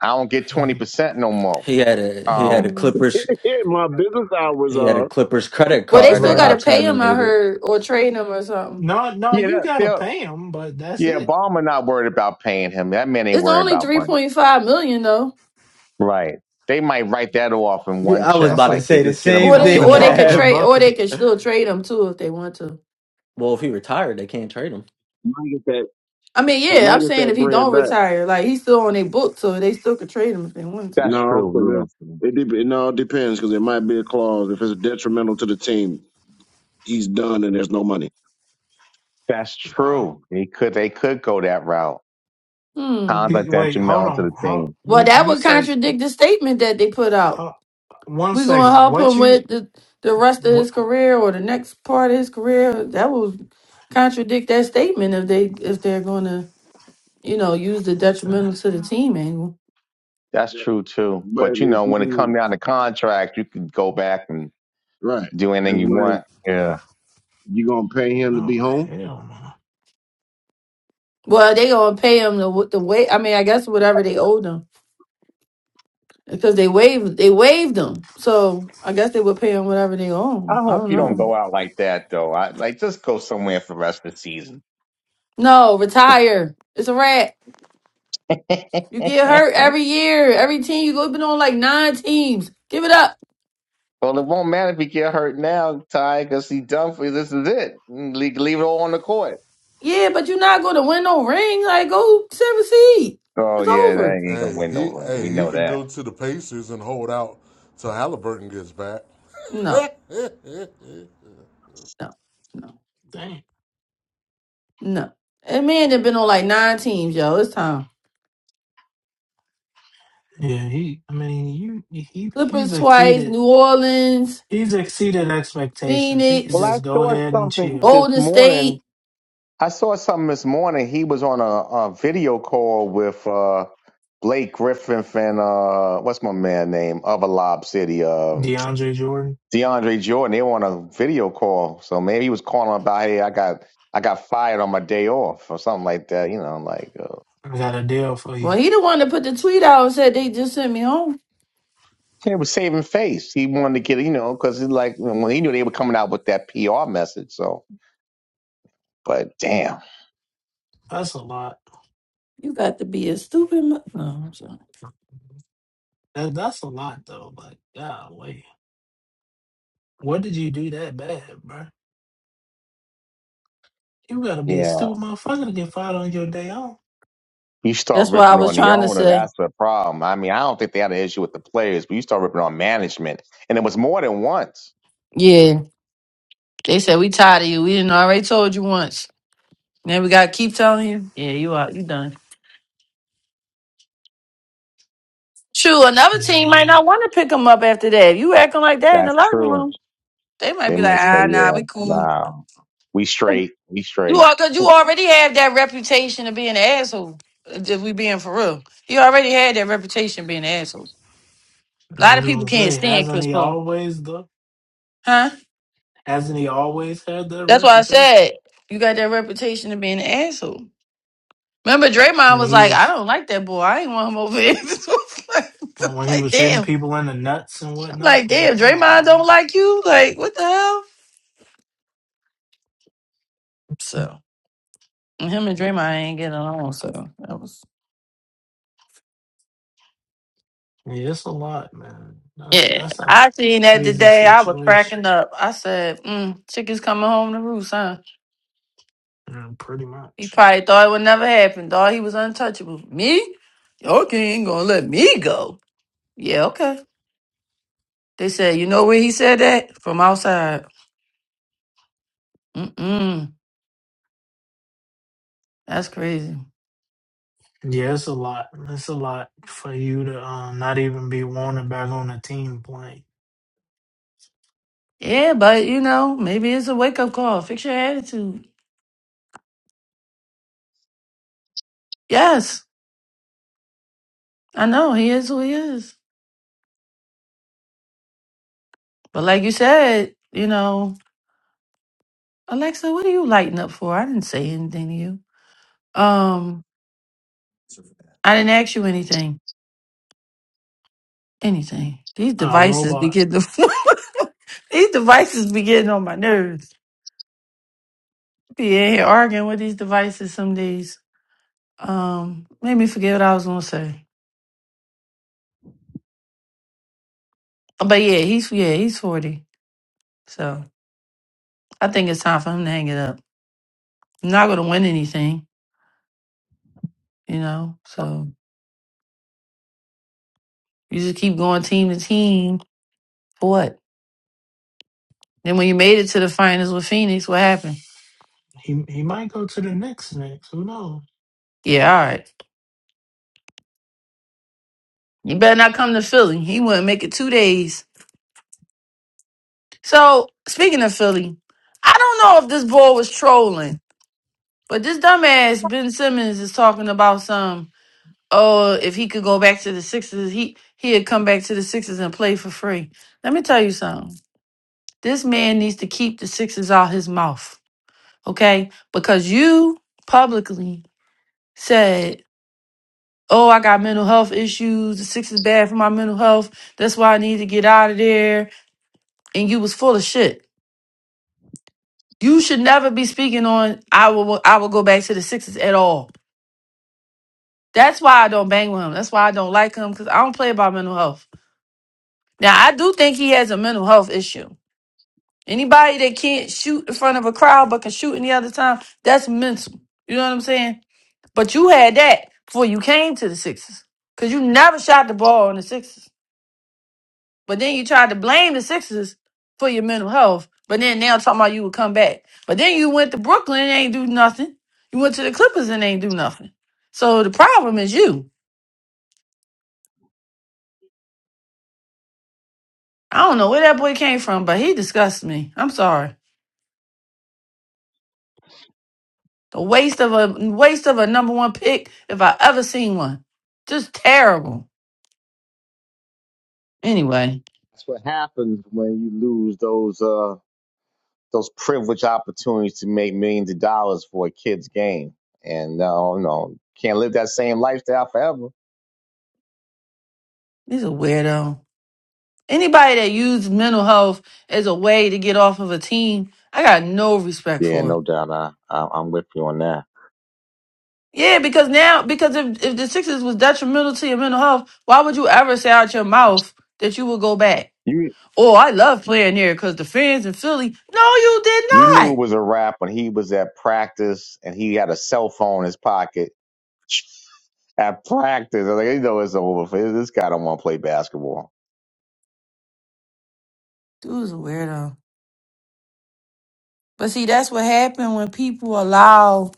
I don't get twenty And percent no more. He had Mm. a he had a Um. mm. Clippers (laughs) My business hours he had a are. Clippers credit But they card that still got right, to got pay him, I terminated. heard, or trade him or something. no, no, Yeah. you That, gotta they'll, pay him, but that's yeah. it. Obama not worried about paying him. That man ain't It's worried only about three money. point five million though. Right. They might write that off in Yeah, one I was check. That's about a to Like, hey, say the just get him. Or same Just that's they get a thing, (laughs) him or they off. drop could in a Kev. trade or they bucket. could still trade him too if they want to. Well, if he retired, they can't trade him. You might get that. I mean, You yeah, I'm might get saying that if he bread don't back. retire, like he's still on their book, so they still could trade him if they wanted to. That's No, true. because Yeah. it, de- it all depends, because it might be a clause. If it's detrimental to the team, he's done, and there's no money. That's Wow. true. They could. They could go that route. Hmm. Cons He, like that wait, hold Jamel to on. the How team. Well, you that you would say? contradict the statement that they put out. How, one We are gonna second. help What him you with the the rest of what? his career or the next part of his career. That would contradict that statement if they if they're gonna you know use the What the detrimental to the hell? team angle. That's true too. But But you if know, when it you comes down to contract, you could go back and right, do it's anything you like want. Yeah. you gonna pay him to be Oh home. hell Well, they gonna pay him the the way. I mean, I guess whatever they owe them. because they waived they waived them. So I guess they would pay them whatever they own. I I hope don't you Yeah. don't know. go out like that though. I like just go somewhere for the rest of the season No, retire. It's a rat. You get (laughs) hurt every year. Every team you go been on like nine teams. Give it up. Well, it won't matter if he get hurt now, Ty, because he done for this is it. Leave, leave it all on the court. Yeah, but you're not going to win no ring. Like go seven seed. Oh It's yeah, that over. ain't gonna Hey, win no he ring. hey, We he know can that. go to the Pacers and hold out till Halliburton gets back. No, (laughs) no, no, no! no. And man, they've been on like nine teams, yo. It's time. Yeah, he. I mean, you. He. He's Clippers twice, exceeded. New Orleans, He's exceeded expectations. He could Well, I just Phoenix, go saw ahead and something chill. this Golden State. morning. I saw something this morning. He was on a, a video call with uh, Blake Griffin and uh, what's my man name? Other Lob City, uh, DeAndre Jordan, DeAndre Jordan. They were on a video call, so maybe he was calling about, hey, I got I got fired on my day off or something like that. You know, like. Uh, I got a deal for you. Well, he the one that put the tweet out and said they just sent me home. He was saving face. He wanted to get, you know, because like when he knew they were coming out with that PR message. So, but damn, That's a lot. You got to be a stupid. Mo- no, I'm sorry. That, that's a lot, though. Like, golly, what did you do that bad, bro? You gotta be a yeah, stupid motherfucker to get fired on your day off. you start That's what I ripping was on the trying to owner. say. That's the problem. I mean, I don't think they had an issue with the players, but you start ripping on management, and it was more than once. Yeah, they said we tired of you. We didn't already told you once. Now we got to keep telling you. Yeah, you out. You done. True. Another team might Yeah, not want to pick them up after that. If you acting like that in the That's locker true. room, they might They be like, must ah, say, nah, yeah, we cool. nah, we (laughs) straight, we You straight. are because you already have that reputation of being an asshole. If we being for real, you already had that reputation of being an asshole. A I lot was of people gonna can't say, stand hasn't Chris he Paul, always though? huh? Hasn't he always had that That's why I reputation said you got that reputation of being an asshole. Remember, Draymond when was he like, "I was don't like that boy. I ain't want him over here." (laughs) So it's like, when he like, was hitting damn. people in the nuts and I'm like, whatnot? Like, damn. come on, Draymond don't man. like you. Like, what the hell? So, him and Draymond ain't getting along. So that was. Yeah, it's a lot, man. That's Yeah, that's a I seen that crazy today. I was situation, cracking up. I said, mm, "Chicken's coming home to roost, huh?" mm, pretty He much. probably thought it would never happen. Thought he was untouchable. Me? Your king ain't gonna let me go. Yeah, okay. They said, you know where he said that? From outside. Mm-mm. That's crazy. Yeah, it's a lot. It's a lot for you to um, not even be wanted back on the team playing. Yeah, but you know, maybe it's a wake up call. Fix your attitude. Yes, I know he is who he is. But like you said, you know, Alexa, what are you lighting up for? I didn't say anything to you. Um. I didn't ask you anything. Anything. These Uh, devices be robot, getting (laughs) these devices be getting on my nerves. Be in here arguing with these devices some days. Um, made me forget what I was gonna say. But yeah, he's yeah, he's forty. So I think it's time for him to hang it up. I'm not gonna win anything, you know. So you just keep going team to team for what? Then when you made it to the finals with Phoenix, what happened? he he might go to the Knicks next. Who knows? Yeah, all right. You better not come to Philly. He wouldn't make it two days So speaking of Philly, I don't know if this boy was trolling, but this dumbass Ben Simmons is talking about some. Oh, if he could go back to the Sixers, he he'd come back to the Sixers and play for free. Let me tell you something. This man needs to keep the Sixers out his mouth, okay? Because you publicly said, "Oh, I got mental health issues. The Sixers bad for my mental health. That's why I need to get out of there." And you was full of shit. You should never be speaking on I will I will go back to the Sixers at all. That's why I don't bang with him. That's why I don't like him because I don't play about mental health. Now I do think he has a mental health issue. Anybody that can't shoot in front of a crowd but can shoot any other time, that's mental. You know what I'm saying? But you had that before you came to the Sixers. Cause you never shot the ball on the Sixers. But then you tried to blame the Sixers for your mental health. But then now talking about you would come back. But then you went to Brooklyn and ain't do nothing. You went to the Clippers and ain't do nothing. So the problem is you. I don't know where that boy came from, but he disgusts me. I'm sorry. The waste of a waste of a number one pick if I ever seen one. Just terrible. Anyway, That's what happens when you lose those uh those privileged opportunities to make millions of dollars for a kid's game, and no, no, can't live that same lifestyle forever. he's a weirdo. Anybody that used mental health as a way to get off of a team, I got no respect Yeah, for. no doubt. I, I I'm with you on that. Yeah, because now, because if if the Sixers was detrimental to your mental health, why would you ever say out your mouth that you would go back? You Oh, I love playing there because the fans in Philly. No, you did you knew not. it was a wrap when he was at practice and he had a cell phone in his pocket (laughs) at practice. I was like, you know, it's over. for This guy don't want to play basketball. Dude's a weirdo. But see, that's what happened when people allow,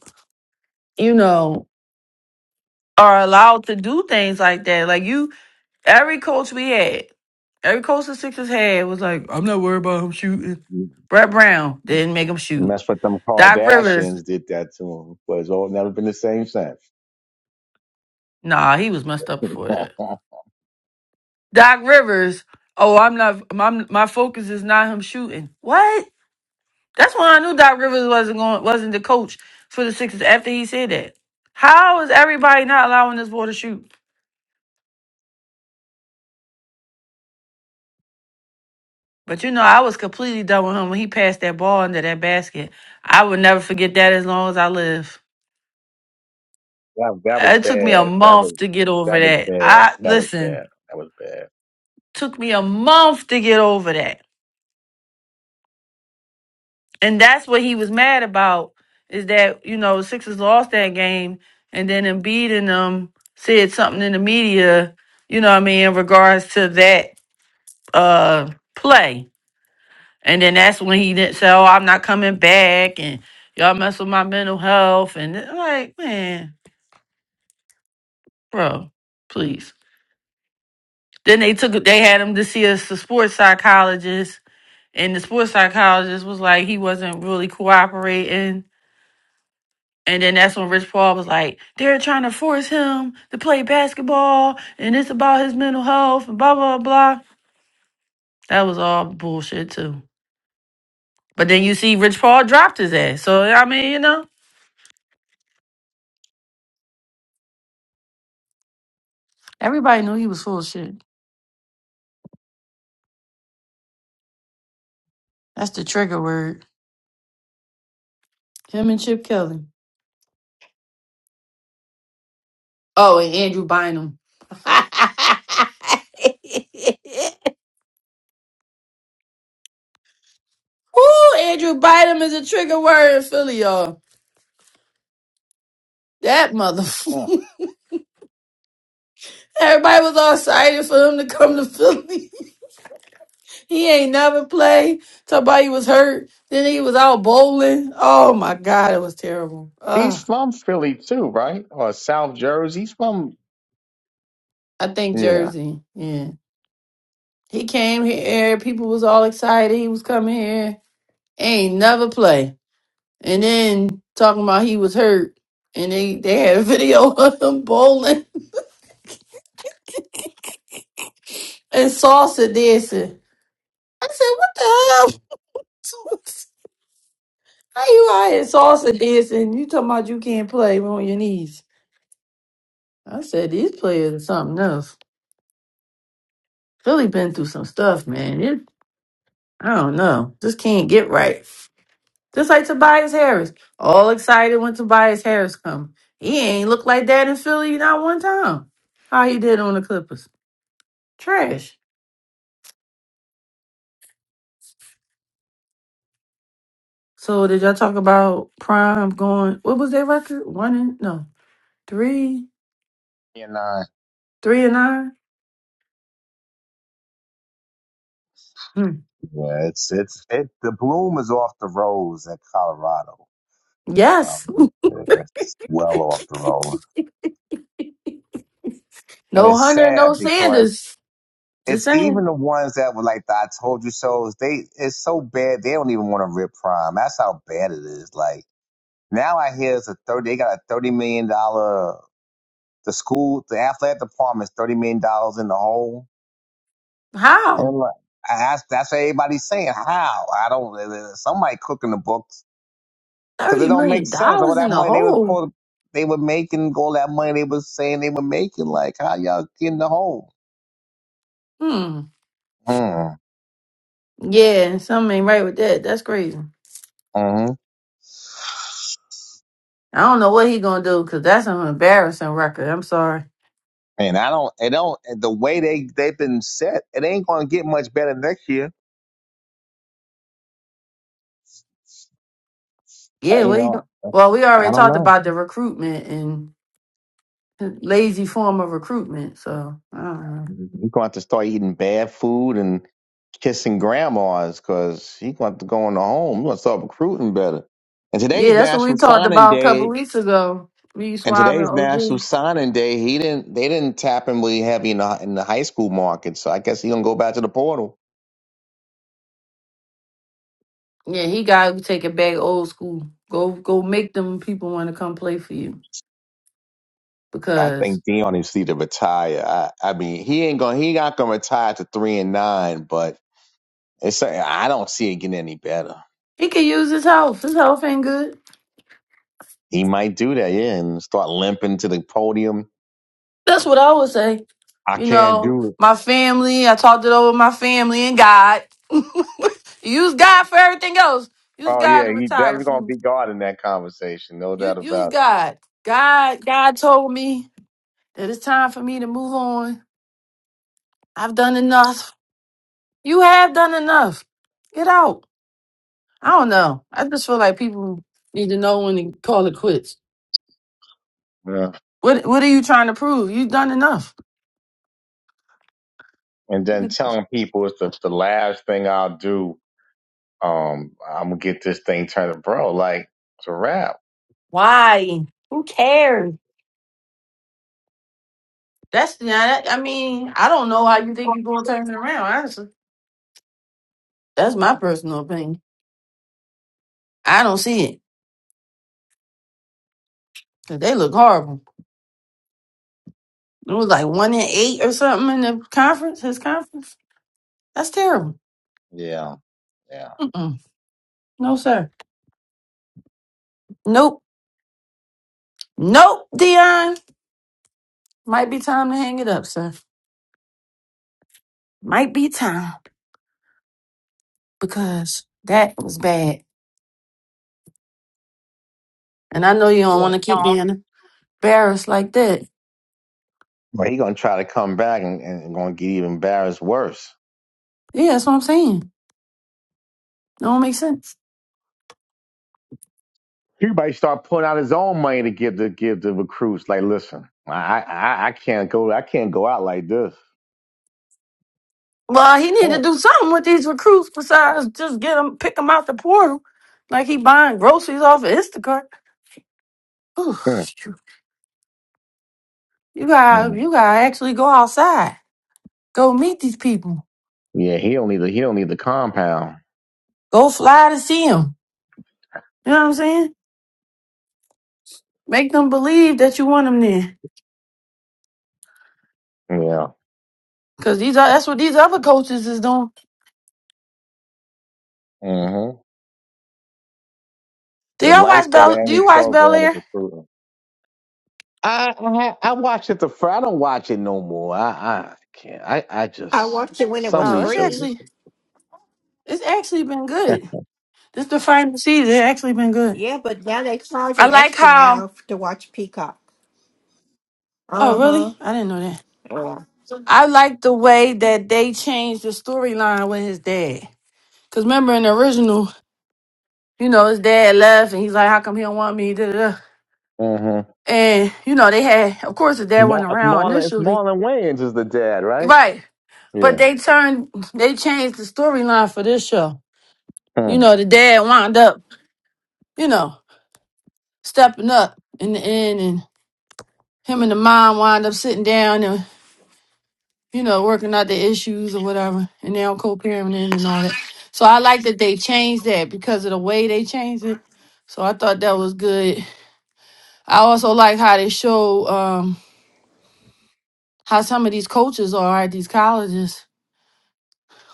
you know, are allowed to do things like that. Like you, every coach we had, every coach the Sixers had was like, I'm not worried about him shooting. Mm-hmm. Brett Brown didn't make him And shoot. that's what them Doc Rivers, Kardashians did that to him. But it's all never been the same since. nah, he was messed up (laughs) before that. that Doc Rivers. Oh, I'm not. My my focus is not him shooting. What? That's when I knew Doc Rivers wasn't going. Wasn't the coach for the Sixers after he said that. How is everybody not allowing this boy to shoot? But you know, I was completely done with him when he passed that ball into that basket. I will never forget that as long as I live. that was It took me a bad. That month was to get over that was that. bad. I That was listen. bad. That was bad. Took me a month to get over that. And that's what he was mad about is that, you know, Sixers lost that game and then Embiid and them said something in the media, you know what I mean, in regards to that uh play. And then that's when he didn't say, Oh, I'm not coming back and y'all mess with my mental health and I'm like, man, bro, please. Then they took they had him to see a, s- a sports psychologist and the sports psychologist was like he wasn't really cooperating And then that's when Rich Paul was like, they're trying to force him to play basketball and it's about his mental health and blah, blah, blah. That was all bullshit too. But then you see Rich Paul dropped his ass. So, I mean, you know, everybody knew he was full of shit. That's the trigger word. Him and Chip Kelly. Oh, and Andrew Bynum. (laughs) Woo, Andrew Bynum is a trigger word in Philly, y'all. That Hmm. motherfucker. (laughs) Everybody was all excited for him to come to Philly. (laughs) He ain't never played. Somebody was hurt. Then he was out bowling. Oh my God, it was terrible. He's Ugh. from Philly too, right? Or South Jersey. He's from I think yeah. Jersey. Yeah. He came here. People was all excited. He was coming here. Ain't never play. And then talking about he was hurt. And they, they had a video (laughs) of him bowling and salsa dancing. I said, what the hell? (laughs) How you out here salsa dancing? You talking about you can't play on your knees. I said, these players are something else. Philly been through some stuff, man. It, I don't know. Just can't get right. Just like Tobias Harris. All excited when Tobias Harris come. He ain't look like that in Philly not one time. How he did on the Clippers. Trash. So did y'all talk about Prime going what was their record? One and no. Three Yeah, nah. three and nine? Hmm. Yeah, it's it's it. The bloom is off the rose at Colorado. Yes. Um, yeah, that's well off the rose, (laughs) and no it's Hunter, sad no because Sanders. Just it's even saying. the ones that were like the "I told you so." They it's so bad they don't even want to rip prime. That's how bad it is. Like now, I hear it's a thirty. They got a thirty million dollar. The school, the athletic department's thirty million dollars in the hole, and How? I'm like, I- that's that's what everybody's saying. How I don't. Somebody cooking the books because it $30 don't make million sense. All dollars in that the money they was hole. called, they were making, all that money they was saying they were making, like how y'all get in the hole? Hmm. Mm, Yeah, something ain't right with that. That's crazy. mm-hmm. I don't know what he gonna do because that's an embarrassing record. I'm sorry. And I don't, it don't. The way they they've been set, it ain't gonna get much better next year. Uh, Yeah, You what he going know, uh, Well, we I already don't talked know. about the recruitment and lazy form of recruitment. So I don't know. You're gonna have to start eating bad food and kissing grandmas because he's gonna have to go in the home. you gonna start recruiting better. And today's Yeah, that's what we National talked Signing about a Day couple weeks ago. Me And Suave and today's National OG. Signing Day. He didn't. They didn't tap him really heavy in the, in the high school market. So I guess he gonna go back to the portal. Yeah, he gotta take it back old school. Go go make them people want to come play for you I because think Dion needs to retire. I, I mean, he ain't gonna. He not gonna retire to three and nine. But it's. I don't see it getting any better. he could use his health. His health ain't good. He might do that, yeah, and start limping to the podium. That's what I would say. I You can't know, do it. my family, I talked it over with my family and God. (laughs) use God for everything else. Use Oh God yeah, to he retire definitely gonna from. be God in that conversation, no You doubt use about God. God God told me that it's time for me to move on. I've done enough. You have done enough. Get out. I don't know. I just feel like people need to know when to call it quits. it. Yeah. What what are you trying to prove? You've done enough. And then telling people it's the, the last thing I'll do Um, I'm gonna get this thing turned, bro. Like it's a wrap. Why? Who cares? That's yeah. That, I mean, I don't know how you think you're going to turn it around. Honestly, that's my personal opinion. I don't see it. 'Cause They look horrible. It was like one in eight or something in the conference. His conference. That's terrible. Yeah, yeah, Mm-mm. No, sir. Nope. Nope. Dion. Might be time to hang it up, sir. Might be time because that was bad. And I know you don't yeah. want to keep being embarrassed like that. But he gonna try to come back and, and gonna get even embarrassed worse. Yeah, that's what I'm saying. Don't make sense. Everybody start pulling out his own money to give the give the recruits. Like, listen, I I, I can't go I can't go out like this. Well, he need to Oh. do something with these recruits besides just get them, pick them out the portal, like he buying groceries off of Instacart. Ooh, Mm, shoot. you got, mm. you got to actually go outside, go meet these people, Yeah, he don't need the he don't need the compound. go fly to see them. You know what I'm saying? Make them believe that you want them there, Yeah. because these are that's what these other coaches is doing. hmm Do The y'all life watch of the Bel? Do you anti watch Bel program is Air? recruiting. I I, ha- I watched it the first. I don't watch it no more. I I can't. I I I just watched it when it some was of Oh, these it's shows. free. actually it's actually been good. This the final season. It's actually been good. Yeah, but now they charge I an like extra how. now f- to watch Peacock. Oh, Uh huh. really? I didn't know that. Yeah. I like the way that they changed the storyline with his dad. Cause remember in the original, you know, his dad left and he's like, "How come he don't want me?" Da, da, da. Mm-hmm. And you know, they had, of course, his dad Mar- wasn't It's around Marlon. It's initially, Marlon Wayans is the dad, right? right? But Yeah. they turned, they changed the storyline for this show. You Mm. know, the dad wound up, you know, stepping up in the end, and him and the mom wound up sitting down you know, working out the issues or whatever, and they're on co-parenting and all that. So I like that they changed that because of the way they changed it. So I thought that was good. I also like how they show um, how some of these coaches are at these colleges.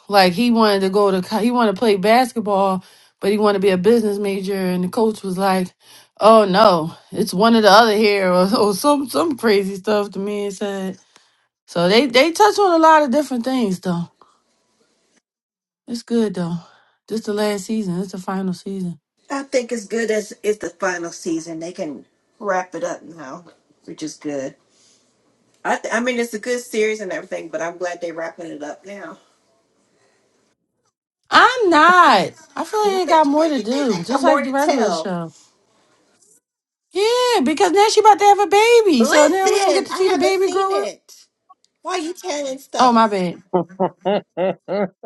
Like he wanted to go to, co- he wanted to play basketball, but he wanted to be a business major, and the coach was like, "Oh no, it's one or the other here," or, (laughs) or some some crazy stuff. The man said. So they they touch on a lot of different things though. It's good though. This the last season. It's the final season. I think it's good as it's the final season. They can wrap it up now, which is good. I, th- I mean, it's a good series and everything, but I'm glad they're wrapping it up now. I'm not. I feel (laughs) what like it got more what to do you think do, they got just like more the to regular tell? show. Yeah, because now she about to have a baby, so now we don't get Listen, to see I the haven't baby seen grow up. it. Why you telling Oh my stuff? bad. (laughs)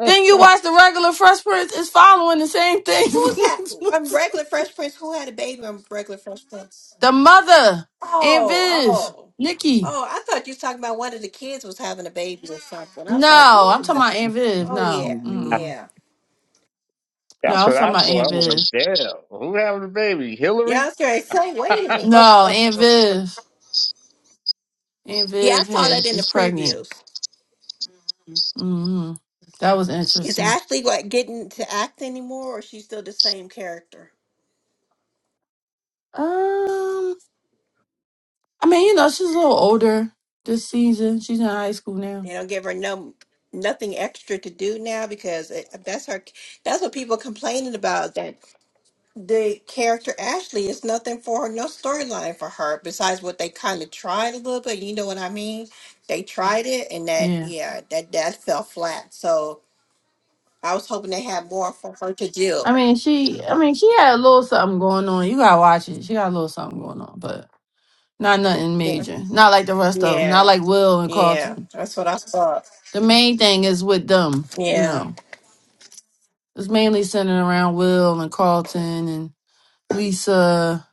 Then you watch the regular Fresh Prince is following the same thing. (laughs) Who's had um regular Fresh Prince? Who had a baby on regular Fresh Prince? the mother, Aunt Oh, Viv, oh, Nikki. oh! I thought you was talking about one of the kids was having a baby or something. I was like, No, I'm talking what? about Aunt Viv. Oh No, yeah, Mm-mm. yeah, no, That's I'm what I talking about thought. Aunt I Viv. was like, damn, who having the baby? yeah. I Hillary? was going to say, (laughs) wait a That's minute. No, Aunt Viv. Aunt Yeah, I Viv saw had, that in the is pregnant. previews. Mm, that was Is interesting. Ashley what getting to act anymore, or she's still the same character? Um, I mean, you know, she's a little older this season. She's in high school now. They don't give her no nothing extra to do now because it, that's her. That's what people complaining about that the character Ashley is nothing for her, no storyline for her besides what they kind of tried a little bit. You know what I mean? They tried it and that Yeah. yeah, that that fell flat. So I was hoping they had more for her to do. I mean, she. I mean, she had a little something going on. You gotta watch it. She got a little something going on, but not nothing Yeah, major. Not like the rest of them. Not yeah, like Will and yeah. Carlton. That's what I thought. The main thing is with them. You Yeah, know, it's mainly centered around Will and Carlton and Lisa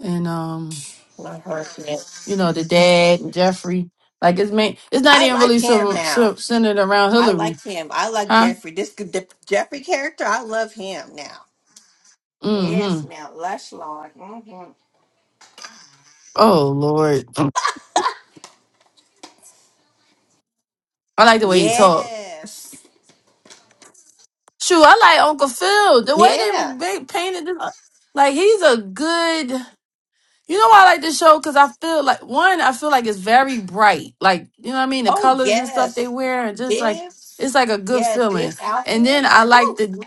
and um. I heard it. you know, the dad and Jeffrey. Like it's main, it's not I even like really him so, now. so centered around I Hillary, like him. I like huh? Jeffrey. This good the Jeffrey character. I love him now. Yes, Mm-hmm. now Lush Lord. hmm Oh Lord, I like the way he talked. Yes. Shoot, I like Uncle Phil. The Yeah. way they, they painted this, like he's a good. You know why I like this show? Because I feel like one, I feel like it's very bright. Like you know what I mean, the Oh colors and stuff they yes. wear, and just like This. it's like a good Yeah. feeling. This And then I outfits. like Woo. the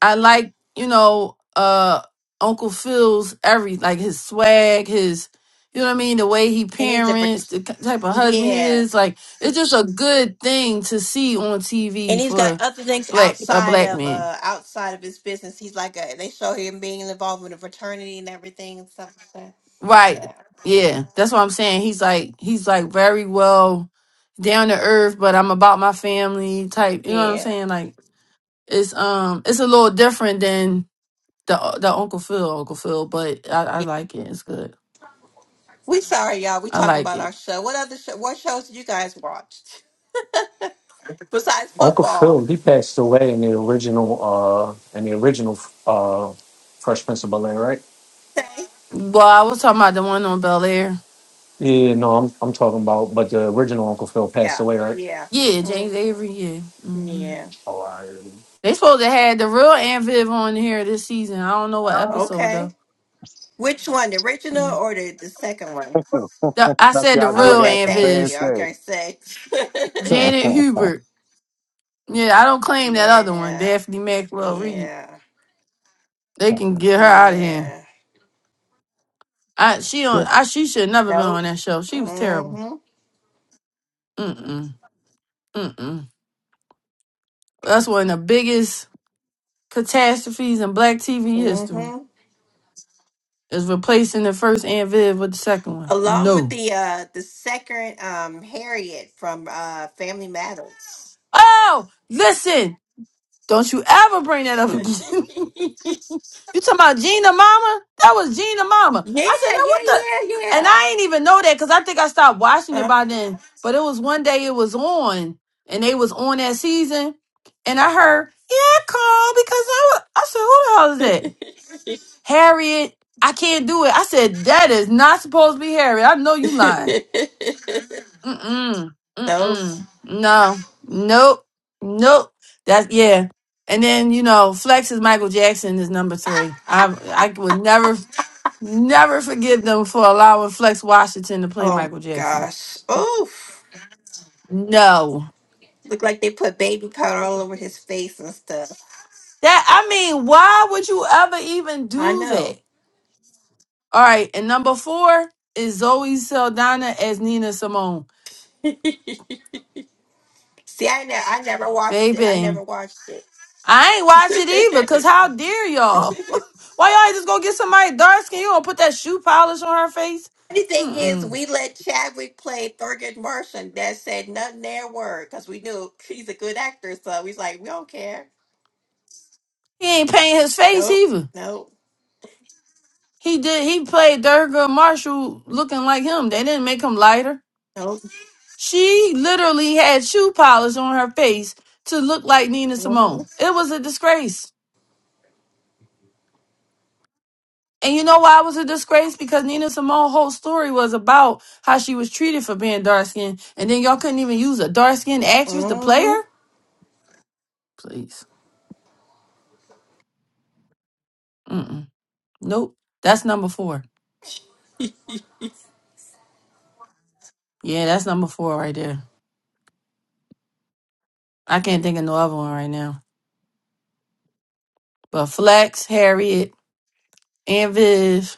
I like, you know, uh Uncle Phil's every like his swag, his you know what I mean, the way he And he's a parents, vert- the ki- type of husband he yeah. is. Like it's just a good thing to see on TV And he's got for other things black a outside black of man. uh outside of his business. He's like a. They show him being involved with a fraternity and everything and stuff like that. Right. Yeah. Mhm. Yeah. That's what I'm saying. He's like he's like very well down to earth, but I'm about my family type. You know what I'm Yeah. saying? Like it's um it's a little different than the the Uncle Phil, Uncle Phil, but I, I like it. It's good. We sorry, y'all. We I talking like about it. our show. What other show? What shows did you guys watch? besides Uncle football. Phil, he passed away in the original, uh, in the original uh, Fresh Prince of Bel Air, right? Okay. Well, I was talking about the one on Bel Air. Yeah, no, I'm I'm talking about, but the original Uncle Phil passed Yeah. away, right? Yeah. Yeah, hmm James Avery. Yeah, hmm Yeah. they supposed to had the real Anviv on here this season. I don't know what episode Okay. though. Which one, the original Yeah, or the, the second one? what I the, I said the was doing real at Okay. Thank you. Anviv, the Okay. Six. same Janet Hubert. Yeah, I don't (laughs) claim that other one, yeah. Daphne Maxwell Reed. Yeah. They can get her out of here. Yeah. I she on I she should never been Nope. on that show. She was terrible. Mm-hmm. Mm mm mm. mm. That's one of the biggest catastrophes in Black TV history. Mm-hmm. Is replacing the first Aunt Viv with the second one. Along with No. the uh the second um Harriet from uh Family Matters. Oh, listen. Don't you ever bring that up (laughs) again. (laughs) yeah. you talking about Gina Mama? That was Gina Mama. Yeah. I said, now what Yeah. the? And Yeah. I ain't even know that because I think I stopped watching it by then. Uh-huh. But it was one day it was on and they was on that season. And I heard, yeah, call because I, wa- I said, who the hell (laughs) is that? Harriet. I can't do it. I said, that is not supposed to be Harriet. I know (laughs) you lying. Mm-mm. Those. Mm-mm. No. Nope. Nope. That's yeah. And then, you know, Flex is Michael Jackson is number three. I I would never never forgive them for allowing Flex Washington to play Oh my Michael Jackson. gosh. Oof. No. Look like they put baby powder all over his face and stuff. That I mean, why would you ever even I do that? know. All right, and number four is Zoe Saldana as Nina Simone. (laughs) See, I, ne- I never watched it. I Baby. never watched it. I ain't watch it either, cause (laughs) how dare y'all? (laughs) Why y'all ain't just gonna get somebody dark skin? You gonna put that shoe polish on her face? Funny thing is, Mm-mm. we let Chadwick play Thurgood Marshall. That said nothing there word because we knew he's a good actor. So we was like, we don't care. He ain't paint his face Nope. either. Nope. He did. He played Durga Marshall looking like him. They didn't make him lighter. Nope. She literally had shoe polish on her face to look like Nina hmm Simone. It was a disgrace. And you know why it was a disgrace? Because Nina Simone's whole story was about how she was treated for being dark skinned. And then y'all couldn't even use a dark skinned actress to play hmm her? Please. Mm-mm. Nope. That's number four. Yeah, that's number four right there. I can't think of no other one right now. But Flex, Harriet, and Viv,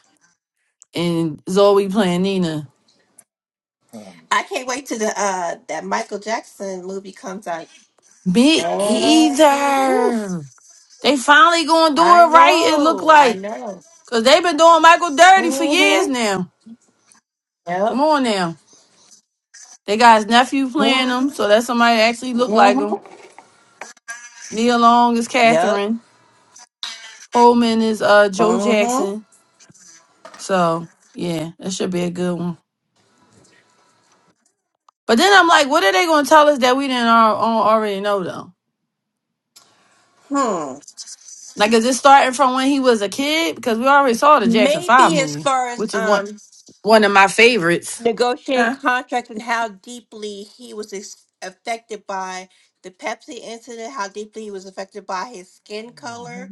and Zoe playing Nina. thing. I can't wait till the uh that Michael Jackson movie comes out. Me And woof. either. They finally gonna do it I right, it look know. I like. know. Cause they've been doing Michael Dirty for years Mm-hmm. now. Come Yep. on now. They got his nephew playing him, Mm-hmm. so that's somebody that actually look like him. Nia Long is Yep. Catherine. Coleman is uh Joe Mm-hmm. Jackson. So yeah, that should be a good one. But then I'm like, what are they gonna tell us that we didn't al- al- already know though? Hmm. Like, is it starting from when he was a kid? Because we already saw the Jackson Five Maybe as movie, far as which is one um one of my favorites. negotiating Huh? contracts and how deeply he was ex- affected by the Pepsi incident, how deeply he was affected by his skin color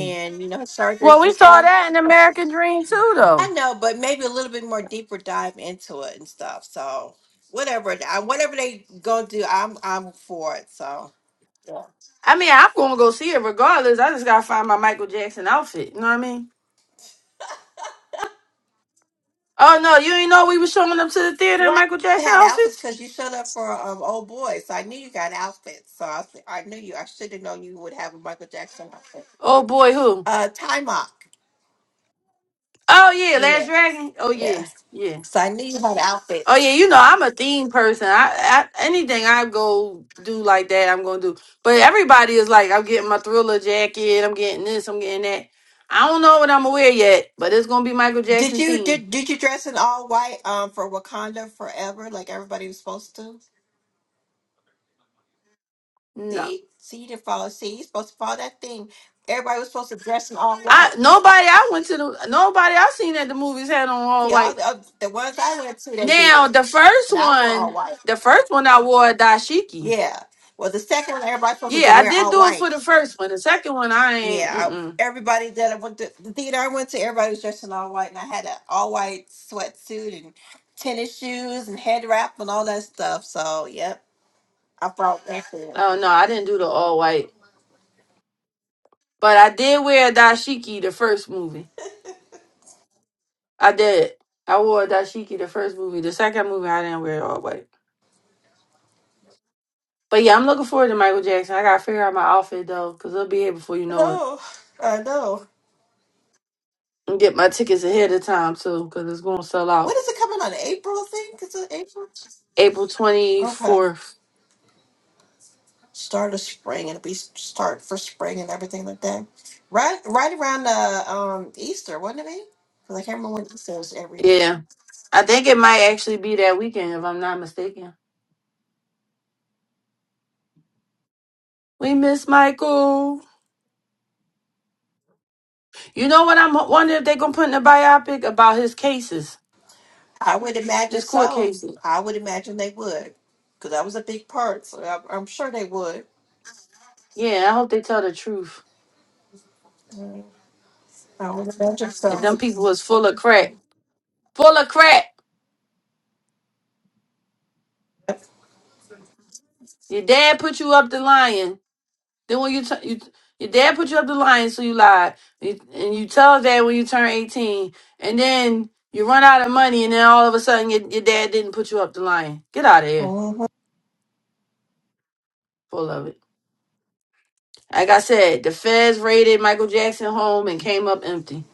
(laughs) you know his Well, surgeries and we saw stuff. that in American Dream too, I though. know, but maybe a little bit more deeper dive into it and stuff. So whatever, it- I- whatever they gonna do, I'm I'm for it. So yeah. I mean, I'm gonna go see it regardless. I just gotta find my Michael Jackson outfit. You know what I mean? Oh no, you ain't know we was showing up to the theater in Well, Michael I Jackson had outfits outfits. because you showed up for um old boy, so I knew you got outfits. So I was- I knew you. I should have known you would have a Michael Jackson outfit. Oh boy, who? Uh, tie mock. Oh yeah, Yeah. Last Dragon. Oh yeah, yeah. yeah. So I knew you had Oh yeah, outfits. you know I'm a theme person. I, I anything I go do like that, I'm gonna do. But everybody is like, I'm getting my thriller jacket. I'm getting this. I'm getting that. I don't know what I'm gonna wear yet, but it's gonna be Michael Did Jackson you theme. did did you dress in all white um for Wakanda Forever like everybody was supposed to? No, See, see, you didn't follow. See, you're supposed to follow that thing. Everybody was supposed to dress in all I white. nobody I went to the nobody I seen at the movies had on all See, all the white. oth- the ones I went to, they Now did, the first and I wore all one, white. the first one I wore a dashiki. Yeah. Well, the second one, everybody's supposed Yeah, to I wear did all do it for white. the first one. The second one I ain't. Yeah. I- Mm-mm. Everybody that I went to the theater I went to, everybody was dressed in all white, and I had an all white sweatsuit and tennis shoes and head wrap and all that stuff. So, yep, I brought that. thing. Oh no, I didn't do the all white. But I did wear a dashiki the first movie. I did. I wore a dashiki the first movie. The second movie, I didn't wear it all white. But yeah, I'm looking forward to Michael Jackson. I gotta figure out my outfit though, because it'll be here before you know it. No, I know. And get my tickets ahead of time too, because it's gonna sell When out is it coming on April? I think it's in April. April Okay. 24th. start of spring. It'll be s- start for spring and everything like that. Right, right around the um Easter, wouldn't it be? Because I can't remember when Easter is every. Yeah, I think it might actually be that weekend if I'm not mistaken. We miss Michael. You know what? I'm wondering if they gonna put in a biopic about his cases, I would imagine his court so. cases. I would imagine they would, because that was a big part. So I, I'm sure they would. Yeah, I hope they tell the truth. Mm, I would imagine And so. them people was full of crack. Full of crack. Your dad put you up the lion. Then when you, t- you your dad put you up the lion, so you lied. You, and you tell dad when you turn 18. And then you run out of money, and then all of a sudden your, your dad didn't put you up the lion. Get out of here. Mhm. Full of it. Like I said, the feds raided Michael Jackson home and came up empty.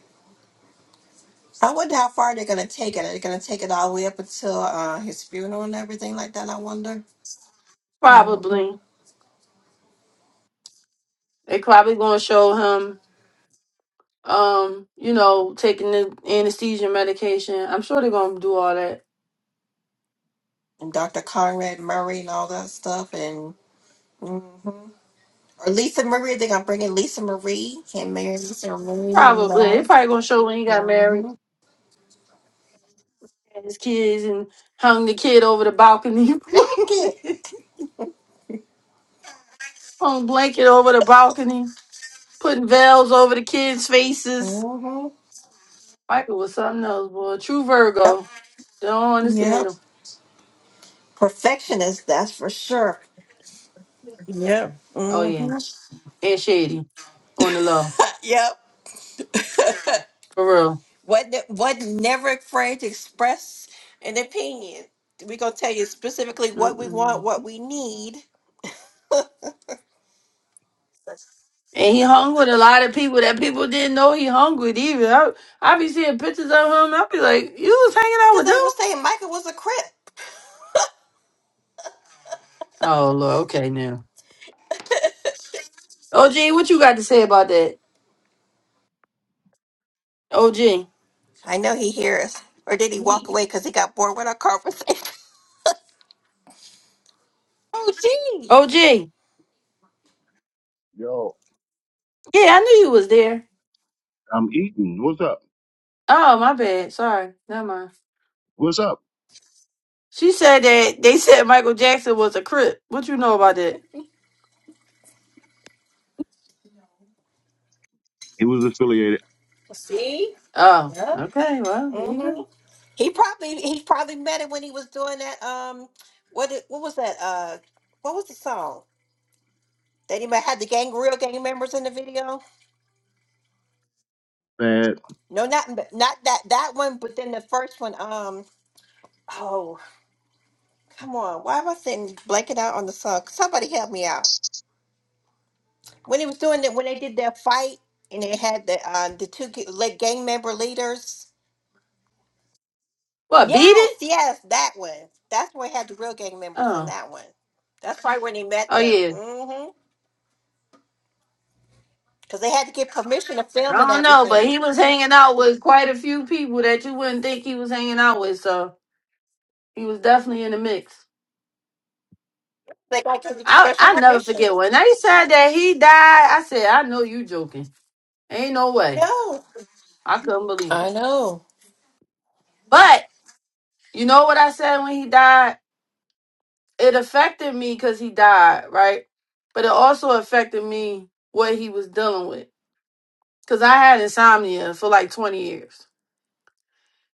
I wonder how far they're gonna take it. Are they gonna take it all the way up until uh, his funeral and everything like that? I wonder. hmm Probably. They probably gonna show him um, you know, taking the anesthesia medication. I'm sure they're gonna do all that. And Dr. Conrad Murray and all that stuff, and. mm-hmm. Or Lisa Marie. I think I'm bringing Lisa Marie. Can't marry Lisa Marie. One of Probably. It those. probably gonna show when he got Mm-hmm. married and his kids and hung the kid over the balcony. Like it. (laughs) hung blanket over the balcony, putting veils over the kids' faces. Mm-hmm. Michael was something else, boy. True Yep. Virgo. Don't understand Yep. him. Perfectionist. That's for sure. Yeah. Oh yeah. Mm-hmm. And shady on the low. Yep. For real. What? What? Never afraid to express an opinion. We're gonna tell you specifically what we Mm-mm. want, what we need. Because And he hung with a lot of people that people didn't know he hung with either. I, I be seeing pictures of him. I be like, you was hanging out with them? they were saying Michael was a crip. Oh, Lord. Okay, now. OG, what you got to say about that? OG. I know he hears. Or did he walk away because he got bored with our conversation? (laughs) Oh, OG. Yo, Yeah, I knew you was there. I'm eating. What's up? Oh, my bad. Sorry. Never mind. What's up? She said that they said Michael Jackson was a crip. What you know about that? He was affiliated. Oh, okay. Well, there you go. He probably he probably met it when he was doing that. Um, what it, what was that? Uh, what was the song that he met- had the gang real gang members in the video? Bad. No, not not that that one, but then the first one. Um, oh come on, why am I sitting blanking out on the song? Somebody help me out. When he was doing that, when they did their fight and they had the um the two ga- like gang member leaders. What, beat Yes, it? yes, that one. That's where he had the real gang members in Oh. that one. That's probably when he met Oh them. yeah. Mm-hmm. because they had to get permission to I film and don't know, but everything. he was hanging out with quite a few people that you wouldn't think he was hanging out with, so he was definitely in the mix. They got to I express special I never permission. forget when they said that he died. I said, I know you joking. Ain't no way. No. I couldn't believe I it. know. But You know what I said when he died? It affected me because he died, right? But it also affected me what he was dealing with. Because I had insomnia for like 20 years.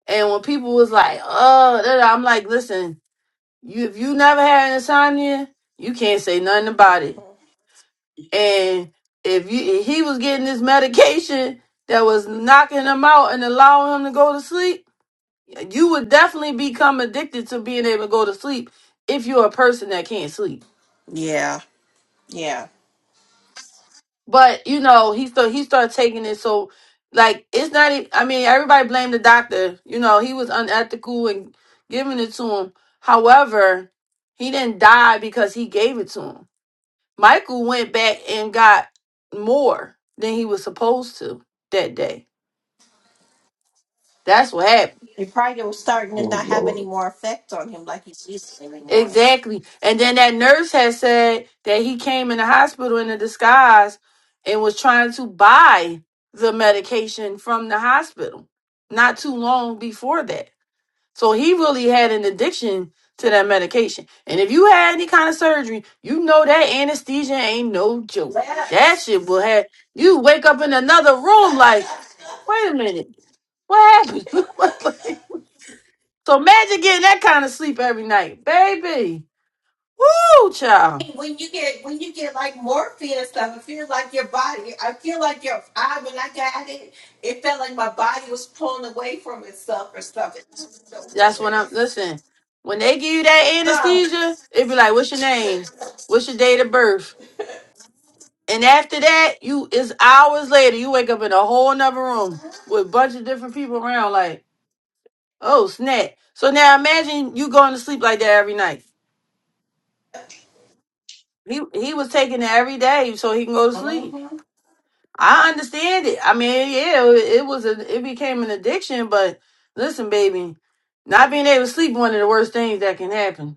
And when people was like, oh, da- da," I'm like, listen, you if you never had insomnia, you can't say nothing about it. Mhm. And if you if he was getting this medication that was knocking him out and allowing him to go to sleep, you would definitely become addicted to being able to go to sleep if you're a person that can't sleep. Yeah, yeah. but you know he still he started taking it so like it's not e- i mean everybody blamed the doctor you know he was unethical and giving it to him however he didn't die because he gave it to him michael went back and got more than he was supposed to that day that's what happened He probably was starting to Oh not have any Lord. more effect on him like he's used to anymore. Exactly. And then that nurse had said that he came in the hospital in a disguise and was trying to buy the medication from the hospital not too long before that. So he really had an addiction to that medication. And if you had any kind of surgery, you know that anesthesia ain't no joke. That Yes. shit will have you wake up in another room like, wait a minute, what happened? (laughs) Like, so imagine getting that kind of sleep every night, baby. Woo, child. When you get when you get like morphine and stuff, it feels like your body. I feel like your I when I got it, it felt like my body was pulling away from itself or stuff. It's just the That's when I'm weirdest. listen. When they give you that So, anesthesia, it be like, "What's your name? What's your date of birth?" And after that, you it's hours later. You wake up in a whole nother room with a bunch of different people around. Like, oh snap! So now imagine you going to sleep like that every night. He he was taking it every day so he can go to sleep. mhm. I understand it. I mean, yeah, it, it was a it became an addiction. But listen, baby, not being able to sleep one of the worst things that can happen.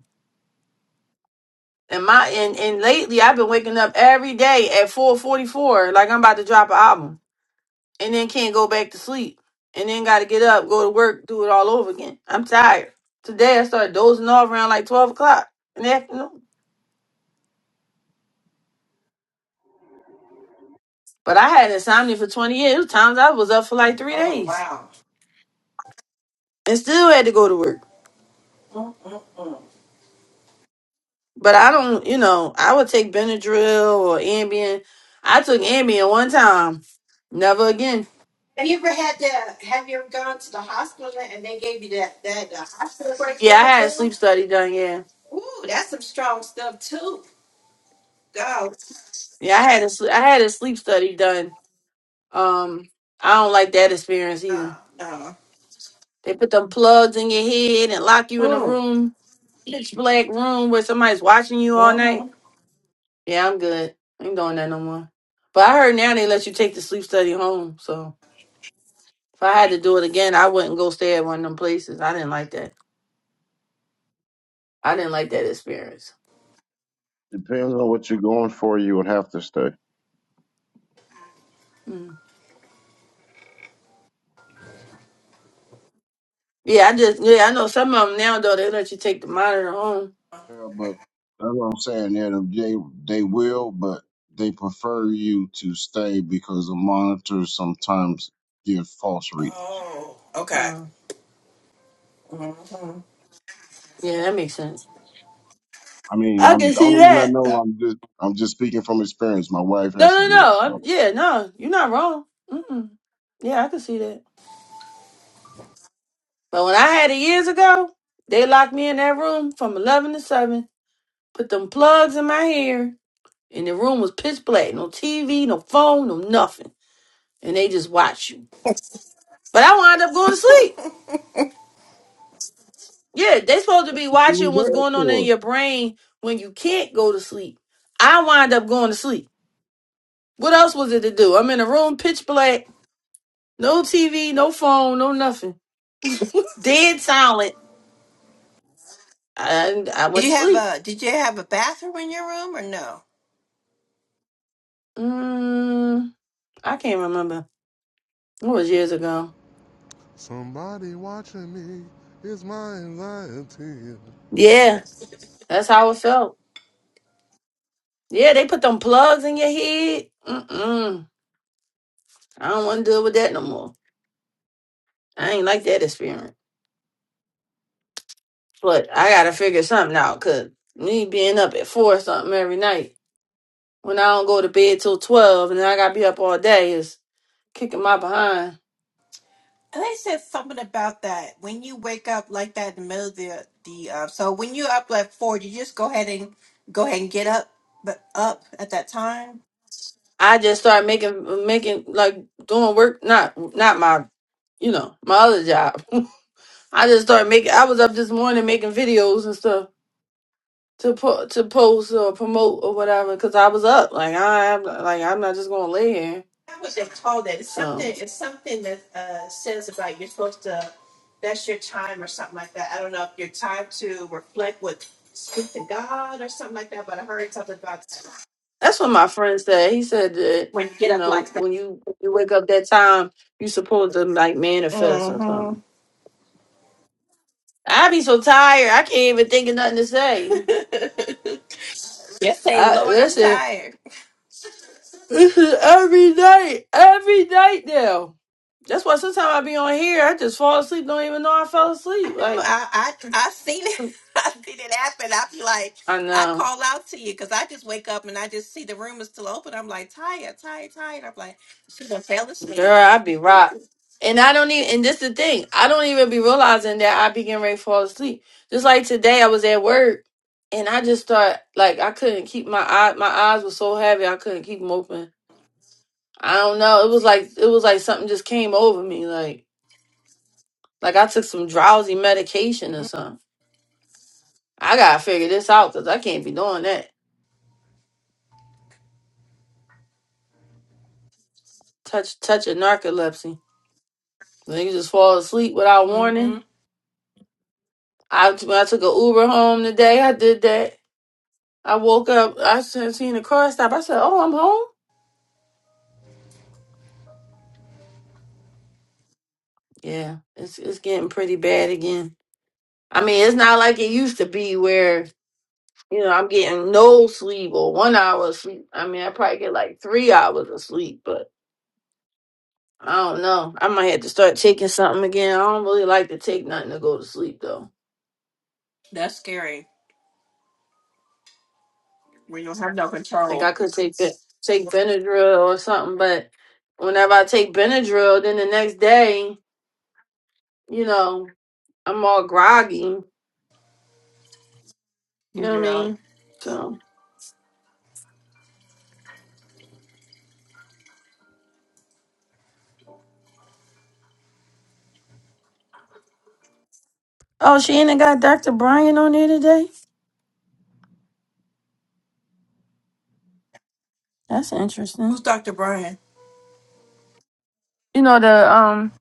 And my and, and lately I've been waking up every day at four forty four, like I'm about to drop an album. And then can't go back to sleep. And then gotta get up, go to work, do it all over again. I'm tired. Today I started dozing off around like twelve o'clock in the afternoon. But I had insomnia for twenty years. There was times I was up for like three Oh days. wow. And still had to go to work. Mm-mm-mm. But I don't you know, I would take Benadryl or Ambien. I took Ambien one time. Never again. Have you ever had that? Have you ever gone to the hospital and they gave you that that uh, hospital break Yeah, I had a pill? sleep study done, yeah. Ooh, that's some strong stuff too. Go, Yeah, I had a sl- I had a sleep study done. Um, I don't like that experience no, either. no. They put them plugs in your head and lock you in a Mm. room, pitch black room where somebody's watching you all night. Mm-hmm. Yeah, I'm good. I ain't doing that no more. But I heard now they let you take the sleep study home. So if I had to do it again, I wouldn't go stay at one of them places. I didn't like that. I didn't like that experience. Depends on what you're going for. You would have to stay. Mm. Yeah, I just yeah I know some of them now though they let you take the monitor home. Yeah, but that's what I'm saying. That they they will, but they prefer you to stay because the monitors sometimes give false readings. Oh, okay. Uh, Mm-hmm. yeah, that makes sense. I mean, I I'm can the see only reason I that. know. I'm just I'm just speaking from experience. My wife No, has to no, do it. no. So. I'm, yeah, no, you're not wrong. Mm-mm. Yeah, I can see that. But when I had it years ago, they locked me in that room from 11 to 7, put them plugs in my hair, and the room was pitch black. No TV, no phone, no nothing. And they just watch you. But I wound up going to sleep. Yeah, they supposed to be She watching was what's there going on in for. it. your brain when you can't go to sleep. I wind up going to sleep. What else was it to do? I'm in a room pitch black, no TV, no phone, no nothing. Dead silent and I Did went to you have sleep. a Did you have a bathroom in your room or no? Mm, I can't remember. It was years ago. Somebody watching me is my anxiety. Yeah, that's how it felt. Yeah, they put them plugs in your head. Mm-mm. I don't want to deal with that no more. I ain't like that experience. But I gotta figure something out, cause me being up at four or something every night when I don't go to bed till twelve, and then I gotta be up all day is kicking my behind. And They said something about that when you wake up like that in the middle of the the. Uh, so when you up at four, you just go ahead and go ahead and get up, but up at that time. I just started making making like doing work, not not my, you know, my other job. (laughs) I just started making. I was up this morning making videos and stuff to po- to post or promote or whatever because I was up. Like I am like I'm not just gonna lay here. How would they call that? It's So something. It's something that uh, says about you're supposed to. That's your time or something like that. I don't know if your time to reflect with speak to God or something like that. But I heard something about that's what my friend said. He said that when you get you up know like that. when you you wake up that time, you supposed to like manifest or Mm-hmm. something. I be so tired. I can't even think of nothing to say. (laughs) Just say, I Lord, I'm listen. tired. This is every night, every night now. That's why sometimes I be on here. I just fall asleep. Don't even know I fell I asleep. know. Like I I I seen it. (laughs) I seen it happen. I be like, I I know. call out to you because I just wake up and I just see the room is still open. I'm like tired, tired, tired. I'm like, she done fell asleep. Girl, I be rocked. And I don't even and this the thing, I don't even be realizing that I be getting ready to fall asleep. Just like today I was at work and I just start like I couldn't keep my eye my eyes were so heavy I couldn't keep them open. I don't know. It was like it was like something just came over me, like like I took some drowsy medication or something. I gotta figure this out because I can't be doing that. Touch touch a narcolepsy. Then you just fall asleep without warning. Mm-hmm. I, when I took a Uber home today. I did that. I woke up. I s- seen the car stop. I said, "Oh, I'm home." Yeah, it's it's getting pretty bad again. I mean, it's not like it used to be where you know I'm getting no sleep or one hour of sleep. I mean, I probably get like three hours of sleep, but I don't know. I might have to start taking something again. I don't really like to take nothing to go to sleep though. That's scary. We don't have no Like I control. could take Ben- take Benadryl or something, but whenever I take Benadryl, then the next day, you know, I'm all groggy. You know what I Yeah. mean? So. Oh, she ain't got Dr. Brian on here today? That's Who's interesting. Dr. Brian? You know the um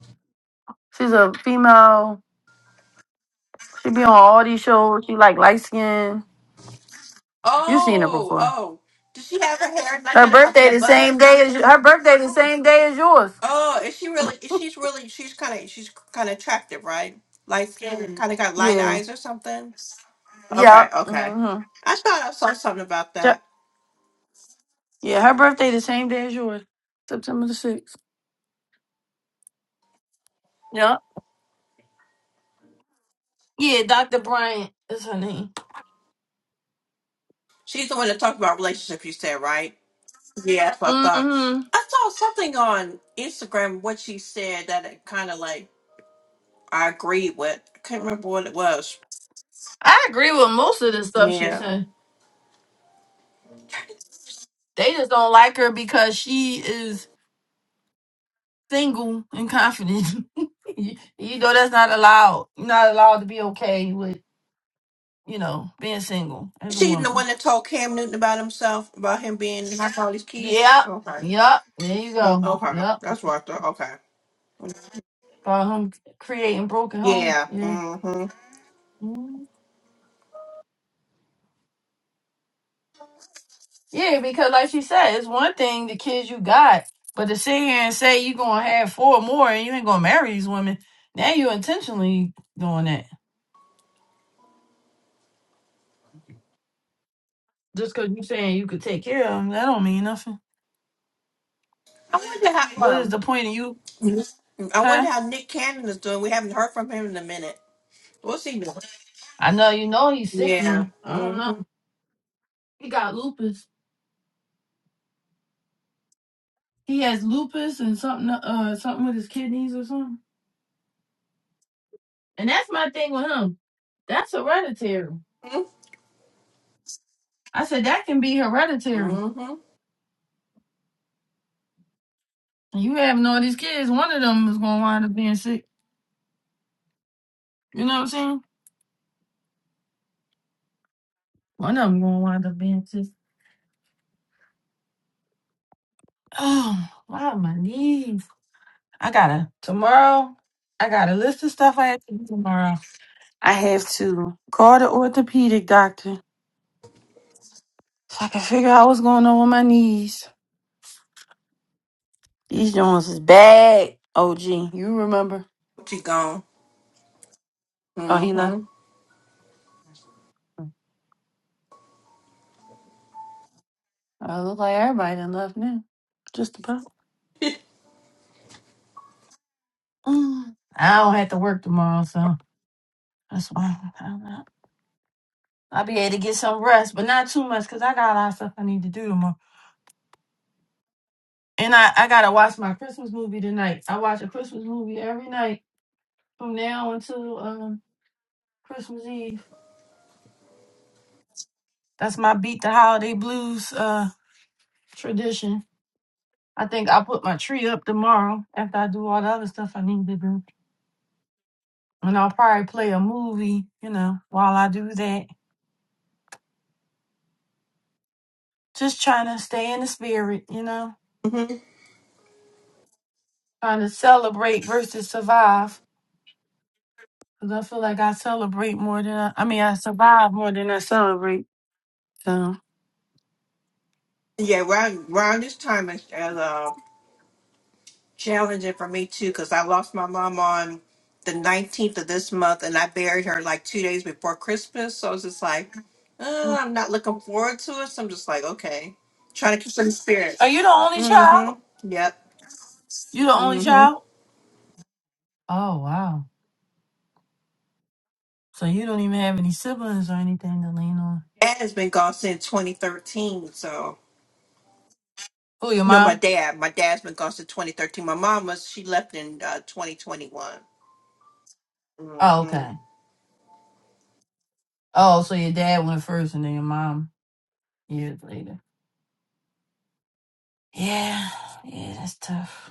she's a female. She be on all these shows. She like light skin. you seen her Oh, before. oh. Does she have her hair like Her in- up in birthday a the bun or same day as something? her birthday the same day as yours. Oh, is she really? Is she's really? She's kind of. She's kind of attractive, right? Light skin, kind of got light Yeah. eyes or something. Yeah. Okay, okay. Mm-hmm. I thought I saw something about Ja- that. Yeah, her birthday the same day as yours. September the sixth. Yeah. Yeah, Dr. Bryant is her name. She's the one that talked about relationships. You said, right? Yeah, that's what I thought. Mm-hmm. I saw something on Instagram what she said that it kind of like I agreed with. I can't remember what it was. I agree with most of the stuff she Yeah. said. They just don't like her because she is single and confident. (laughs) you, you know that's not allowed. You're not allowed to be okay with, you know, being single as a She the woman. one that told Cam Newton about himself, about him being high quality kids. Yep. Okay. Yep. There you Mhm, go. Okay. Yep. That's what I thought. Okay. About him creating broken homes. Yeah. Yeah. hmm Mhm. Yeah, because like she said, it's one thing the kids you got, but to sit here and say you gonna have four more and you ain't gonna marry these women, now you intentionally doing that. Just cause you saying you could take care of them, that don't mean nothing. I wonder What how is um the point of you, I huh? wonder how Nick Cannon is doing. We haven't heard from him in a minute. What's he doing? I know you know he's Yeah. sickly. I don't know. Mm-hmm. He got lupus. He has lupus and something uh something with his kidneys or something. And that's my thing with him. That's hereditary. Mm-hmm. I said that can be hereditary. Mm-hmm. And you having all these kids, one of them is gonna wind up being sick. You know what I'm saying? One of them gonna wind up being sick. Oh, wow, my knees. I gotta tomorrow. I got a list of stuff I have to do tomorrow. I have to call the orthopedic doctor so I can figure out what's going on with my knees. These Jones is bad. OG, you remember? She gone. Oh, he left. Mm-hmm. I look like everybody done left now. Just about. Mm. I don't have to work tomorrow, so that's why I'm not. I'll be able to get some rest, but not too much because I got a lot of stuff I need to do tomorrow. And I, I gotta watch my Christmas movie tonight. I watch a Christmas movie every night from now until um Christmas Eve. That's my beat the holiday blues uh tradition. I think I'll put my tree up tomorrow after I do all the other stuff I need to do. And I'll probably play a movie, you know, while I do that. Just trying to stay in the spirit, you know, Mm-hmm. trying to celebrate versus survive. Because I feel like I celebrate more than I, I mean, I survive more than I celebrate. So, Yeah, around, around this time is is, uh, challenging for me too because I lost my mom on the 19th of this month and I buried her like two days before Christmas. So it's just like, Mm. uh, I'm not looking forward to it. So I'm just like, okay, trying to keep some spirit. are you the only Mm child? hmm. Yep. You the only Mm hmm. child? Oh, wow. So you don't even have any siblings or anything to lean on? Dad has been gone since 2013. So, Who, your no, my mom? dad. My dad's been gone since 2013. My mom was, she left in uh, 2021. Mm Oh, hmm. okay. Oh, so your dad went first and then your mom years later. Yeah. Yeah, that's tough.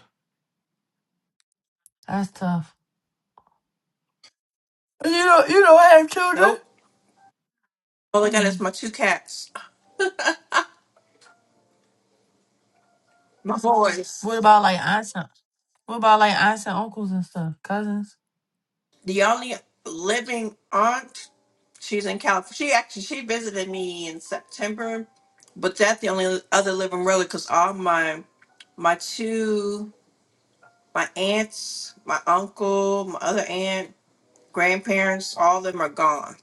That's tough. You don't you don't have children? Nope. All I got is Mm. my two cats, my boys. What about like aunts? and- What about like aunts and uncles and stuff, cousins? The only living aunt, she's in California. She actually she visited me in September, but that's the only other living relative because all my my two my aunts, my uncle, my other aunt, grandparents, all of them are gone.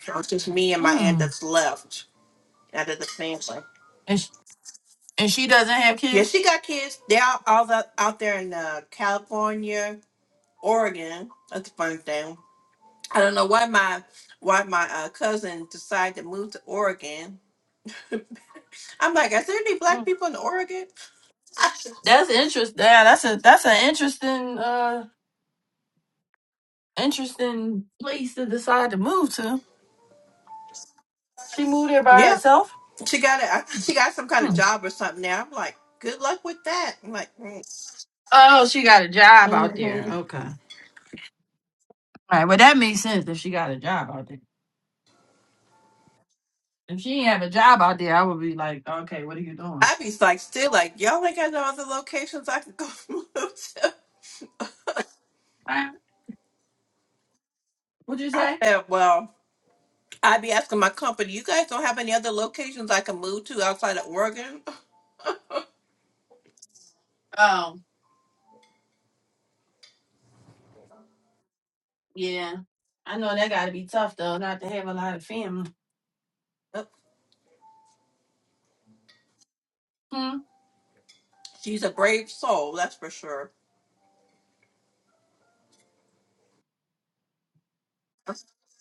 So it's just me and my aunt Mm. that's left out of the family. And she, and she doesn't have Yeah, kids. she got kids. They're all, all the, out there in uh, California, Oregon. That's the funny thing. I don't know why my why my uh, cousin decided to move to Oregon. I'm like, is there any black Mm. people in Oregon? That's interest. Yeah, that's a that's an interesting uh interesting place to decide to move to. She moved there by Yep, herself. she got it. (laughs) She got some kind of Hmm. job or something now. I'm like, good luck with that. I'm like, Oh, she got a job out there. mm-hmm. Okay. All right. Well, that makes sense if she got a job out there. If she didn't have a job out there, I would be like, okay, what are you doing? All I'd be like, still like, y'all ain't got no other locations I can go (laughs) move to. right. What'd you say? Yeah, well, I'd be asking my company, you guys don't have any other locations I can move to outside of Oregon? Yeah. I know that gotta be tough though, not to have a lot of family. Yep. Hmm. She's a brave soul, that's for sure.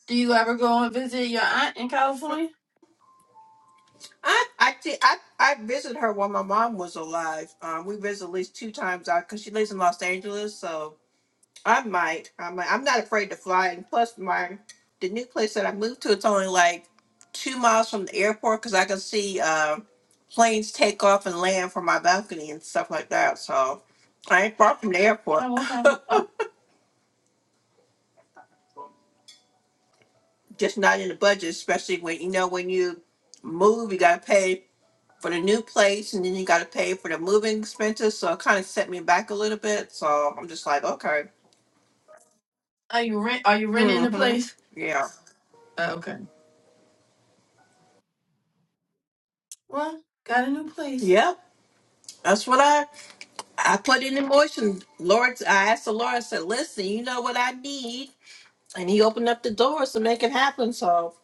Do you ever go and visit your aunt in California? I I did I I visited her while my mom was alive. Um, we visit at least two times out because she lives in Los Angeles. So I might I might I'm not afraid to fly. And plus, my the new place that I moved to it's only like two miles from the airport because I can see uh, planes take off and land from my balcony and stuff like that. So I ain't far from the airport. Oh, okay. Oh, Just not in the budget, especially when you know when you move, you gotta pay. for the new place and then you got to pay for the moving expenses. So it kind of set me back a little bit. So I'm just like, okay. are you rent are you renting the Mm-hmm. place? Yeah. Oh, okay. Well, got a new place. Yep. That's what I I put it in the motion. Lord, I asked the Lord, I said, listen, you know what I need? And he opened up the doors to make it happen. So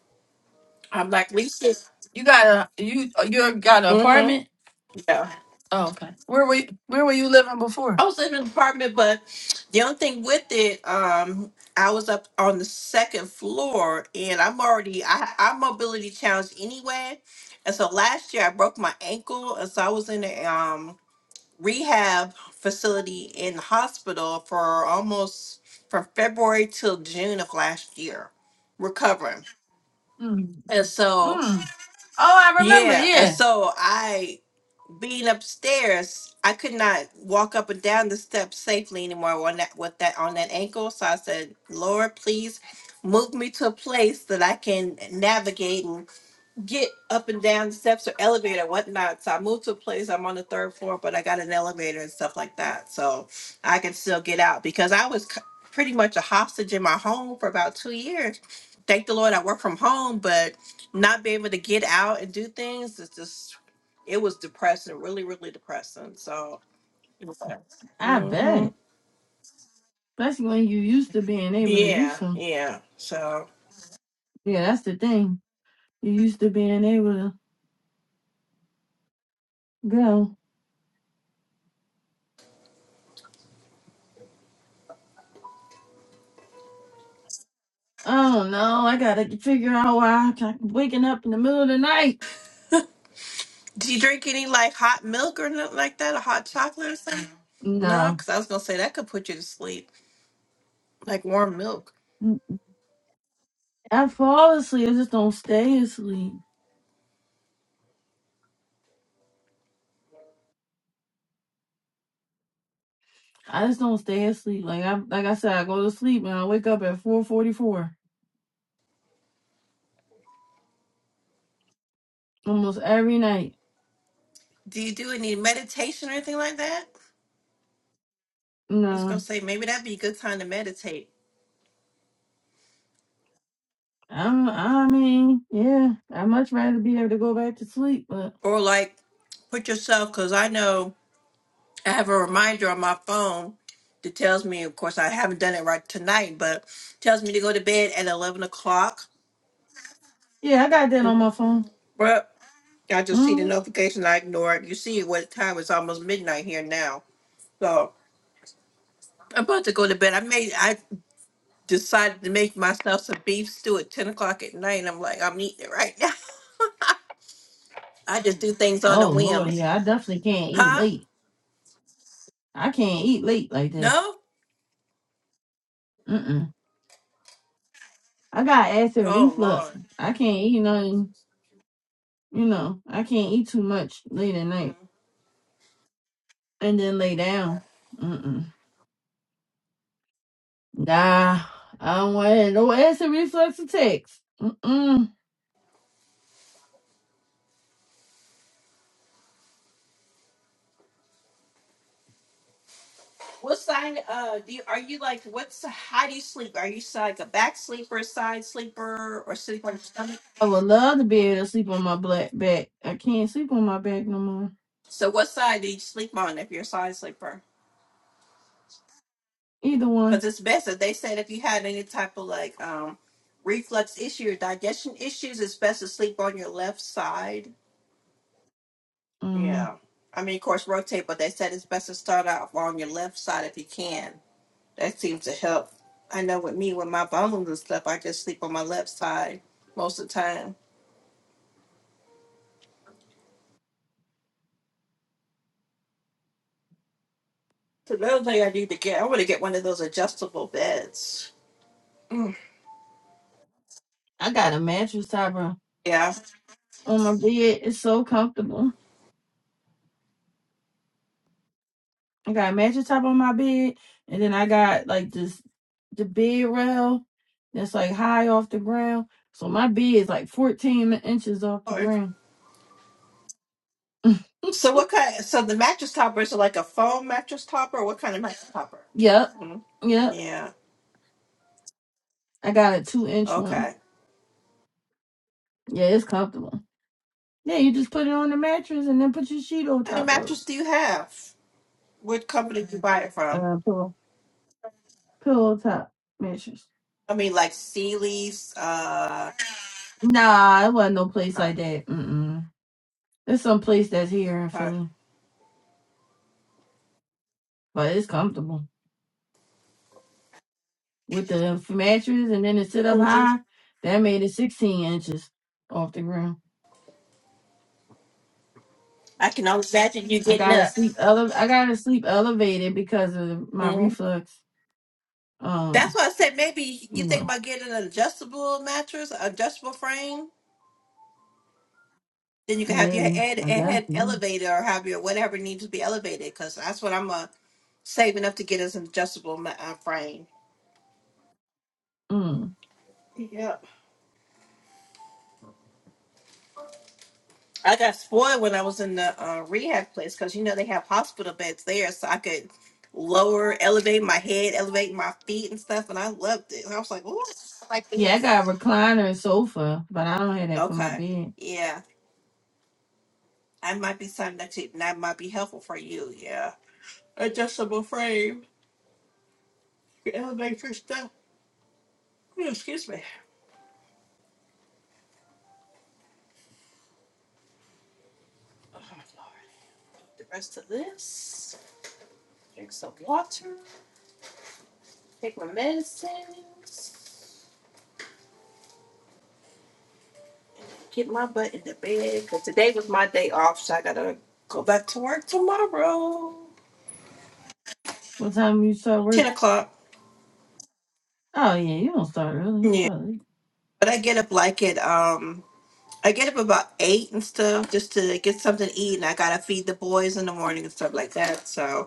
I'm like, Lisa. You got a you you got an Mm-hmm. apartment? Yeah. Oh, okay. Where were you, where were you living before? I was in an apartment, but the only thing with it, um, I was up on the second floor, and I'm already I I'm mobility challenged anyway, and so last year I broke my ankle, and so I was in a um rehab facility in the hospital for almost from February till June of last year, recovering, Mm. and so Mm. Oh, I remember, yeah, and yeah. so I being upstairs, I could not walk up and down the steps safely anymore on that with that on that ankle. So I said, Lord, please move me to a place that I can navigate get up and down steps or elevator or whatnot. So I moved to a place I'm on the third floor, but I got an elevator and stuff like that. So I can still get out because I was c- pretty much a hostage in my home for about two years. Thank the Lord I work from home, but not be able to get out and do things is just it was depressing, really, really depressing. So I hmm bet. Especially when you used to being able to do yeah, so. yeah. So Yeah, that's the thing. You used to being able to go. Oh no, I gotta figure out why I'm waking up in the middle of the night. do you drink any like hot milk or nothing like that, or hot chocolate or something? No, No, because I was gonna say that could put you to sleep. like warm milk. I fall asleep. I just don't stay asleep. I just don't stay asleep. Like I, like I said, I go to sleep and I wake up at four forty four almost every night. Do you do any meditation or anything like that? I was gonna No, say maybe that'd be a good time to meditate I'm. I mean, yeah, I'd much rather be able to go back to sleep. But or like put yourself because I know I have a reminder on my phone that tells me. Of course, I haven't done it right tonight, but tells me to go to bed at eleven o'clock. yeah, I got that on my Mm-hmm. phone. But I just see the hmm notification. I ignore it. You see what time it's almost midnight here now, so. I'm about to go to bed. I made. I decided to make myself some beef stew at ten o'clock at night. and I'm like, I'm eating it right (laughs) now. I just do things on the Oh lord, whims, yeah, I definitely can't eat Huh? late. I can't eat late like that. No? Mm mm. I got acid Oh reflux. Lord. I can't eat nothing You know, I can't eat too much late at night Mhm. and then lay down. Mm-mm. Nah, I don't want it. no acid reflux attacks. Mm-mm. What sign? Uh, do you, are you like? What's how do you sleep? Are you s- like a back sleeper, side sleeper, or sleep on your stomach? I would love to be able to sleep on my black back. I can't sleep on my back no more. So what side do you sleep on if you're a side sleeper? Either one. Because it's best that they said if you had any type of like um reflux issue or digestion issues, it's best to sleep on your left side. Mm-hmm. Yeah. I mean, of course, rotate, but they said it's best to start out on your left side if you can. That seems to help. I know with me, with my bones and stuff, I just sleep on my left side most of the time. So another thing I need to get, I want to get one of those adjustable beds. Mm, I got a mattress top on yeah. on my bed. It's so comfortable. I got a mattress top on my bed, and then I got like this the bed rail that's like high off the ground. So my bed is like 14 inches off the ground. (laughs) So what kind? So the mattress topper is it like a foam mattress topper? What kind of mattress topper? Yep, Mm, yep. yeah. I got a two inch Okay. one. Yeah, it's comfortable. Yeah, you just put it on the mattress and then put your sheet on What kind of top of it. mattress do you have? What company do you buy it from? Uh, pillow, pillow top mattress. I mean, like Sealy's. Uh. Nah, it wasn't no place Okay. like that. Mm-mm. It's some place that's here in okay. Philly, but it's comfortable with the mattress and then it sit up Mhm. high. That made it sixteen inches off the ground. I can only imagine you I getting gotta up. sleep ele- I gotta sleep elevated because of my reflux. That's Um, why I said maybe you you think know, about getting an adjustable mattress, adjustable frame. Then you can have your maybe head I guess. head No. elevated or have your whatever needs to be elevated. Because that's what I'm uh, saving up to get is an adjustable ma- uh, frame. Mm. Yep. I got spoiled when I was in the uh, rehab place because you know they have hospital beds there, so I could lower, elevate my head, elevate my feet and stuff, and I loved it. And I was like, "Ooh, I like Yeah, I got a this." recliner and sofa, but I don't have that for my Okay. bed. Yeah, that might be something that you, that might be helpful for you. Yeah. adjustable frame, elementary stuff. Ooh, excuse me. Oh, Lord. The rest of this. Drink some water. Take my medicines. Get my butt in the bed. Cause today was my day off, so I gotta go back to work tomorrow. What time you start Ten work? o'clock. Oh yeah, you don't start early. You Yeah. start late. But I get up like at um I get up about eight and stuff just to get something to eat and I gotta feed the boys in the morning and stuff like that. So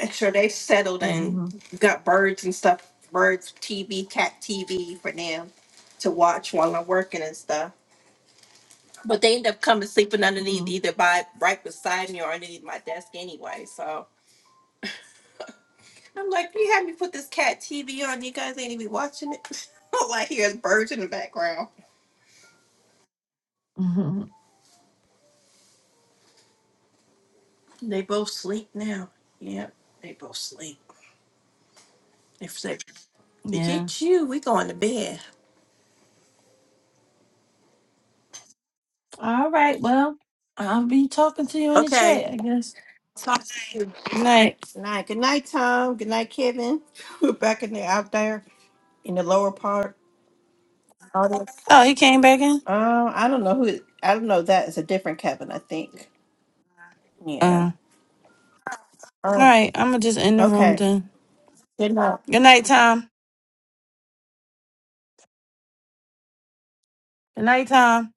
make sure they settled and hmm got birds and stuff, birds TV, cat TV for them to watch while I'm working and stuff. But they end up coming sleeping underneath hmm either by right beside me or underneath my desk anyway. So I'm like, you had me put this cat TV on. You guys ain't even watching it. (laughs) All I hear is birds in the background. (laughs) hmm They both sleep now. Yep, they both sleep. If they Yeah. forget you, we going to bed. All right. Well, I'll be talking to you in the Okay. chat, I guess. Talk to you. Good Good night. night. Good night. Good night, Tom. Good night, Kevin. (laughs) We're back in there, out there in the lower part. All this. Oh, he came back in. Um, I don't know who. I don't know. That is a different Kevin, I think. Yeah. Uh. All Oh, right. I'm gonna just end the room okay. then. Good night. Good night, Tom. Good night, Tom.